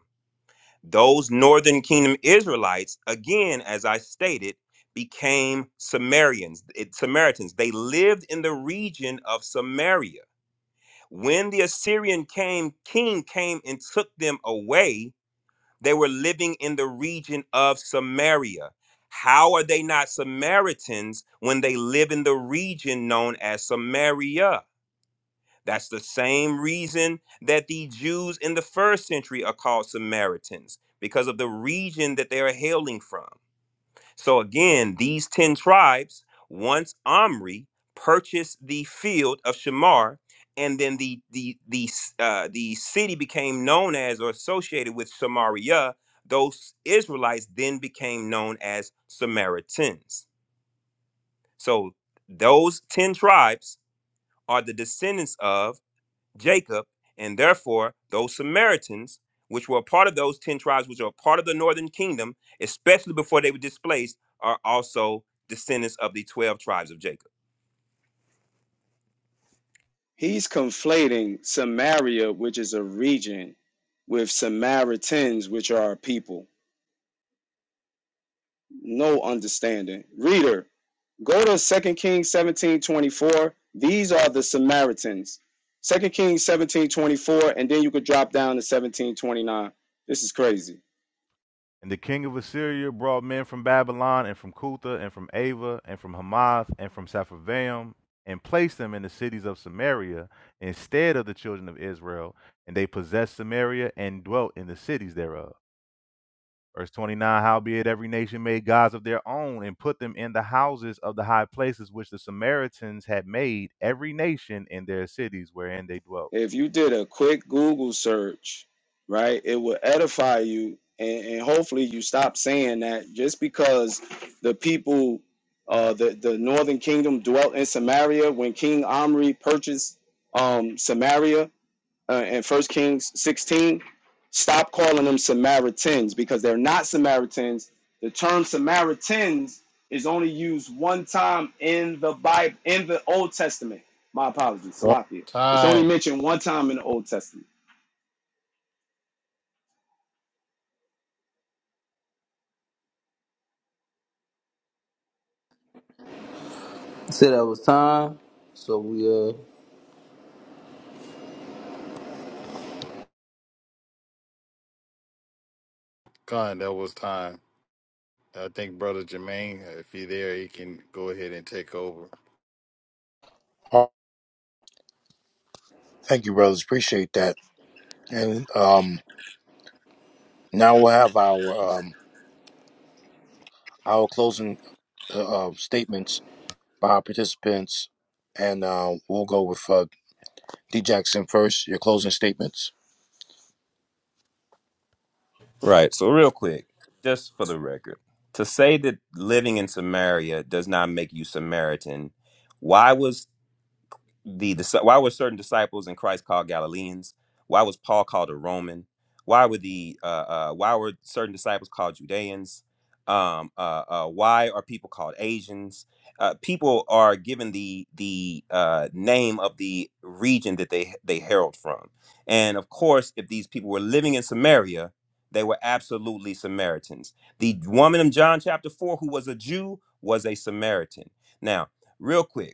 Those northern kingdom Israelites, again, as I stated, became Sumerians, it- Samaritans. They lived in the region of Samaria. When the Assyrian came, king came and took them away, they were living in the region of Samaria. How are they not Samaritans when they live in the region known as Samaria? That's the same reason that the Jews in the first century are called Samaritans, because of the region that they are hailing from. So again, these 10 tribes, once Omri purchased the field of Shamar, and then the the the uh, the city became known as or associated with Samaria. Those Israelites then became known as Samaritans. So those ten tribes are the descendants of Jacob, and therefore those Samaritans, which were a part of those 10 tribes, which are a part of the northern kingdom, especially before they were displaced, are also descendants of the 12 tribes of Jacob. He's conflating Samaria, which is a region, with Samaritans, which are a people. No understanding. Reader, go to Second Kings 17 24. These are the Samaritans. Second Kings 17 24, and then you could drop down to 17 29. This is crazy. And the king of Assyria brought men from Babylon and from Cutha and from Ava and from Hamath and from Sepharvaim and placed them in the cities of Samaria instead of the children of Israel, and they possessed Samaria and dwelt in the cities thereof. Verse 29 Howbeit every nation made gods of their own and put them in the houses of the high places which the Samaritans had made, every nation in their cities wherein they dwelt. If you did a quick Google search, right, it will edify you, and, and hopefully you stop saying that just because the people, uh, the the Northern Kingdom dwelt in Samaria when King Omri purchased um Samaria uh, in First Kings 16, stop calling them Samaritans because they're not Samaritans. The term Samaritans is only used one time in the Bible, in the Old Testament. My apologies, One Salakia. It's only time. mentioned one time in the Old Testament. Said that was time. So we uh, God, that was time. I think Brother Jermaine, if he there, he can go ahead and take over. Oh, Thank you, brothers. Appreciate that. And um now we'll have our um our closing uh, uh, statements by our participants and uh, we'll go with uh, D Jackson first. Your closing statements. Right. So, real quick, just for the record, to say that living in Samaria does not make you Samaritan, why was the, the why were certain disciples in Christ called Galileans? Why was Paul called a Roman? Why were the uh, uh, why were certain disciples called Judeans? Um, uh, uh, why are people called Asians? Uh, people are given the the uh, name of the region that they they herald from, and of course, if these people were living in Samaria, they were absolutely Samaritans. The woman in John chapter four who was a Jew was a Samaritan. Now, real quick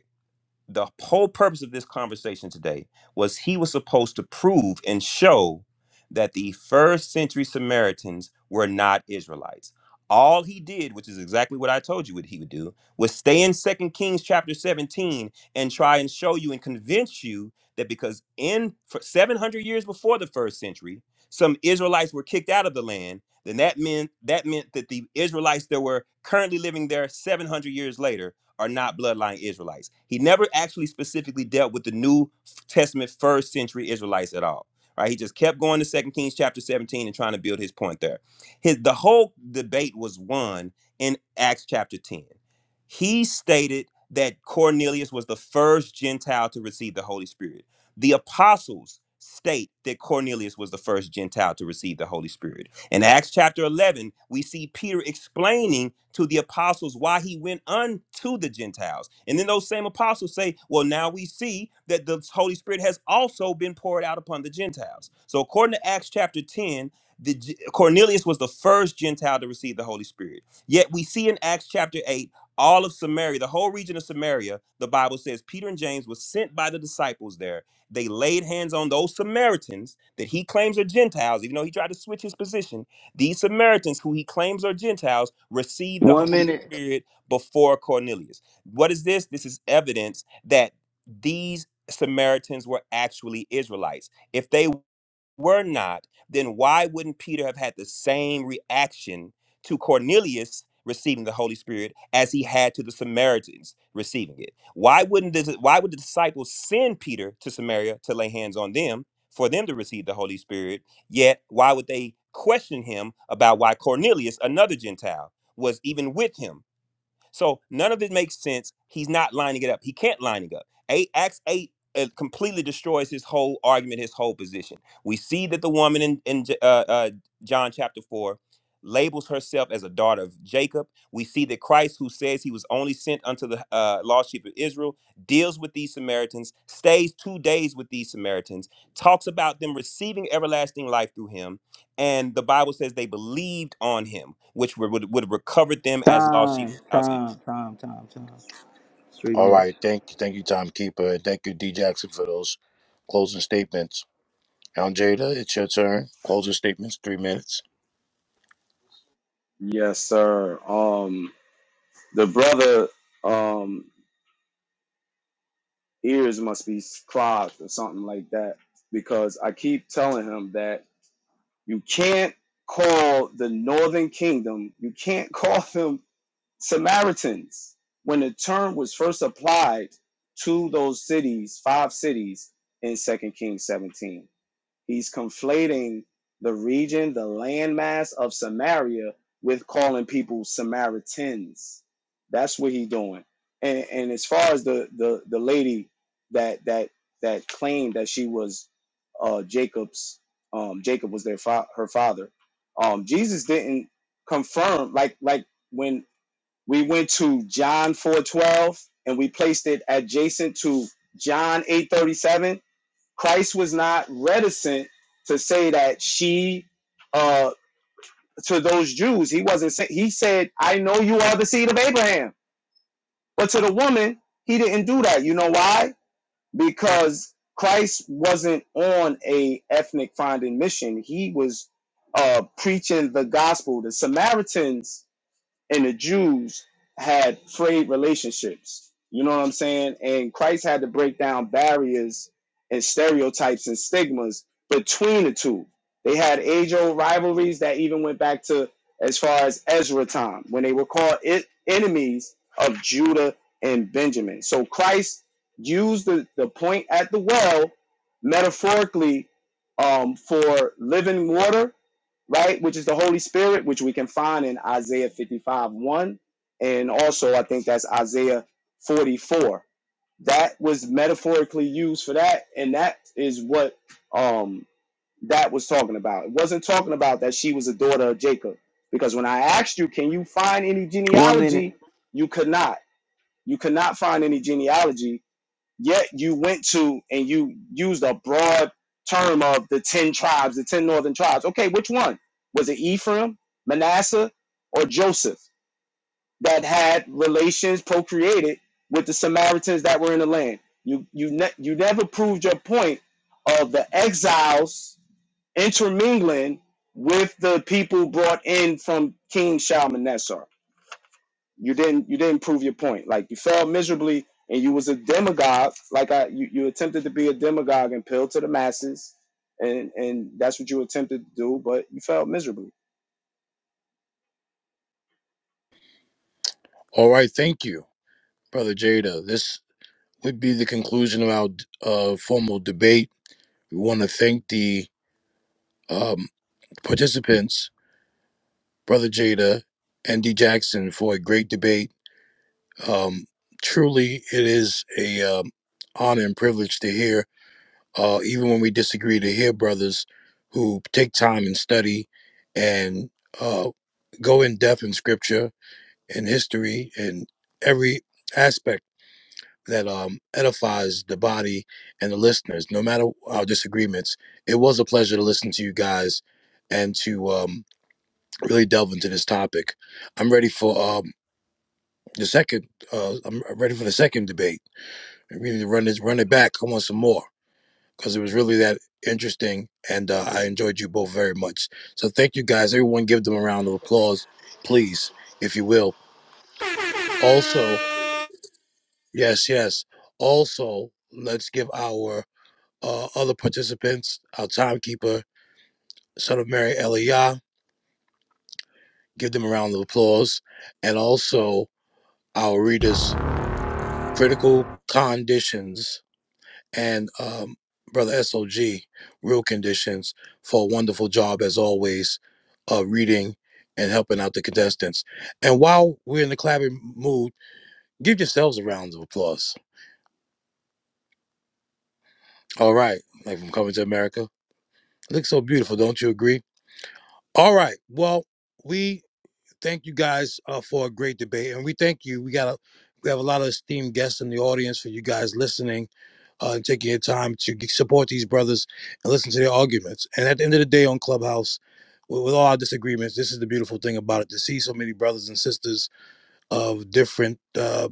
the whole purpose of this conversation today was he was supposed to prove and show that the first century Samaritans were not Israelites. All he did, which is exactly what I told you what he would do, was stay in Second Kings chapter 17 and try and show you and convince you that because in for 700 years before the first century, some Israelites were kicked out of the land, then that meant that meant that the Israelites that were currently living there 700 years later are not bloodline Israelites. He never actually specifically dealt with the New Testament first century Israelites at all. Right? He just kept going to Second Kings chapter 17 and trying to build his point there. His the whole debate was won in Acts chapter 10. He stated that Cornelius was the first Gentile to receive the Holy Spirit. The apostles state that Cornelius was the first Gentile to receive the Holy Spirit. In Acts chapter 11, we see Peter explaining to the apostles why he went unto the Gentiles. And then those same apostles say, Well, now we see that the Holy Spirit has also been poured out upon the Gentiles. So, according to Acts chapter 10, the, G- Cornelius was the first Gentile to receive the Holy Spirit. Yet we see in Acts chapter 8, all of Samaria, the whole region of Samaria, the Bible says Peter and James were sent by the disciples there they laid hands on those Samaritans that he claims are Gentiles, even though he tried to switch his position. These Samaritans, who he claims are Gentiles, received the one Holy minute. Spirit before Cornelius. What is this? This is evidence that these Samaritans were actually Israelites. If they were not, then why wouldn't Peter have had the same reaction to Cornelius receiving the Holy Spirit as he had to the Samaritans receiving it? Why wouldn't this, why would the disciples send Peter to Samaria to lay hands on them for them to receive the Holy Spirit? Yet why would they question him about why Cornelius, another Gentile, was even with him? So none of it makes sense. He's not lining it up. He can't lining up. Eight Acts eight uh, completely destroys his whole argument, his whole position. We see that the woman in in J- uh, uh, John chapter four labels herself as a daughter of Jacob. We see that Christ, who says he was only sent unto the uh, lost sheep of Israel, deals with these Samaritans, stays two days with these Samaritans, talks about them receiving everlasting life through him, and the Bible says they believed on him, which would would, would have recovered them as lost sheep. Time. Time. Time. Time. Time. Three All minutes. right. Thank you. Thank you, timekeeper. And thank you, D Jackson, for those closing statements. Now, Jada, it's your turn. Closing statements, three minutes. Yes, sir. Um, the brother um ears must be clogged or something like that because I keep telling him that you can't call the Northern Kingdom, you can't call them Samaritans, when the term was first applied to those cities, five cities in Second Kings 17. He's conflating the region, the landmass of Samaria, with calling people Samaritans. That's what he's doing. And and as far as the the, the lady that that that claimed that she was uh, Jacob's, um, Jacob was their fa- her father. Um, Jesus didn't confirm like like when we went to John 4:12 and we placed it adjacent to John 8:37. Christ was not reticent to say that she uh to those Jews, he wasn't say, he said, "I know you are the seed of Abraham." But to the woman, he didn't do that. You know why? Because Christ wasn't on a ethnic finding mission. He was uh preaching the gospel. The Samaritans and the Jews had frayed relationships. You know what I'm saying? And Christ had to break down barriers and stereotypes and stigmas between the two. They had age old rivalries that even went back to as far as Ezra time when they were called it enemies of Judah and Benjamin. So Christ used the, the point at the well metaphorically um, for living water right? Which is the Holy Spirit, which we can find in Isaiah 55 1. And also, I think that's Isaiah 44. That was metaphorically used for that. And that is what um, that was talking about. It wasn't talking about that she was a daughter of Jacob. Because when I asked you, can you find any One minute. genealogy? You could not. You could not find any genealogy Yet you went to and you used a broad term of the 10 tribes, the 10 northern tribes. Okay, which one? Was it Ephraim, Manasseh, or Joseph that had relations procreated with the Samaritans that were in the land? You you ne- you never proved your point of the exiles intermingling with the people brought in from King Shalmaneser you didn't you didn't prove your point. Like you failed miserably, and you was a demagogue. Like I, you, you attempted to be a demagogue and appeal to the masses, and and that's what you attempted to do, but you failed miserably. All right. Thank you, Brother Jada. This would be the conclusion of our uh, formal debate. We want to thank the um, participants, Brother Jada and D Jackson, for a great debate. Um, truly, it is a um, honor and privilege to hear uh, even when we disagree, to hear brothers who take time and study and uh, go in depth in scripture and history and every aspect that um, edifies the body and the listeners, no matter our disagreements. It was a pleasure to listen to you guys and to um, really delve into this topic. I'm ready for um, the second. Uh, I'm ready for the second debate. We need to run this, run it back. I want some more. because it was really that interesting and uh, I enjoyed you both very much. So thank you guys. Everyone give them a round of applause, please, if you will. Also, yes, yes. Also, let's give our uh, other participants, our timekeeper, son of Mary Elia, give them a round of applause. And also our readers, critical conditions. and um, Brother SOG, Real Conditions, for a wonderful job as always of reading and helping out the contestants. And while we're in the clapping mood, give yourselves a round of applause. All right, like from Coming to America. Looks so beautiful, don't you agree? All right, well, we thank you guys uh, for a great debate, and we thank you. We got a, we have a lot of esteemed guests in the audience for you guys listening uh, and taking your time to support these brothers and listen to their arguments. And at the end of the day, on Clubhouse, with, with all our disagreements, this is the beautiful thing about it to see so many brothers and sisters of different. Uh,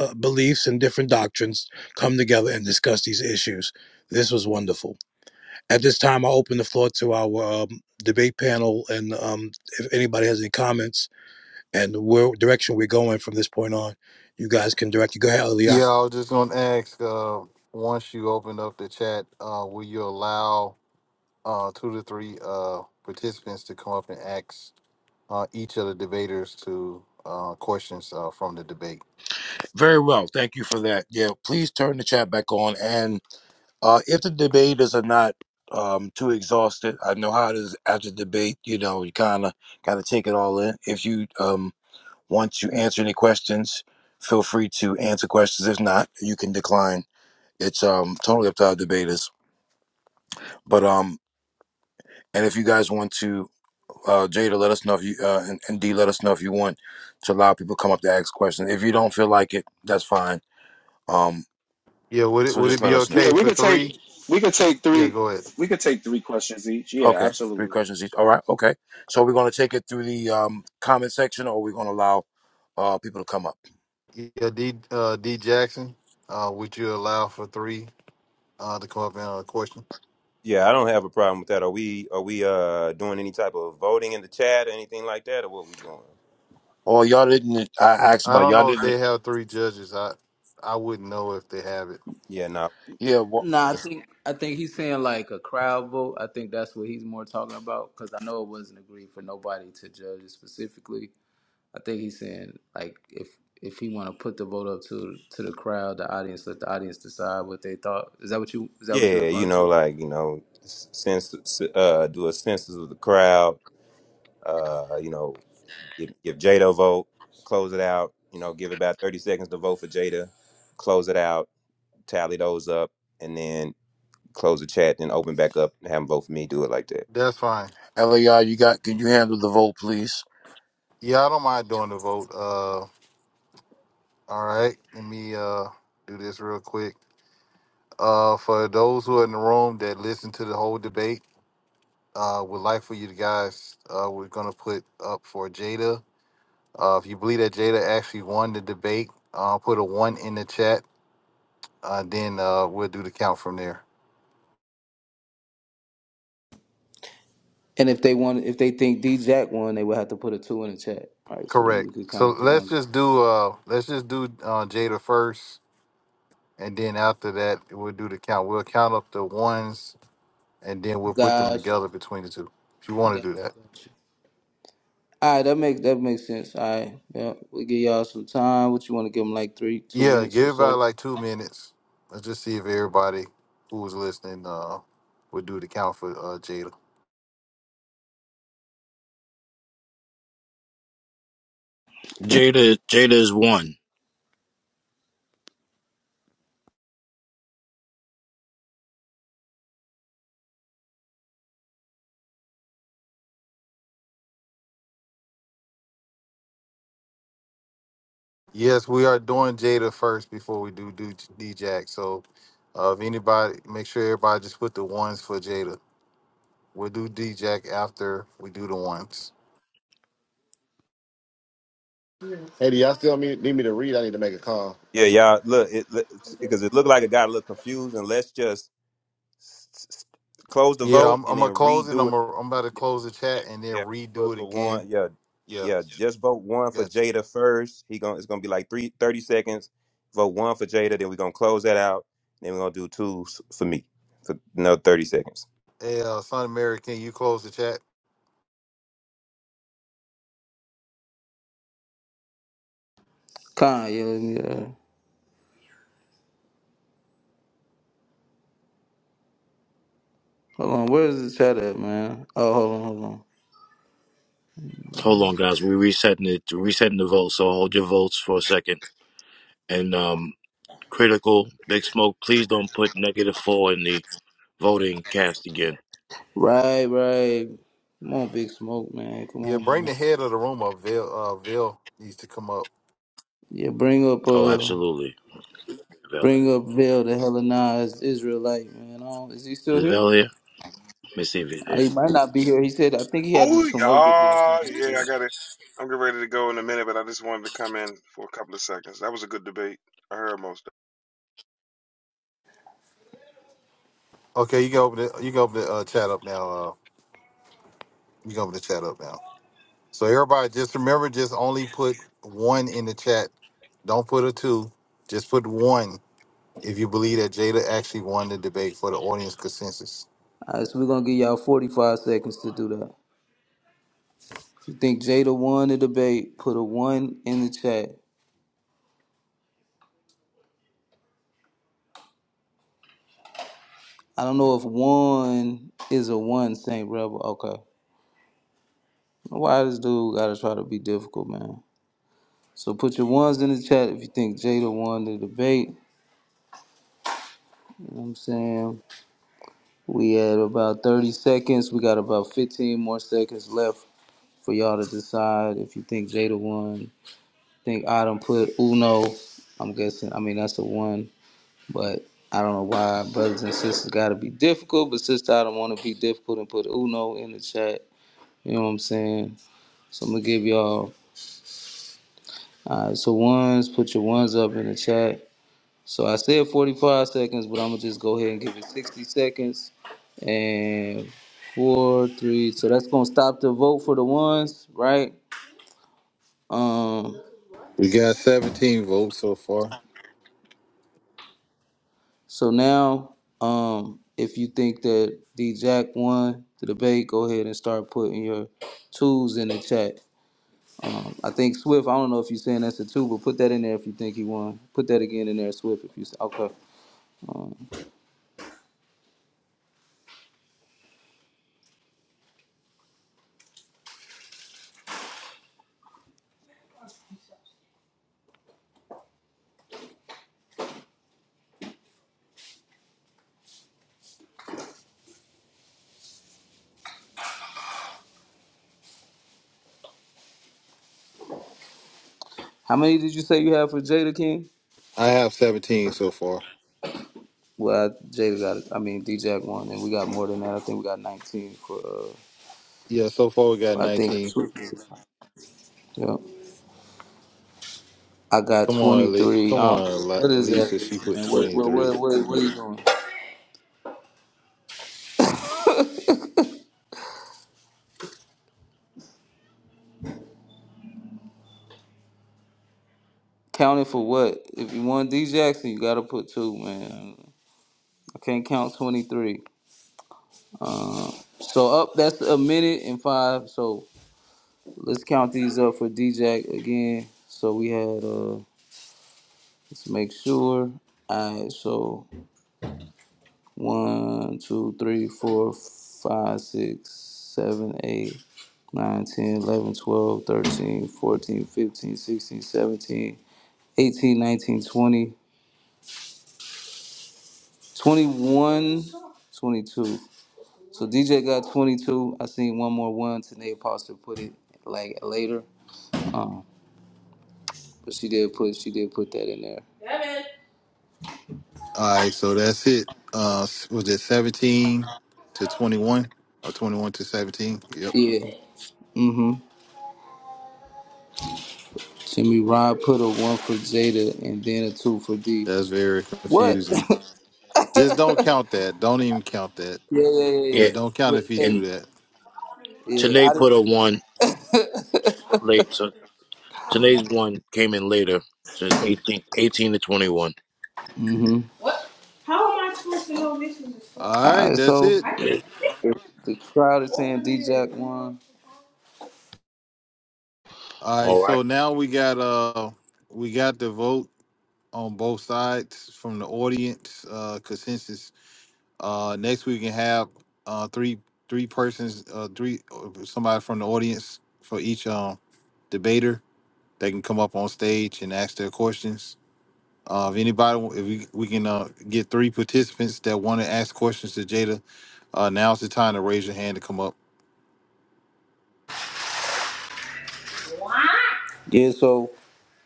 uh, beliefs and different doctrines come together and discuss these issues. This was wonderful. At this time, I open the floor to our um, debate panel, and um, if anybody has any comments, and the world direction we're going from this point on. You guys can direct you. Go ahead, Aliyah. Yeah, I was just gonna ask. Uh, once you open up the chat, uh, will you allow uh, two to three uh, participants to come up and ask uh, each of the debaters to uh, questions uh, from the debate? Very well. Thank you for that. Yeah, please turn the chat back on. And uh, if the debaters are not um, too exhausted, I know how it is after debate. You know, you kind of got to take it all in. If you um, want to answer any questions, feel free to answer questions. If not, you can decline. It's um, totally up to our debaters. But um, and if you guys want to uh, Jada, let us know if you uh, and, and D, let us know if you want to allow people to come up to ask questions. If you don't feel like it, that's fine. Um, Yeah, would it so would it just be let us know. Yeah, okay we for could take three? we could take Yeah, three go ahead. we could take three questions each. Yeah, Okay, three absolutely. questions each. All right, okay. So we're gonna take it through the um, comment section, or we're gonna allow uh, people to come up. Yeah, D uh, D Jackson, uh, would you allow for three uh, to come up and ask a question? Yeah, I don't have a problem with that. Are we are we uh doing any type of voting in the chat or anything like that, or what we doing? Oh, y'all didn't. I asked I about don't y'all know if didn't. they have three judges. I I wouldn't know if they have it. Yeah, no. Yeah, well, Nah, I It's- think I think he's saying like a crowd vote. I think that's what he's more talking about because I know it wasn't agreed for nobody to judge it specifically. I think he's saying like if if he want to put the vote up to to the crowd, the audience, let the audience decide what they thought. Is that what you is that what you're Yeah, you referring know, to? like you know, sense uh, do a census of the crowd. Uh, you know, give, give Jada a vote, close it out. You know, give about thirty seconds to vote for Jada, close it out, tally those up, and then close the chat. Then open back up and have them vote for me. Do it like that. That's fine. LAI, you got. Can you handle the vote, please? Yeah, I don't mind doing the vote. Uh, all right. Let me uh do this real quick. Uh, for those who are in the room that listen to the whole debate, uh, would like for you to guys, uh, we're gonna put up for Jada. Uh, if you believe that Jada actually won the debate, uh, put a one in the chat. Uh, then uh, we'll do the count from there. And if they want, if they think D Jack won, they would have to put a two in the chat, All right, So then Correct. we could count So up the let's ones. just do uh, let's just do uh, Jada first. And then after that, we'll do the count. We'll count up the ones and then we'll put them Gotcha, together between the two. If you want gotcha, to do that. gotcha. All right, that makes that makes sense. All right, yeah, we give y'all some time. What you want to give them like three, two Yeah, minutes give or everybody so? like two minutes. Let's just see if everybody who was listening uh would do the count for uh Jada. Jada, Jada is one. Yes, we are doing Jada first before we do do D Jack. So uh, if anybody make sure everybody just put the ones for Jada. We'll do D Jack after we do the ones. Hey, do y'all still me- need me to read? I need to make a call. Yeah, y'all look it because it looked like it got a little confused, and let's just S- s- Close the Yeah, vote I'm, and I'm then gonna close it. redo I'm, it. i I'm about to Yeah, close the chat and then yeah, do it redo it for again. one. Yeah, Yeah, yeah. Just vote one for gotcha. Jada first. He going it's gonna be like three thirty seconds. Vote one for Jada, then we're gonna close that out. Then we're gonna do two s- for me for another thirty seconds. Hey, uh, Son of Mary, can you close the chat? Con, yeah, let me. Uh, hold on, where is the chat at, man? Oh, hold on, hold on. Hold on, guys. We're resetting it. Resetting the vote. So hold your votes for a second, and um, critical. Big Smoke, please don't put negative four in the voting cast again. Right, right. Come on, big smoke, man. Come Yeah, on, bring man. the head of the room up. Vil, uh, Vil needs to come up. Yeah, bring up Oh, uh absolutely. Vel- bring up Vel the Hellenized Israelite, man. I don't, is he still Is here? Vel here? Let me see if he's Uh, there. he might not be here. He said I think he had to- Ooh, some work to do or yeah, something. yeah. I Yeah. got it. I'm getting ready to go in a minute, but I just wanted to come in for a couple of seconds. That was a good debate. I heard most. Okay, you can open the you can open the uh, chat up now. Uh, you can open the chat up now. So everybody, just remember, just only put one in the chat. Don't put a two. Just put one if you believe that Jada actually won the debate for the audience consensus. All right, so we're gonna give y'all forty five seconds to do that. If you think Jada won the debate, put a one in the chat. I don't know if one is a one, Saint Rebel. Okay. Why this dude gotta try to be difficult, man? So put your ones in the chat if you think Jada won the debate. You know what I'm saying? We had about 30 seconds. We got about 15 more seconds left for y'all to decide if you think Jada won. I think Adam put Uno. I'm guessing. I mean, that's a one, but I don't know why brothers and sisters got to be difficult. But sister, I don't want to be difficult and put Uno in the chat. You know what I'm saying? So I'm gonna give y'all. All right, so ones, put your ones up in the chat. So I said 45 seconds, but I'm gonna just go ahead and give it 60 seconds. And four, three. So that's gonna stop the vote for the ones, right? Um. We got 17 votes so far. So now, um, if you think that D Jack won the debate, go ahead and start putting your twos in the chat. I think Swift. I don't know if you're saying that's a two, but put that in there if you think he won. Put that again in there, Swift. If you okay. How many did you say you have for Jada King? I have 17 so far. Well, I- Jada got, I mean, D-Jack won, and we got more than that. I think we got 19 for, uh, Yeah, so far we got I think, 19. Yeah. I got Come on, Elise. 23. Come Um, on, what is that, Elisa. She put man? What, what, 23. what, what, what are you doing? Counting for what? If you want D Jackson, you gotta put two, man. I can't count 23. Uh, so up, that's a minute and five. So let's count these up for D Jack again. So we had, uh, let's make sure. All right, so One, two, three, four, five, six, seven, eight, nine, ten, eleven, twelve, thirteen, fourteen, fifteen, sixteen, seventeen, eighteen, nineteen, twenty, twenty-one, twenty-two. So DJ got 22. I seen one more one. Tanae Foster put it like later. Um, but she did put she did put that in there. Damn it. All right, so that's it. Uh, was it 17 to 21 or 21 to 17? Yep. Yeah. Mm-hmm. Jimmy Rod put a one for Jada and then a two for D. That's very What? yeah, confusing. Just don't count that. Don't even count that. yeah, yeah, yeah. Yeah, Yeah, don't count But, if you hey, do and that. Yeah, I Tanae didn't. put a one late, so Tanae's one came in later. So it's 18, eighteen to 21. Mm-hmm. What? How am I supposed to know this is a song? All right, Uh, that's so it. I the, can't. the the crowd is saying Open it. one. All right, All right. so now we got uh we got the vote on both sides from the audience uh consensus. Uh next we can have uh three three persons uh three uh, somebody from the audience for each um debater They can come up on stage and ask their questions. Uh, if anybody, if we, we can uh, get three participants that want to ask questions to Jada, uh, now's the time to raise your hand to come up. What? Yeah, so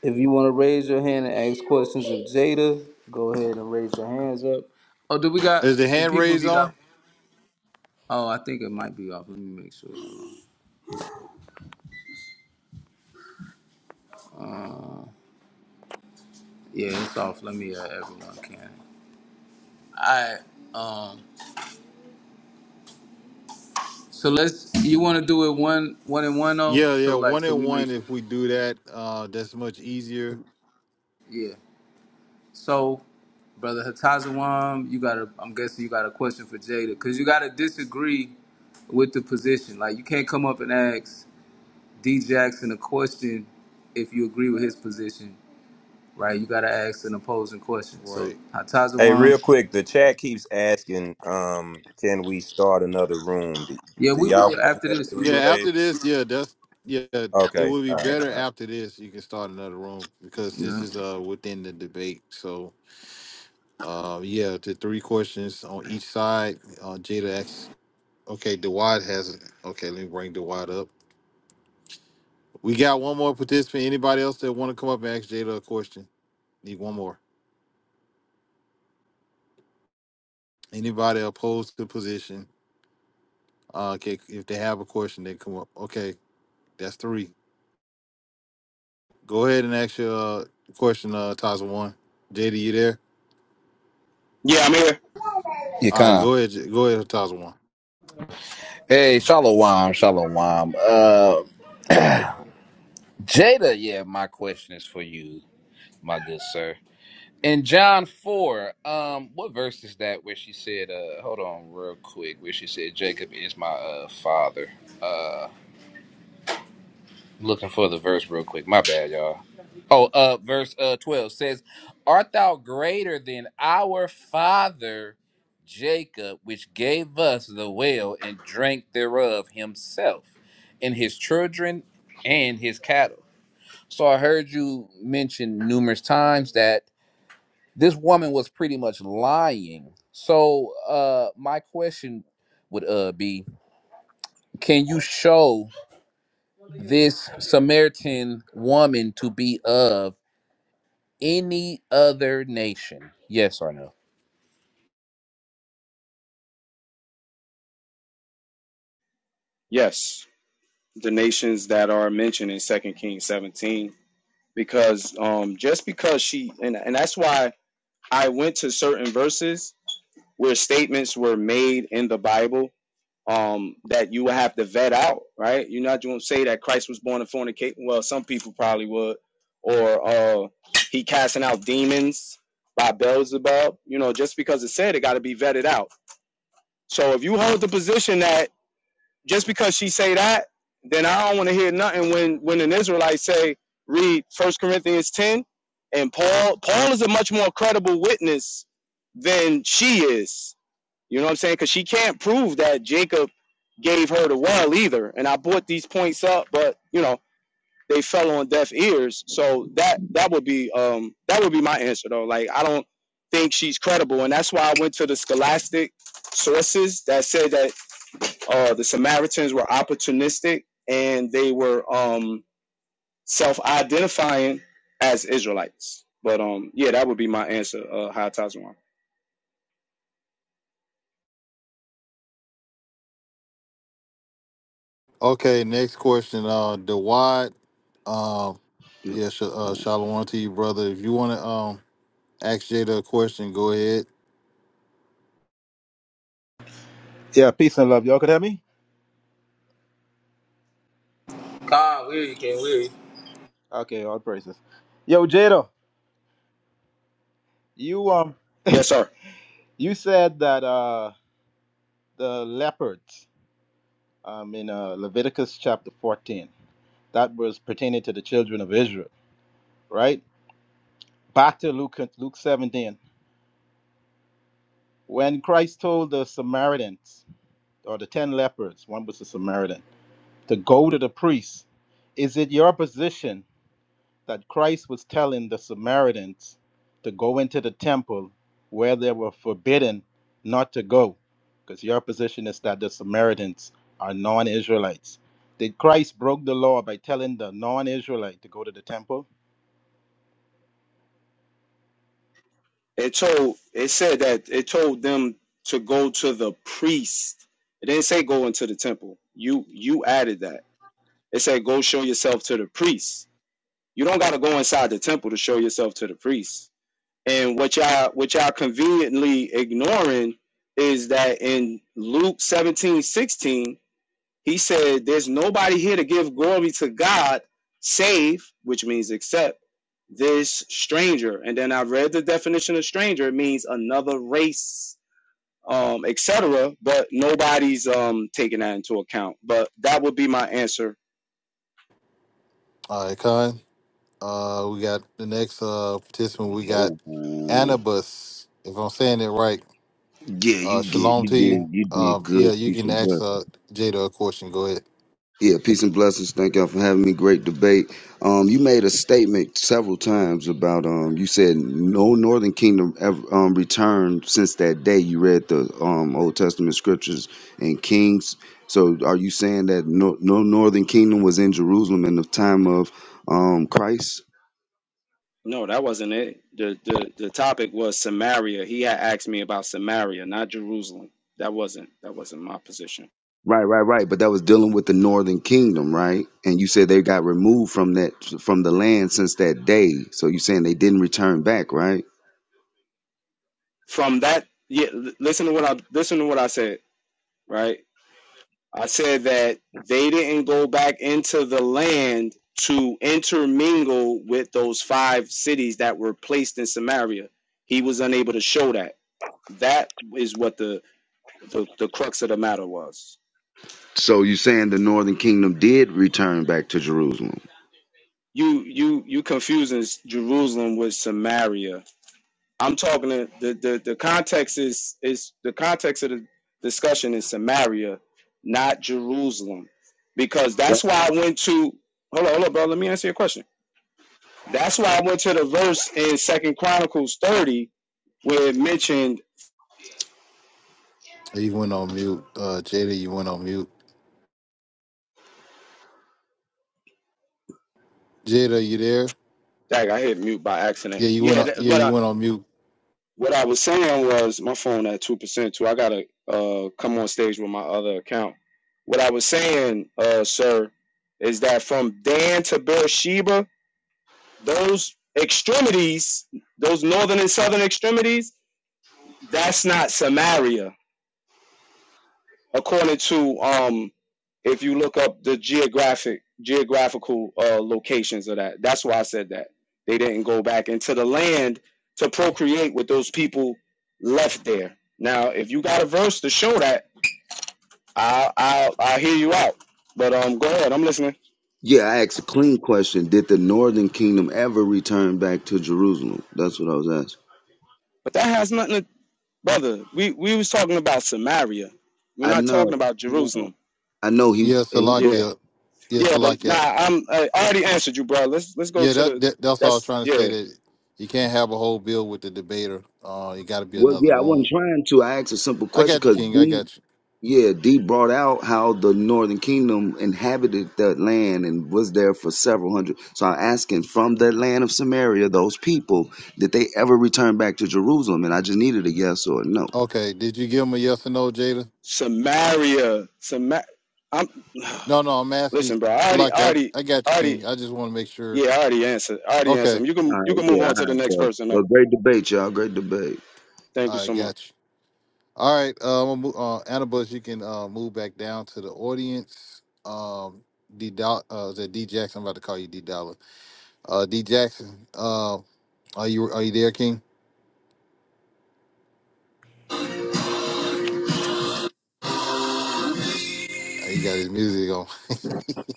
if you want to raise your hand and ask questions of Jada, go ahead and raise your hands up. Oh, do we got Is the hand people? If raised you on? got, oh, I think it might be off. Let me make sure. Uh, yeah, it's off. Let me. Uh, everyone can. All right. Um. So let's. You want to do it one, one and one oh. Yeah, So yeah, like, one so and we make one. sure. If we do that, uh, that's much easier. Yeah. So, brother Hatazawam, you got a. I'm guessing you got a question for Jada because you got to disagree with the position. Like you can't come up and ask D Jackson a question if you agree with his position, right? You got to ask an opposing question. So Right. Hey, real Hatazawam, quick, the chat keeps asking, um, can we start another room? Do, yeah, do we y'all will want to do after that this. for We Yeah. will. replay? After this, yeah, that's yeah. It Okay, would be all right, better all right. after this. You can start another room because this Yeah. is uh within the debate. So uh, yeah, the three questions on each side. Uh, Jada asks Okay, Dewad hasn't. Okay, let me bring Dewad up. We got one more participant. Anybody else that want to come up and ask Jada a question? Need one more. Anybody opposed to the position? Uh, okay, if they have a question, they come up. Okay, that's three. Go ahead and ask your uh, question, uh, Taza One. Jada, you there? Yeah, I'm here. You All right, come. go ahead. J- Go ahead, Taza One. Hey, Shalom, Shalom. Uh, Jada, yeah, my question is for you, my good sir. In John 4, um, what verse is that where she said, uh, hold on real quick, where she said, Jacob is my uh, father? Uh, looking for the verse real quick. My bad, y'all. Oh, uh, verse uh twelve says, "Art thou greater than our father Jacob, which gave us the well and drank thereof himself, and his children, and his cattle?" So I heard you mention numerous times that this woman was pretty much lying. So, uh, my question would uh be, can you show this Samaritan woman to be of? any other nation? Yes or no? Yes, the nations that are mentioned in Second Kings 17, because um just because she and and that's why I went to certain verses where statements were made in the Bible um, that you would have to vet out, right? You're not going to say that Christ was born to fornicate. Well, some people probably would, or uh, he casting out demons by Beelzebub. You know, just because it said it got to be vetted out. So if you hold the position that just because she say that, then I don't want to hear nothing when when an Israelite say read First Corinthians ten, and Paul Paul is a much more credible witness than she is you know what I'm saying? Because she can't prove that Jacob gave her the well either. And I brought these points up, but you know they fell on deaf ears. So that that would be um that would be my answer though. Like I don't think she's credible, and that's why I went to the scholastic sources that said that uh, the Samaritans were opportunistic and they were um self-identifying as Israelites. But um, yeah, that would be my answer, uh, High Tazwan. Okay, next question. Uh, Dewad. Um, Good. yeah, sh- uh, Shalom to you, brother. If you want to um ask Jada a question, go ahead. Yeah, peace and love. Y'all could hear me? Khan, weary, can't weary. Okay, all praises. Yo, Jada, you um Yes, sir. you said that uh the leopards um in uh Leviticus chapter 14, that was pertaining to the children of Israel, right? Back to Luke Luke 17. When Christ told the Samaritans or the ten leopards, one was a Samaritan, to go to the priest, is it your position that Christ was telling the Samaritans to go into the temple where they were forbidden not to go, because your position is that the Samaritans are non Israelites. Did Christ broke the law by telling the non Israelite to go to the temple? It told it said that it told them to go to the priest. It didn't say go into the temple. You you added that. It said go show yourself to the priest. You don't gotta go inside the temple to show yourself to the priest. And what y'all what y'all conveniently ignoring is that in Luke 17 16, he said, There's nobody here to give glory to God save, which means except this stranger. And then I read the definition of stranger, it means another race, um, etc. But nobody's um taking that into account. But that would be my answer All right, Khan. Uh, we got the next uh, participant. We got No, man. Anubis. If I'm saying it right, Yeah, uh, you did. shalom You to you. did. You did Um, yeah, good. you Peace can and ask blessings. uh, Jada a question. Go ahead. Yeah, peace and blessings. Thank y'all for having me. Great debate. Um, you made a statement several times about um, you said no Northern Kingdom ever um returned since that day you read the um Old Testament scriptures and Kings. So, are you saying that no, no Northern Kingdom was in Jerusalem in the time of um Christ? No, that wasn't it. The, the the topic was Samaria. He had asked me about Samaria, not Jerusalem. That wasn't that wasn't my position. Right, right, right. But that was dealing with the Northern Kingdom, right? And you said they got removed from that from the land since that day. So you're saying they didn't return back, right? From that, yeah, l- listen to what I listen to what I said, right? I said that they didn't go back into the land to intermingle with those five cities that were placed in Samaria. He was unable to show that. That is what the the, the crux of the matter was. So you're saying the Northern Kingdom did return back to Jerusalem. You you you confusing Jerusalem with Samaria I'm talking to the, the, the context is is the context of the discussion is Samaria, not Jerusalem. Because Right. that's why I went to hold on, hold on, bro. Let me answer your question. That's why I went to the verse in Second Chronicles 30 where it mentioned You went on mute. Uh, Jada, you went on mute. Jada, you there? dang, I hit mute by accident. Yeah, you went. Yeah, On, that, yeah, what you I went on mute. what I was saying was my phone at two percent too. I gotta uh come on stage with my other account. What I was saying, uh, sir, is that from Dan to Beersheba, those extremities, those northern and southern extremities, that's not Samaria, according to um, if you look up the geographic geographical uh, locations of that. That's why I said that they didn't go back into the land to procreate with those people left there. Now, if you got a verse to show that, I'll I'll, I'll hear you out. But um, go ahead, I'm listening. Yeah, I asked a clean question. Did the Northern Kingdom ever return back to Jerusalem? That's what I was asking. But that has nothing to, brother. We we was talking about Samaria. We're I not talking know. about I know Jerusalem. I know he Yeah, he. Yeah. But, Salakia. Yeah, Yeah, but nah, Salakia. I'm I already answered you, bro. Let's let's go Yeah, to that, the that that's all I was that's trying to say. yeah. That you can't have a whole bill with the debater. Uh, you got to be well, another yeah, I wasn't room. trying to. I asked a simple I question got you, because King. I got you. Yeah, Dee brought out how the Northern Kingdom inhabited that land and was there for several hundred. So I'm asking from the land of Samaria, those people, did they ever return back to Jerusalem? And I just needed a yes or a no. Okay. Did you give him a yes or no, Jada? Samaria. Samar I'm No, no, I'm asking. listen, bro, I already I Salaki, already I, I got I you, already King. I just want to make sure. yeah, I already answered. I already Okay, answered. You All can you right, can move yeah, all on to the right, next bro. person But though. great debate, y'all. Great debate. Thank you I so got much. you. All right, uh, I'm gonna move, uh, Annabus, you can uh, move back down to the audience. Um, D. Doll- Uh, is that D. Jackson? I'm about to call you D. Dollar. Uh, D. Jackson. Uh, are you are you there, King? Uh, he got his music on.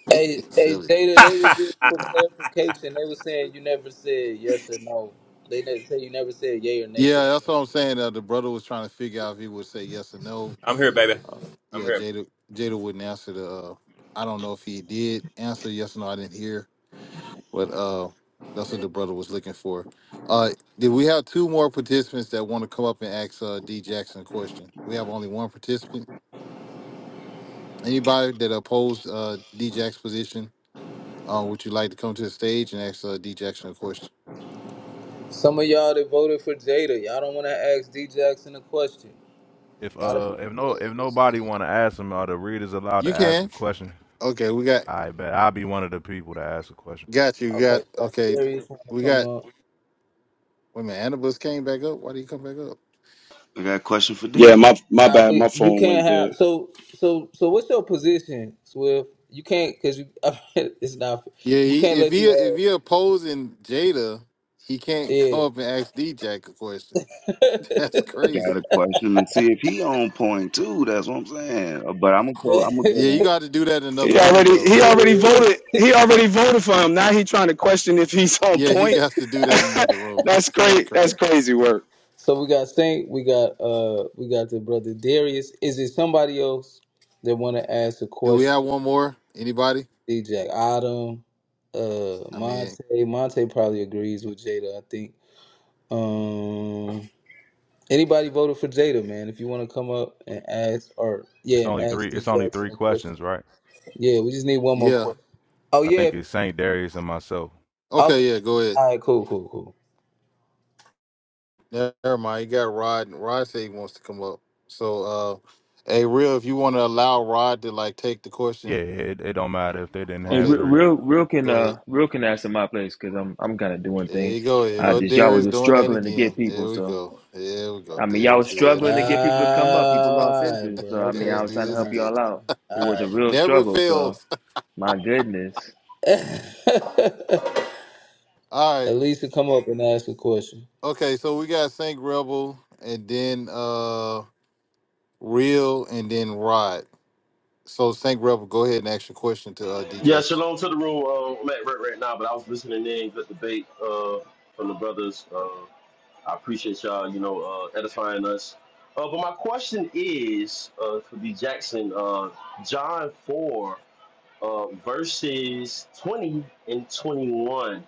Hey, hey, Silly. Jada, they was just for clarification. They was saying you never said yes or no. They didn't say you never said yay or nay Yeah, today. that's what I'm saying. Uh, the brother was trying to figure out if he would say yes or no. I'm here, baby. Uh, I'm yeah, here. Jada Jada wouldn't answer the. Uh, I don't know if he did answer yes or no. I didn't hear. But uh, that's what the brother was looking for. Uh, did we have two more participants that want to come up and ask uh, D Jackson a question? We have only one participant. Anybody that opposed uh, D Jackson's position, uh, would you like to come to the stage and ask uh, D Jackson a question? Some of y'all that voted for Jada, y'all don't want to ask D Jackson a question. If A lot of uh if people no voted if nobody wanna ask them, are the readers allowed You to ask a can. question? Okay, we got I bet I'll be one of the people to ask a question. got you. for. Got Okay, got okay. Darius trying to We come got. up. Wait a minute. Annabus came back up. Why did he come back up? I got a question for Yeah, D. my my Now bad. we My you phone can't went dead. have so so so. What's your position, Swift? You can't because you it's not. Yeah, We he, can't if let he if you he opposing Jada, he ask. can't come up and ask D Jack a question. That's I got a crazy. question and see if he on point too. That's what I'm saying. But I'm gonna go. I'm gonna Yeah. go Yeah, you down. got to do that in another He room, already though. he already Yeah. voted. He already voted for him. Now he trying to question if he's on Yeah, he point. got to do that in another room. That's That's great. That's crazy. crazy work. so we got Saint. We got uh. We got the brother Darius. Is it somebody else that want to ask a Do we question? have one more? Anybody? D J Adam uh I mean, Monte Monte probably agrees with Jada, I think. Um, anybody voted for Jada, man? If you want to come up and ask, or yeah, It's and only ask three D it's only Jackson three a question. questions, right? Yeah, we just need one more yeah. question. Oh I yeah. think it's Saint Darius and myself. Okay. Okay, yeah, go ahead. All right. Cool. Cool. Cool. Never mind. You got Rod. and Rod said he wants to come up. So, uh, hey, real, if you want to allow Rod to like take the question, Yeah, it, it don't matter if they didn't Hey, have okay, real, three. real, real can go ahead. uh, real can ask in my place because I'm I'm kind of doing There you things. go. Here I go just y'all was Darius just doing that struggling to again. get people. Here we So go. Here we go. I mean, y'all Darius was do that struggling to again. get people to come up. People lost All right, interest. bro. So I mean, I Darius Okay, was do bro. trying to All this help again. right, y'all bro. out. It was a All real Never struggle. So fails. my goodness. right. All right. At least to come up and ask a question. Okay, so we got Saint Rebel and then uh Real and then Rod. So Saint Rebel, go ahead and ask your question to uh Yeah, DJX. shalom to the room. Uh, I'm at work right now, but I was listening in. Good debate uh, from the brothers. Uh, I appreciate y'all. You know, uh, edifying us. Uh, but my question is uh, for D Jackson. Uh, John four. um, verses 20 and 21.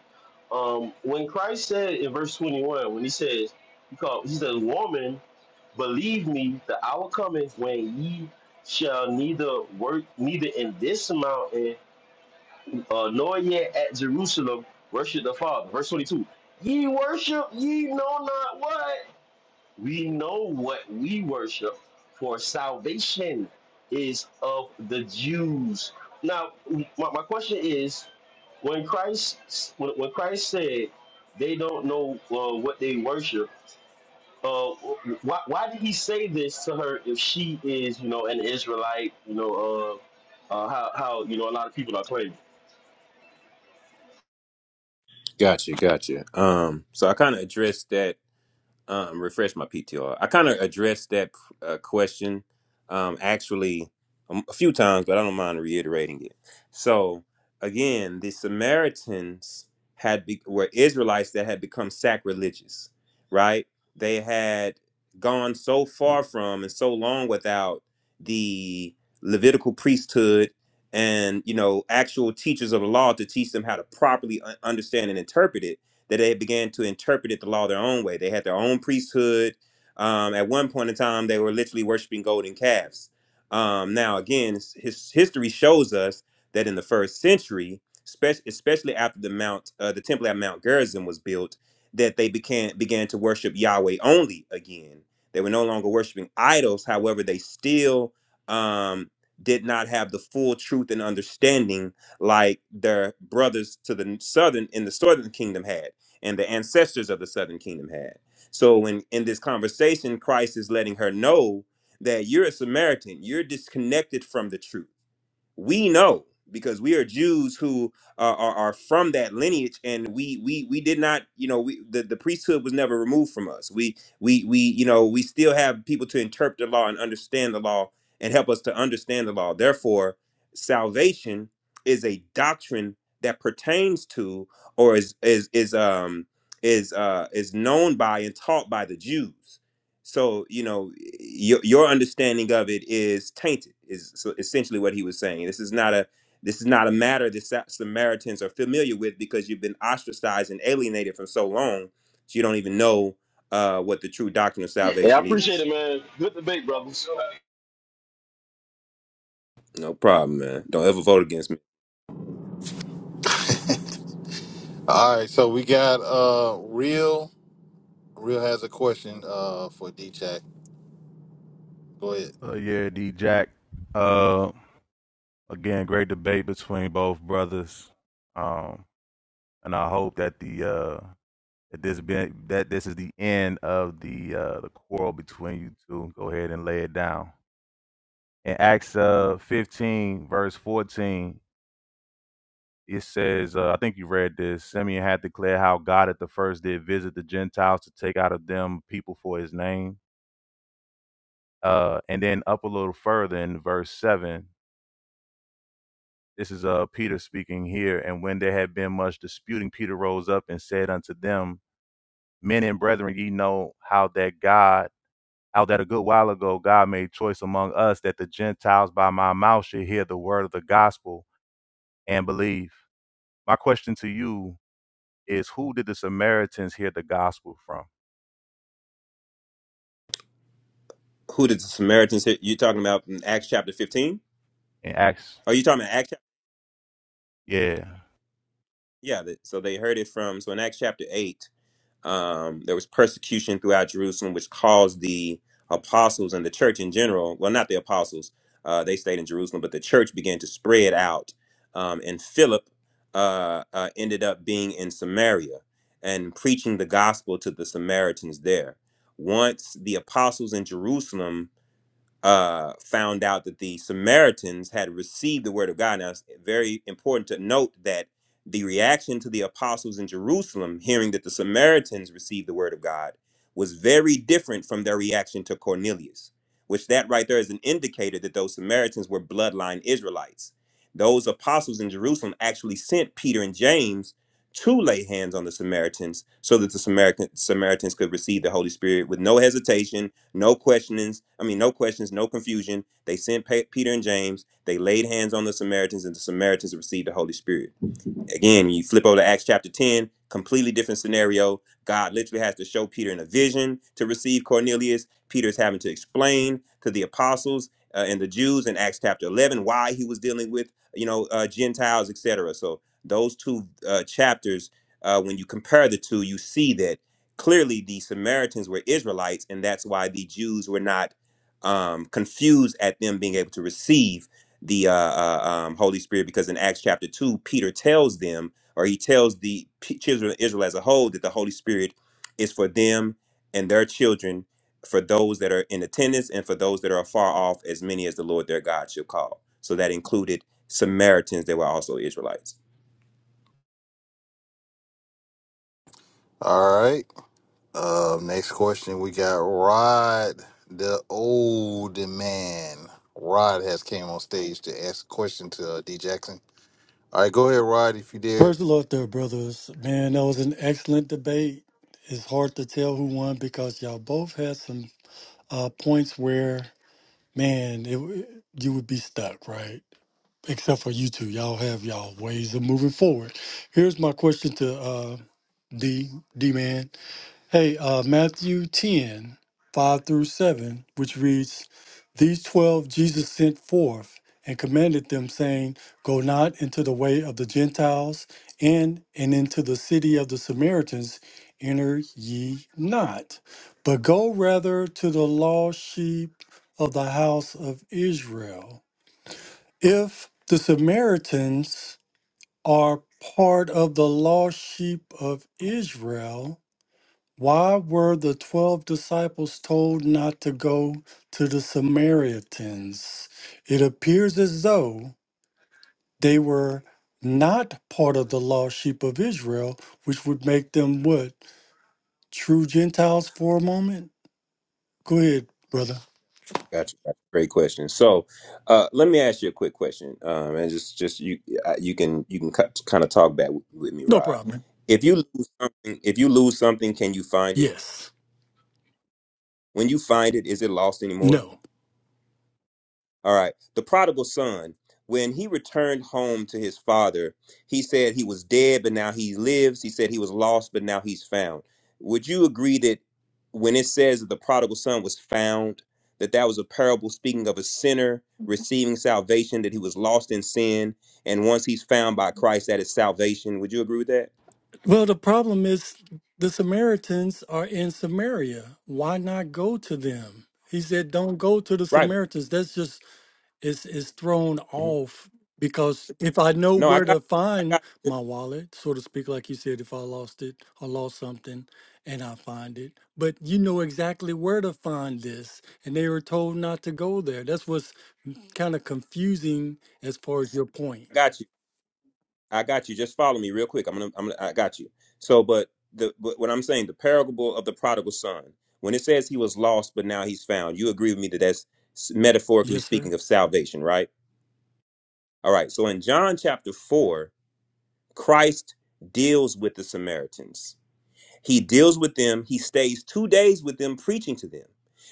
Um, when Christ said in verse 21, when he says, he, called, he says, Woman, believe me, the hour cometh when ye shall neither work, neither in this mountain, uh, nor yet at Jerusalem, worship the Father. Verse 22, ye worship, ye know not what. We know what we worship, for salvation is of the Jews. Now, my, my question is, when Christ when, when Christ said they don't know uh, what they worship, uh, why, why did he say this to her if she is you know an Israelite? You know uh, uh, how how you know a lot of people are claiming. Gotcha, gotcha. Um, so I kind of addressed that um, refresh my PTR. I kind of addressed that uh, question um, actually um, a few times, but I don't mind reiterating it. So again, the Samaritans had be- were Israelites that had become sacrilegious, right? They had gone so far from and so long without the Levitical priesthood and you know actual teachers of the law to teach them how to properly un- understand and interpret it that they began to interpret the law their own way. They had their own priesthood. Um, at one point in time, they were literally worshiping golden calves. Um, now, again, his, his history shows us that in the first century, spec- especially after the Mount, uh, the temple at Mount Gerizim was built, that they began began to worship Yahweh only again. They were no longer worshiping idols. However, they still um, did not have the full truth and understanding like their brothers to the southern in the southern kingdom had and the ancestors of the southern kingdom had. So in, in this conversation, Christ is letting her know that you're a Samaritan, you're disconnected from the truth we know because we are Jews who are, are, are from that lineage, and we we we did not, you know, we the, the priesthood was never removed from us. We we we you know we still have people to interpret the law and understand the law and help us to understand the law. Therefore, salvation is a doctrine that pertains to or is is is um is uh is known by and taught by the Jews. So you know your your understanding of it is tainted. Is so essentially what he was saying. This is not a this is not a matter that Sa- Samaritans are familiar with because you've been ostracized and alienated for so long, so you don't even know uh, what the true doctrine of Hey, I salvation appreciate is. it, man. Good debate, brothers. No problem, man. Don't ever vote against me. All right, so we got uh Real. Real has a question uh for DJX. Go ahead. Uh, yeah, D Jack. Uh. Again, great debate between both brothers. Um, and I hope that the uh, that this been that this is the end of the uh, the quarrel between you two. Go ahead and lay it down. In Acts uh, 15, verse 14, it says, uh, I think you read this. Simeon had declared how God at the first did visit the Gentiles to take out of them people for his name. Uh, and then up a little further in verse 7, This is uh, Peter speaking here. And when there had been much disputing, Peter rose up and said unto them, Men and brethren, ye know how that God, how that a good while ago God made choice among us that the Gentiles by my mouth should hear the word of the gospel and believe. My question to you is, who did the Samaritans hear the gospel from? Who did the Samaritans hit? You talking about in Acts chapter fifteen? In Acts, Are you talking about Acts? chap- yeah. Yeah. That, so they heard it from. So in Acts chapter eight. um, there was persecution throughout Jerusalem, which caused the apostles and the church in general. Well, not the apostles; uh, they stayed in Jerusalem, but the church began to spread out. Um, and Philip uh, uh, ended up being in Samaria and preaching the gospel to the Samaritans there. Once the apostles in Jerusalem uh, found out that the Samaritans had received the word of God. Now, it's very important to note that the reaction to the apostles in Jerusalem, hearing that the Samaritans received the word of God, was very different from their reaction to Cornelius, which that right there is an indicator that those Samaritans were bloodline Israelites. Those apostles in Jerusalem actually sent Peter and James to lay hands on the Samaritans so that the Samaritan, Samaritans could receive the Holy Spirit with no hesitation no questionings. I mean, no questions, no confusion. They sent Pa- Peter and James. They laid hands on the Samaritans, and the Samaritans received the Holy Spirit. Again, you flip over to Acts chapter 10, completely different scenario. God literally has to show Peter in a vision to receive Cornelius. Peter's having to explain to the apostles uh, and the Jews in Acts chapter 11 why he was dealing with, you know, uh, Gentiles, etc. So those two uh, chapters, uh, when you compare the two, you see that clearly the Samaritans were Israelites, and that's why the Jews were not um, confused at them being able to receive the uh, uh, um, Holy Spirit because in Acts chapter 2, Peter tells them, or he tells the p- children of Israel as a whole, that the Holy Spirit is for them and their children, for those that are in attendance and for those that are afar off, as many as the Lord their God shall call. So that included Samaritans that were also Israelites. All right. Uh, next question we got Rod, the old man. Rod has came on stage to ask a question to uh, D Jackson. All right, go ahead, Rod, if you did. Praise the Lord there, brothers. Man, that was an excellent debate. It's hard to tell who won because y'all both had some uh, points where, man, it, you would be stuck, right? Except for you two. Y'all have y'all ways of moving forward. Here's my question to uh, D, D-Man. Hey, uh, Matthew 10 5 through 7, which reads, These twelve Jesus sent forth and commanded them, saying, Go not into the way of the Gentiles, and, and into the city of the Samaritans enter ye not, but go rather to the lost sheep of the house of Israel. If the Samaritans are part of the lost sheep of Israel, why were the 12 disciples told not to go to the Samaritans? It appears as though they were not part of the lost sheep of Israel, which would make them what? True Gentiles for a moment? Go ahead, brother. Gotcha. gotcha. Great question. So, uh, let me ask you a quick question, um, and just just you uh, you can you can cut, kind of talk back with, with me, No Rod. problem. If you lose something, if you lose something, can you find it? Yes. When you find it, is it lost anymore? No. All right. The prodigal son, when he returned home to his father, he said he was dead, but now he lives. He said he was lost, but now he's found. Would you agree that when it says that the prodigal son was found, that that was a parable speaking of a sinner receiving salvation, that he was lost in sin, and once he's found by Christ, that is salvation? Would you agree with that? Well, the problem is the Samaritans are in Samaria. Why not go to them? He said, Don't go to the Right. Samaritans. That's just is is thrown Mhm. off because if I know No, I where got, to I find got, my I wallet, so to speak, like you said, if I lost it or lost something and I find it, but you know exactly where to find this, and they were told not to go there. That's what's kind of confusing as far as your point. got you. I got you. Just follow me real quick. I'm gonna, I'm gonna, I got you. So, but the, but what I'm saying, the parable of the prodigal son, when it says he was lost, but now he's found, you agree with me that that's s- metaphorically Yes, speaking sir. of salvation, right? All right. So in John chapter four, Christ deals with the Samaritans. He deals with them. He stays two days with them, preaching to them.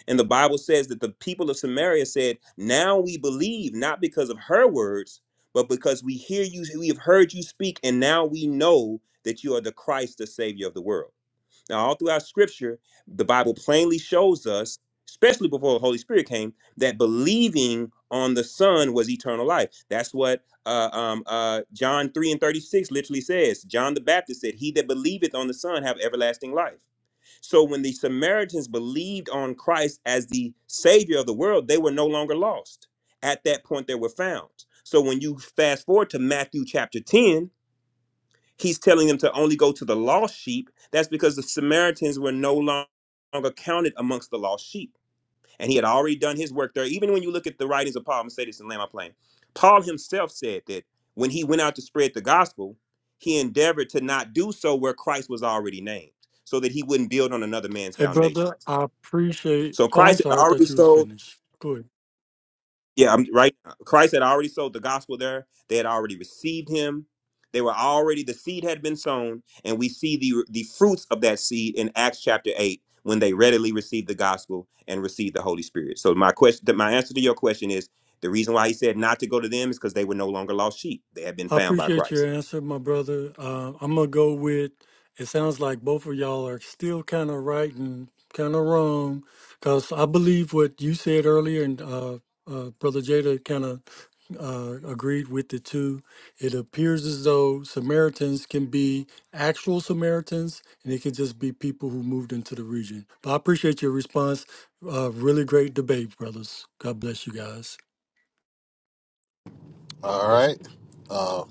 And the Bible says that the people of Samaria said, Now we believe, not because of her words, but because we hear you, we have heard you speak, and now we know that you are the Christ, the Savior of the world. Now, all throughout scripture, the Bible plainly shows us, especially before the Holy Spirit came, that believing on the Son was eternal life. That's what uh, um, uh, John 3 and 36 literally says. John the Baptist said, He that believeth on the Son have everlasting life. So when the Samaritans believed on Christ as the Savior of the world, they were no longer lost. At that point, they were found. So when you fast forward to Matthew chapter 10, He's telling them to only go to the lost sheep. That's because the Samaritans were no longer counted amongst the lost sheep. And he had already done his work there. Even when you look at the writings of Paul, I'm going to say this in Lamb Plain. Paul himself said that when he went out to spread the gospel, he endeavored to not do so where Christ was already named, so that he wouldn't build on another man's Hey, foundation. brother, I appreciate. So Oh, I'm Christ had sorry. I already thought you was sold finished. Good. Yeah, I'm right. Christ had already sold the gospel there. They had already received him. They were already the seed had been sown, and we see the the fruits of that seed in Acts chapter eight when they readily received the gospel and received the Holy Spirit. So my question, my answer to your question is the reason why he said not to go to them is because they were no longer lost sheep. They had been I found by appreciate your Christ. answer, my brother. Uh, I'm gonna go with. It sounds like both of y'all are still kind of right and kind of wrong, because I believe what you said earlier, and uh, uh, brother Jada kind of uh, agreed with it too. It appears as though Samaritans can be actual Samaritans, and it can just be people who moved into the region. But I appreciate your response. Uh, really great debate, brothers. God bless you guys. All right.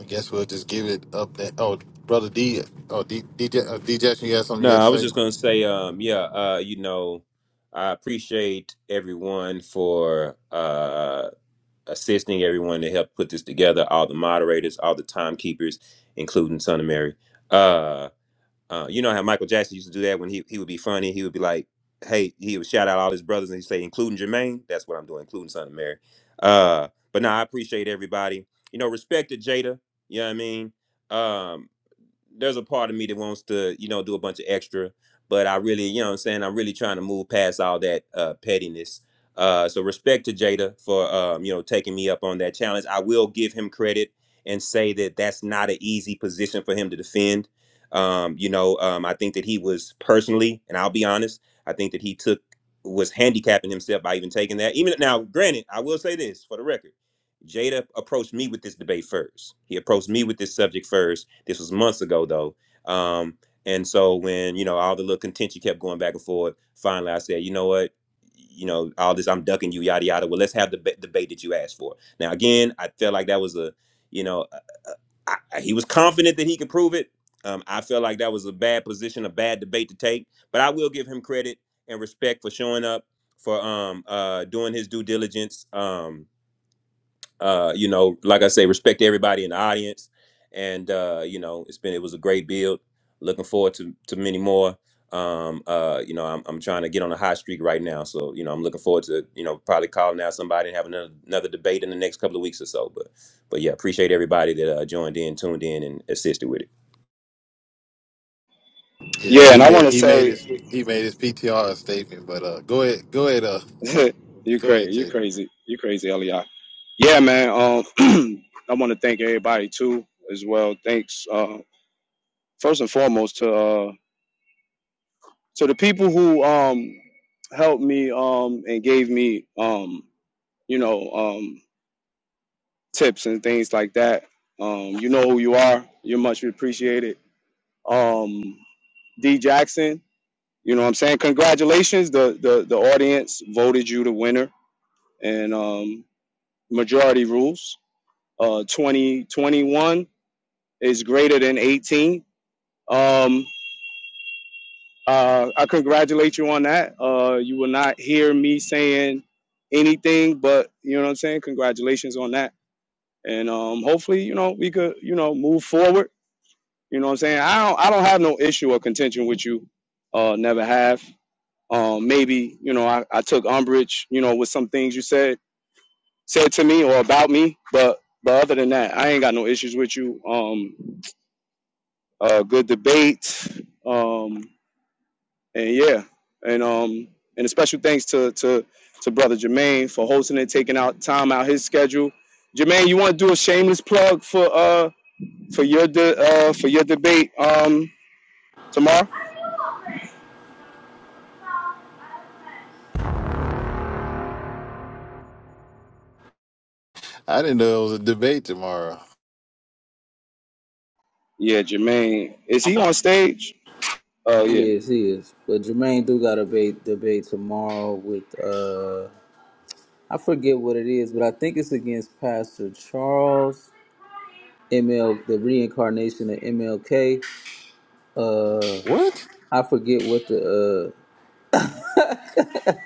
I guess we'll just give it up. That oh, brother D, oh D, DJ, uh, D Jackson, you had something No, you had to I was say? just gonna say, um, yeah, uh, you know, I appreciate everyone for uh assisting everyone to help put this together, all the moderators, all the timekeepers, including Son of Mary. Uh, uh, you know how Michael Jackson used to do that when he, he would be funny. He would be like, hey, he would shout out all his brothers and he'd say, including Jermaine. That's what I'm doing, including Son of Mary. Uh, but now I appreciate everybody. You know, respect to Jada. You know what I mean? Um, there's a part of me that wants to, you know, do a bunch of extra, but I really, you know what I'm saying, I'm really trying to move past all that uh pettiness. Uh so respect to Jada for um, you know, taking me up on that challenge. I will give him credit and say that that's not an easy position for him to defend. Um, you know, um I think that he was personally, and I'll be honest, I think that he took was handicapping himself by even taking that. Even now, granted, I will say this for the record Jada approached me with this debate first. He approached me with this subject first. This was months ago though. Um, and so when, you know, all the little contention kept going back and forth, finally I said, you know what? You know, all this I'm ducking you, yada yada. Well, let's have the ba- debate that you asked for. Now again, I felt like that was a, you know, a- a- I, I- he was confident that he could prove it. Um, I felt like that was a bad position, a bad debate to take. But I will give him credit and respect for showing up, for um uh doing his due diligence. Um uh, you know, like I say, respect everybody in the audience. And uh, you know, it's been it was a great build. Looking forward to to many more. Um, uh, you know, I'm I'm trying to get on a hot streak right now, so you know, I'm looking forward to you know probably calling out somebody and having another, another debate in the next couple of weeks or so. But but yeah, appreciate everybody that uh, joined in, tuned in, and assisted with it. Yeah, Yeah, and he I want made to he made say his he made his PTR statement. But uh, go ahead, go ahead, uh, you go ahead, crazy. You Jay. crazy. You crazy, Eli. Yeah, man. Um, I want to thank everybody too as well. Thanks. Uh, first and foremost to uh to the people who um helped me um and gave me um you know um. tips and things like that. Um, you know who you are. You're much appreciated. Um, D Jackson, you know what I'm saying? Congratulations. The, the, the audience voted you the winner and um, majority rules. Uh, 2021 is greater than 18. Um, uh, I congratulate you on that. Uh, you will not hear me saying anything, but you know what I'm saying? Congratulations on that. And um, hopefully, you know, we could, you know, move forward You know what I'm saying? I don't I don't have no issue or contention with you. Uh never have. Um maybe, you know, I, I took umbrage, you know, with some things you said said to me or about me, but but other than that, I ain't got no issues with you. Um uh good debate. Um and yeah. And um and a special thanks to to to brother Jermaine for hosting it, taking out time out his schedule. Jermaine, you want to do a shameless plug for uh for your de- uh for your debate um tomorrow? I didn't know it was a debate tomorrow. Yeah, Jermaine. Is he on stage? Oh yeah. He is. He is. But Jermaine do got a debate debate tomorrow with uh. I forget what it is, but I think it's against Pastor Charles ML, the reincarnation of MLK. Uh, What? I forget what the. Uh,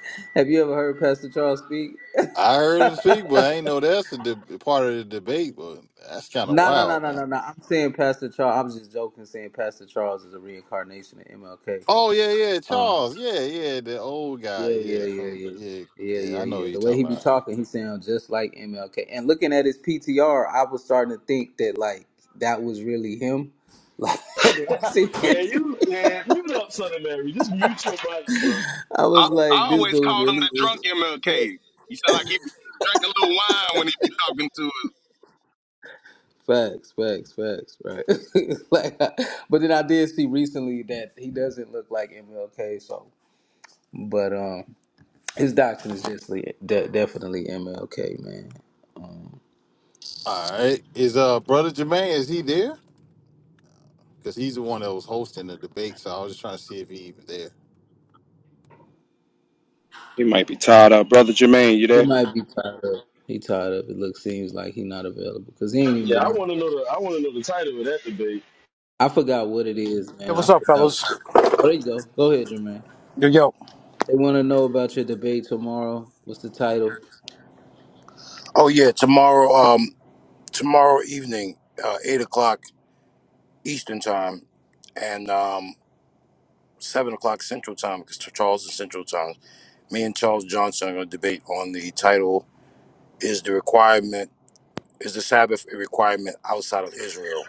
have you ever heard Pastor Charles speak? I heard him speak, but I ain't know that's a de- part of the debate. But that's kind of No, no, no, wild, no, man. no, no. I'm saying Pastor Charles. I was just joking, saying Pastor Charles is a reincarnation of Oh yeah, yeah, MLK. Charles, yeah, yeah, the old guy, Yeah, yeah, yeah, yeah, from yeah. yeah, Yeah, yeah. yeah, I know who yeah. you The way talking he be about. talking, he sounds just like MLK. And looking at his PTR, I was starting to think that like that was really him. Like did I see Man, this, you man, mute up, Son of Mary. Just mute your mic, bro. I I, was I like, this always dude called him really the is drunk MLK. MLK. He sound like he drank a little wine when he be talking to us. Facts, facts, facts, right? like, but then I did see recently that he doesn't look like MLK. So, but um, his doctrine is just de- definitely MLK, man. Um, All right, is uh brother Jermaine? Is he there? because he's the one that was hosting the debate. So I was just trying to see if he even there. He might be tied up. Brother Jermaine, you He there? might be tired of. He tired of it. Look, seems like he not available because he ain't even Yeah, been. I out. want to know the I want to know the title of that debate. I forgot what it is, Hey, man. I what's up, forgot. fellas? Oh, there you go. Go ahead, Jermaine. Yo, yo. They want to know about your debate tomorrow. What's the title? Oh, yeah, tomorrow, um, tomorrow evening, uh, 8 o'clock Eastern time and um, 7 o'clock Central time because Charles is Central time. Me and Charles Johnson are going to debate on the title Is the requirement is the Sabbath a requirement outside of Israel?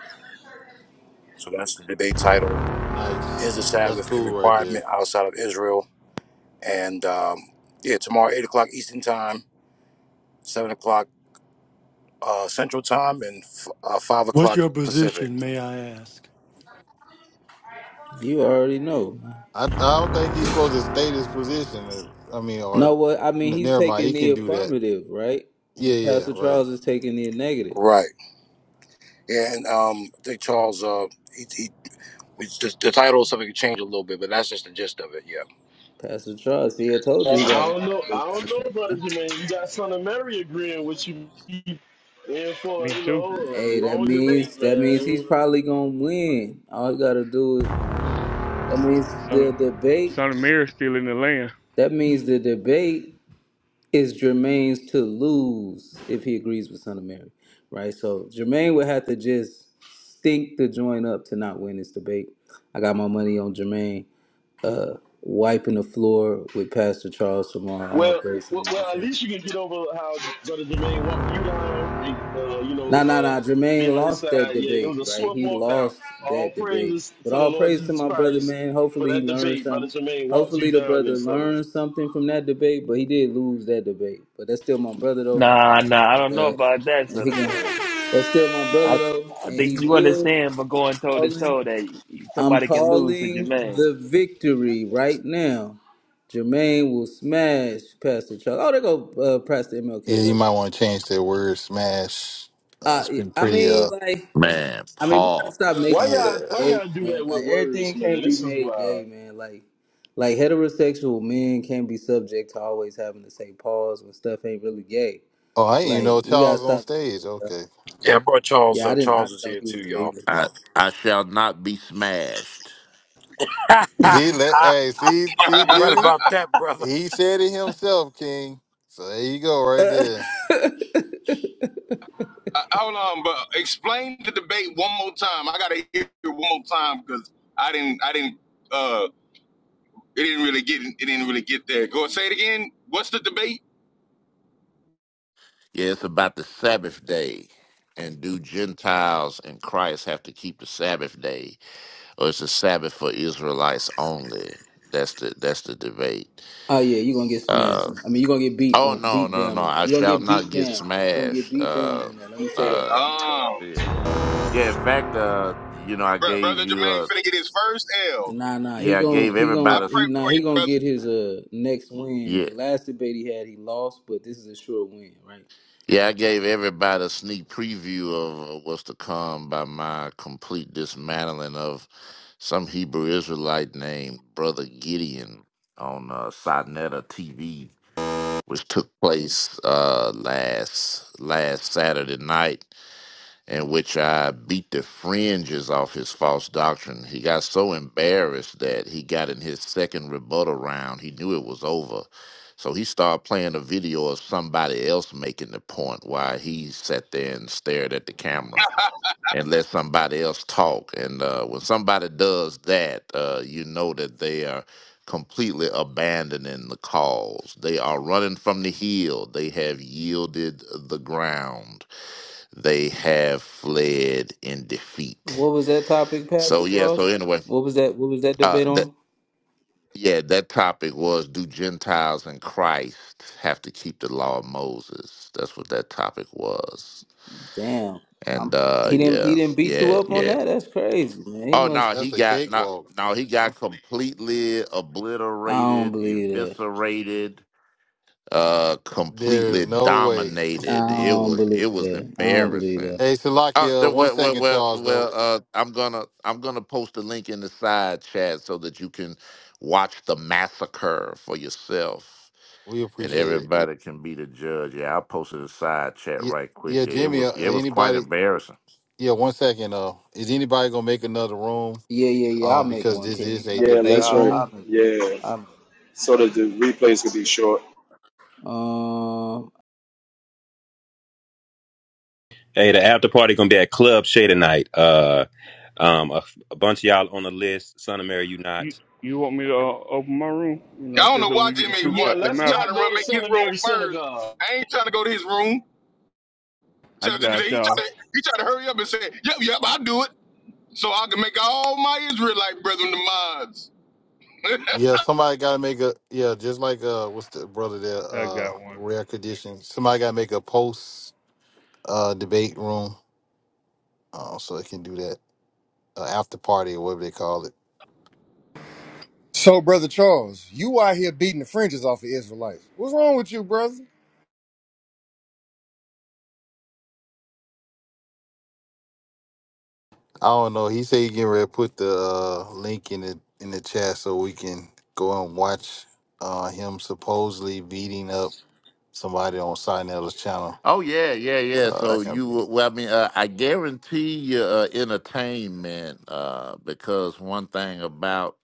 So that's the debate title. Nice, Is the that's Sabbath a cool right there. requirement outside of Israel? And um, yeah, tomorrow eight o'clock Eastern time, seven o'clock uh, Central time, and f- uh, five What's o'clock your Pacific. position, may I ask? You already know. I I don't think he's supposed to stay his position. uh, I mean, or No, what I mean, n- he's never mind, taking he the can do that. affirmative, right? Yeah, And yeah, Pastor right. Charles is taking the negative. Right. Yeah, and um, I think Charles. Uh, he, he it's just, the title is something could change a little bit, but that's just the gist of it. Yeah. Pastor Charles, see, I told I you he got don't know. good I don't doctrine, know, brother man. Jermaine. You got Son of Mary agreeing with you in for Me you too. know a Hey, that long debate, means that means he's man. probably gonna win. All he gotta do is that means Son the of, debate. son of Mary's still in the land. That means the debate. is Jermaine's to lose if he agrees with Son of Mary, right? So Jermaine would have to just stink the joint up to not win this debate. I got my money on Jermaine uh, wiping the floor with Pastor Charles tomorrow. All Well, praise to the well, well, Most at High. least you can get over how brother Jermaine walked you down and uh, you know Nah, nah, nah. uh, be Jermaine on his lost side. that Yeah, it debate, was a right? swift He walk down. lost All that debate. praises But to the all Lord praise to Jesus my brother, Christ man. for Hopefully he that learns debate, brother something. Jermaine walked you Hopefully the down brother in Son of learned Mary. something from that debate, but he did lose that debate. But that's still my brother though. Nah, nah, I don't know Uh, about that and sort he of can, thing. to that's still my brother I though, I and he think you will. understand, but I'm going toe to calling. toe that I'm somebody can lose to calling Jermaine. the victory right now. Jermaine will smash Pastor Chuck. Oh, there go uh, Pastor Yeah, MLK you right might there. want to change that word smash. Uh, Uh, it's been I pretty mean, uh, like, Man, I mean, we gotta stop pause. Why making yeah. stuff y'all? Why gay, y'all do that man. Like, with words, everything man? can't be This is made wild. gay, man. Like, like heterosexual men can't be subject to always having to say pause when stuff ain't really gay. Oh, I didn't even Like, know we gotta Charles on stop. stage. doing that, Okay, Yeah, I brought Charles Yeah, I up. didn't. I Charles didn't is know here he too, y'all. was I I shall not be smashed. see, let hey, see, see, you right Jimmy, about that, brother. he said it himself, King. So there you go, there either. right there. Uh, hold on, but explain the debate one more time. I gotta hear it one more time because I didn't, I didn't, uh, it didn't really get, it didn't really get there. Go say it again. What's the debate? Yeah, it's about the Sabbath day. And do Gentiles and Christ have to keep the Sabbath day? Or it's a Sabbath for Israelites only? That's the that's the debate. oh yeah, you gonna get smashed. Uh, I mean, you gonna get beat oh on, no, beat no, down no. on that. I You gonna shall get beat not get down. You gonna get smashed. beat down Uh on that. Let me say that. uh Um, yeah. Yeah, in fact, uh, you know, I br- brother gave you Jermaine a finna get his first L. Nah, nah. He yeah, I gonna, gave he I gonna, everybody. he pray a, nah. for you, He gonna brother. get his uh next win. yeah. The last debate he had, he lost, but this is a sure win, right? Yeah, I gave everybody a sneak preview of uh, what's to come by my complete dismantling of some Hebrew Israelite named Brother Gideon on uh, Sinetta TV, which took place uh, last last Saturday night in which I beat the fringes off his false doctrine. He got so embarrassed that he got in his second rebuttal round. He knew it was over. So he started playing a video of somebody else making the point while he sat there and stared at the camera and let somebody else talk. And uh, when somebody does that, uh, you know that they are completely abandoning the cause. They are running from the hill, they have yielded the ground they have fled in defeat. What was that topic, Pastor So yeah, so Charles? anyway, What was that? What was that uh debate that on? yeah, that topic was do Gentiles and Christ have to keep the law of Moses? That's what that topic was. Damn, i And uh he didn't. He yeah, didn't beat you yeah, up on yeah. that. That's crazy, man. He Oh must. no, he That's a got not cakewalk. no, he got completely I don't obliterated, believe that. eviscerated uh There is completely no way. I dominated. It don't was believe it was that. I don't believe that. embarrassing. Hey, Uh, the- Salakia, one well, well, second, well, Charles. well Though uh, I'm gonna I'm gonna post a link in the side chat so that you can watch the massacre for yourself, we and appreciate it. everybody can be the judge. Yeah, I posted a side chat Yeah, right yeah, quick. Yeah, it Jimmy. Uh, was it was quite anybody? embarrassing. Yeah, one second. Uh, is anybody gonna make another room? Yeah, yeah, yeah. I'll Um, make because one, this is King. a Matter of Yeah, fact, debate that's I'll, right. I'll room. make one. Yeah. I'll make So that the replays could be short. one. Um, Hey, the after party gonna be at Club Shay tonight. Uh, um, a, a bunch of y'all on the list. Son of Mary, you not. You you want me to uh, open my room? You know, I don't says know that why we get the Jimmy truth Yeah, want, out the let's matter. not trying to go run to make his St. room Mary's first. Synagogue. I ain't trying to go to his room. I Tell Jimmy, got he tried y'all. to, he tried to hurry up and say, yep, yep, I'll do it. so I can make all my Israelite brethren the mods. Yeah, somebody gotta make a. Yeah, just like uh, what's the brother there? I Uh, got one. rare condition. Somebody gotta make a post uh debate room. Uh, so they can do that uh, after party or whatever they call it. So, brother Charles, you out here beating the fringes off the Israelites. What's wrong with you, brother? I don't know. He said he getting ready to put the uh, link in the in the chat so we can go and watch uh, him supposedly beating up somebody on Sinella's channel. Oh yeah, yeah, yeah. Uh, I So you can't- will- well, I mean, uh, I guarantee you uh, entertainment uh, because one thing about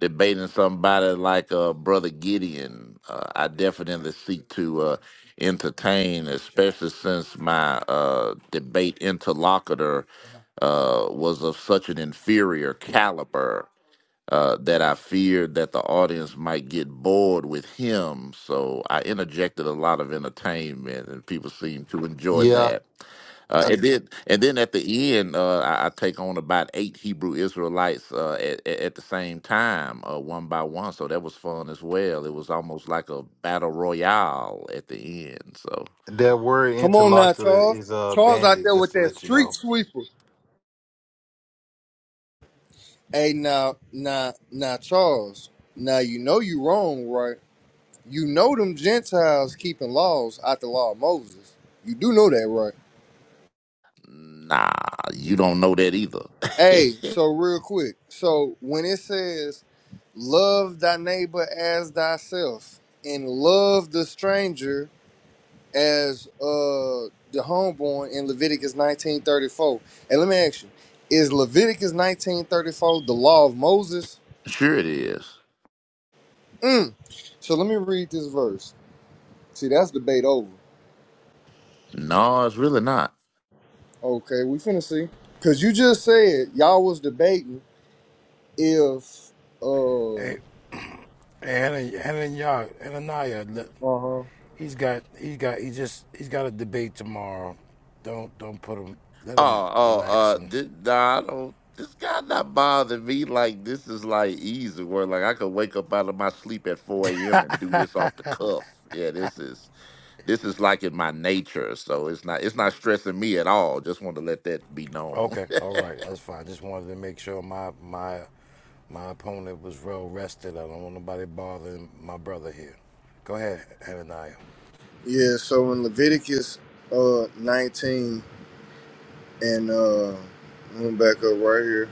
debating somebody like uh, Brother Gideon, uh, I definitely seek to uh, entertain, especially since my uh, debate interlocutor uh, was of such an inferior caliber uh, that I feared that the audience might get bored with him. So I interjected a lot of entertainment, and people seemed to enjoy yeah, that. Uh, and then, and then at the end, uh, I, I take on about eight Hebrew Israelites uh, at, at at the same time, uh, one by one. So that was fun as well. It was almost like a battle royale at the end. So, that word Come on now, interlocutor Charles. is a uh, Charles out bandit. there Just with to that let you know. street sweeper. Hey, now, now, now, Charles. Now you know you wrong, right? You know them Gentiles keeping laws out the law of Moses. You do know that, right? nah, you don't know that either. Hey, so real quick. So when it says love thy neighbor as thyself and love the stranger as uh the homeborn in Leviticus 1934. And let me ask you, is Leviticus 1934 the law of Moses? sure, it is. Mm. So let me read this verse. See, that's debate over. No, it's really not. Okay, we finna see. Cause you just said y'all was debating if uh And Ananias, uh-huh. he's got, he's got, he just, he's got a debate tomorrow. Don't, don't put him. Let him Oh, oh, relax uh, and. this, nah, I don't. This guy not bothering me like this is like easy where like I could wake up out of my sleep at four a.m. and do this off the cuff. Yeah, this is this is like in my nature, so it's not it's not stressing me at all. Just want to let that be known. Okay, all right, that's fine. Just wanted to make sure my my my opponent was well rested. I don't want nobody bothering my brother here. Go ahead, Ananias. Yeah, so in Leviticus uh 19 and uh I'm back up right here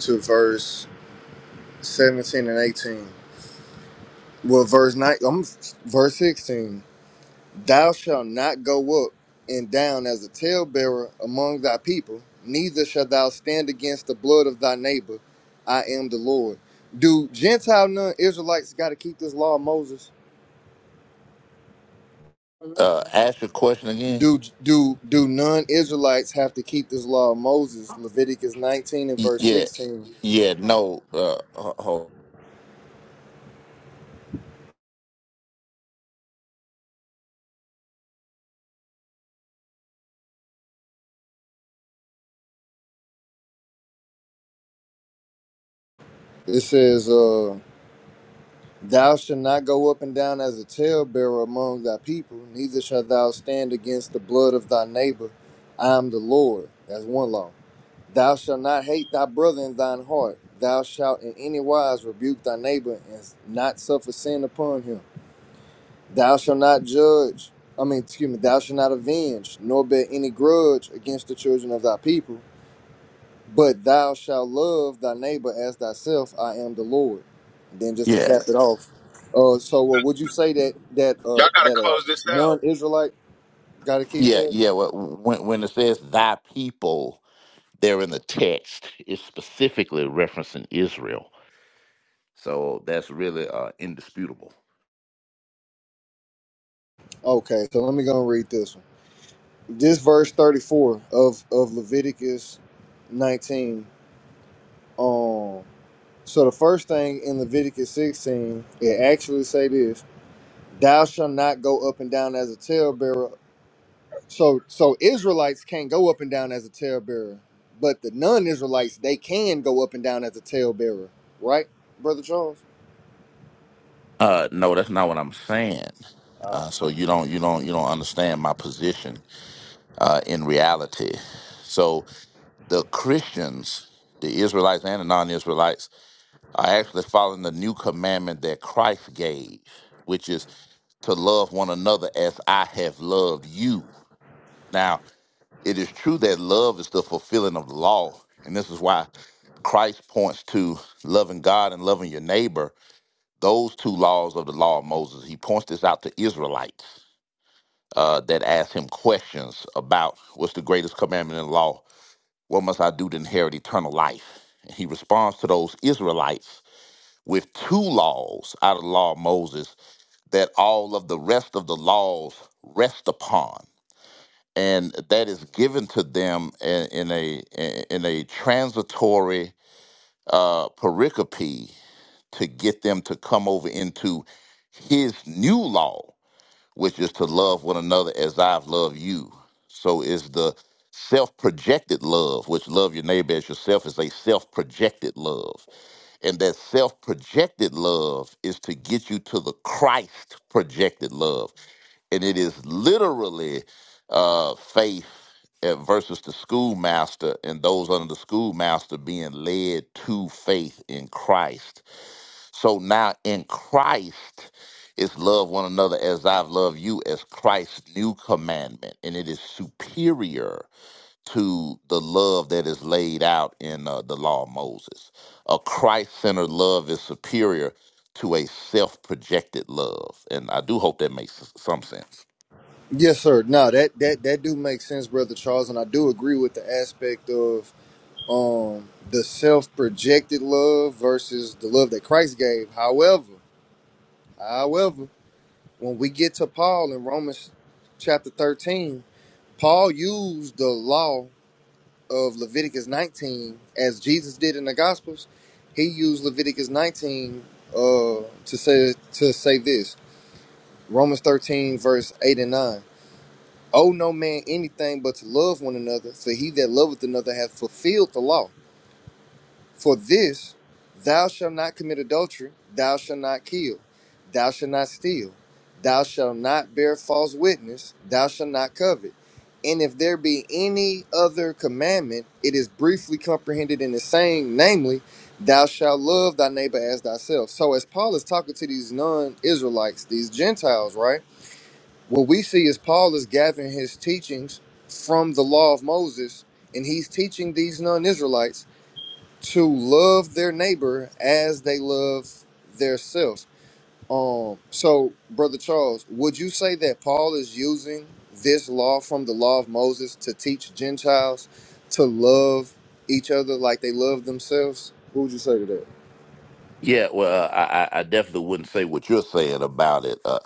to verse 17 and 18. Well, verse nine, I'm verse sixteen. Thou shalt not go up and down as a talebearer among thy people, neither shalt thou stand against the blood of thy neighbor. I am the Lord. Do Gentile non-Israelites got to keep this law of Moses? uh, ask your question again. Do do do non-Israelites have to keep this law of Moses? Leviticus nineteen and Y- verse Yeah, sixteen. yeah, no, uh, ho- ho- It says, uh. Thou shalt not go up and down as a talebearer among thy people, neither shalt thou stand against the blood of thy neighbor. I am the Lord. That's one law. Thou shalt not hate thy brother in thine heart. Thou shalt in any wise rebuke thy neighbor and not suffer sin upon him. Thou shalt not judge. I mean, excuse me, thou shalt not avenge, nor bear any grudge against the children of thy people, but thou shalt love thy neighbor as thyself. I am the Lord. And then just to yeah, cap it off, uh, so uh, would you say that that uh Y'all gotta that a close this out. non-Israelite got to keep yeah, that? yeah. wh- When when it says thy people, there in the text, it's specifically referencing Israel So that's really uh, indisputable. Okay, so let me go and read this one. This verse thirty-four of of Leviticus nineteen. Um, so the first thing in Leviticus sixteen, it actually say this: Thou shalt not go up and down as a talebearer So so Israelites can't go up and down as a talebearer, but the non-Israelites they can go up and down as a talebearer, right, brother Charles? Uh, no, that's not what I'm saying. Uh, Uh, so you don't you don't you don't understand my position uh, in reality. So the Christians, the Israelites and the non-Israelites, are actually following the new commandment that Christ gave, which is to love one another as I have loved you. Now, it is true that love is the fulfilling of the law, and this is why Christ points to loving God and loving your neighbor those two laws of the law of Moses, he points this out to Israelites uh, that ask him questions about what's the greatest commandment in the law? What must I do to inherit eternal life? And he responds to those Israelites with two laws out of the law of Moses that all of the rest of the laws rest upon. And that is given to them in, in a in a transitory uh, pericope to get them to come over into his new law, which is to love one another as I've loved you. So is the self projected love, which love your neighbor as yourself is a self projected love. And that self projected love is to get you to the Christ projected love. And it is literally uh, faith uh, versus the schoolmaster and those under the schoolmaster being led to faith in Christ so now in Christ is love one another as I've loved you as Christ's new commandment. And it is superior to the love that is laid out in uh, the law of Moses. A Christ centered love is superior to a self projected love. And I do hope that makes s- some sense. Yes, sir. No, that that that do make sense, brother Charles, and I do agree with the aspect of um the self-projected love versus the love that Christ gave. However, however, when we get to Paul in Romans chapter 13, Paul used the law of Leviticus 19, as Jesus did in the Gospels, he used Leviticus 19 uh, to say to say this. Romans 13, verse 8 and 9. Owe no man anything but to love one another, for he that loveth another hath fulfilled the law. For this, thou shalt not commit adultery, thou shalt not kill, thou shalt not steal, thou shalt not bear false witness, thou shalt not covet. And if there be any other commandment, it is briefly comprehended in the same, namely, thou shalt love thy neighbor as thyself. So, as Paul is talking to these non Israelites, these Gentiles, right? What we see is Paul is gathering his teachings from the law of Moses, and he's teaching these non Israelites to love their neighbor as they love themselves. Um, so, Brother Charles, would you say that Paul is using this law from the law of Moses to teach Gentiles to love each other like they love themselves? What would you say to that? Yeah, well, uh, I, I I definitely wouldn't say what you're saying about it, uh,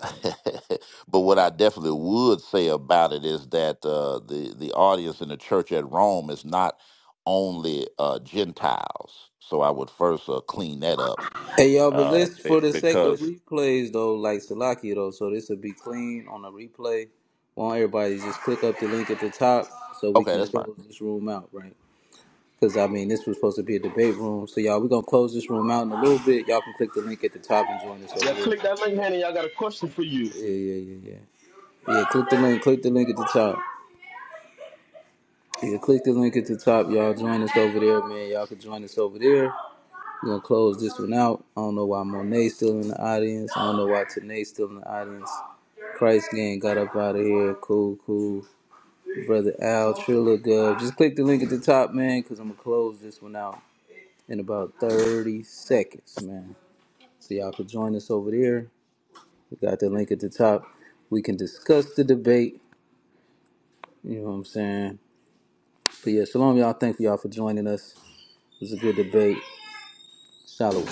but what I definitely would say about it is that uh, the the audience in the church at Rome is not only uh, Gentiles. So I would first uh, clean that up hey, y'all, but uh, let's, be- for the sake of because replays, though, like Salaki, though, so this will be clean on a replay. Want everybody to just click up the link at the top so we okay, can that's fine. close this room out, right? Because, I mean, this was supposed to be a debate room. So, y'all, we're going to close this room out in a little bit. Y'all can click the link at the top and join us Yeah, over there. click that link, honey. I got a question for you. Yeah, yeah, yeah, yeah. Yeah, click the link. Click the link at the top. Yeah, click the link at the top, y'all. Join us over there, man. Y'all can join us over there. We're gonna close this one out. I don't know why Monet's still in the audience. I don't know why Tanae's still in the audience. Christ gang got up out of here. Cool, cool. Brother Al, Trilla Gov. Just click the link at the top, man, because I'm gonna close this one out in about 30 seconds, man. So y'all can join us over there. We got the link at the top. We can discuss the debate. You know what I'm saying? But yeah, shalom, y'all. Thank y'all for joining us. It was a good debate. Shalom.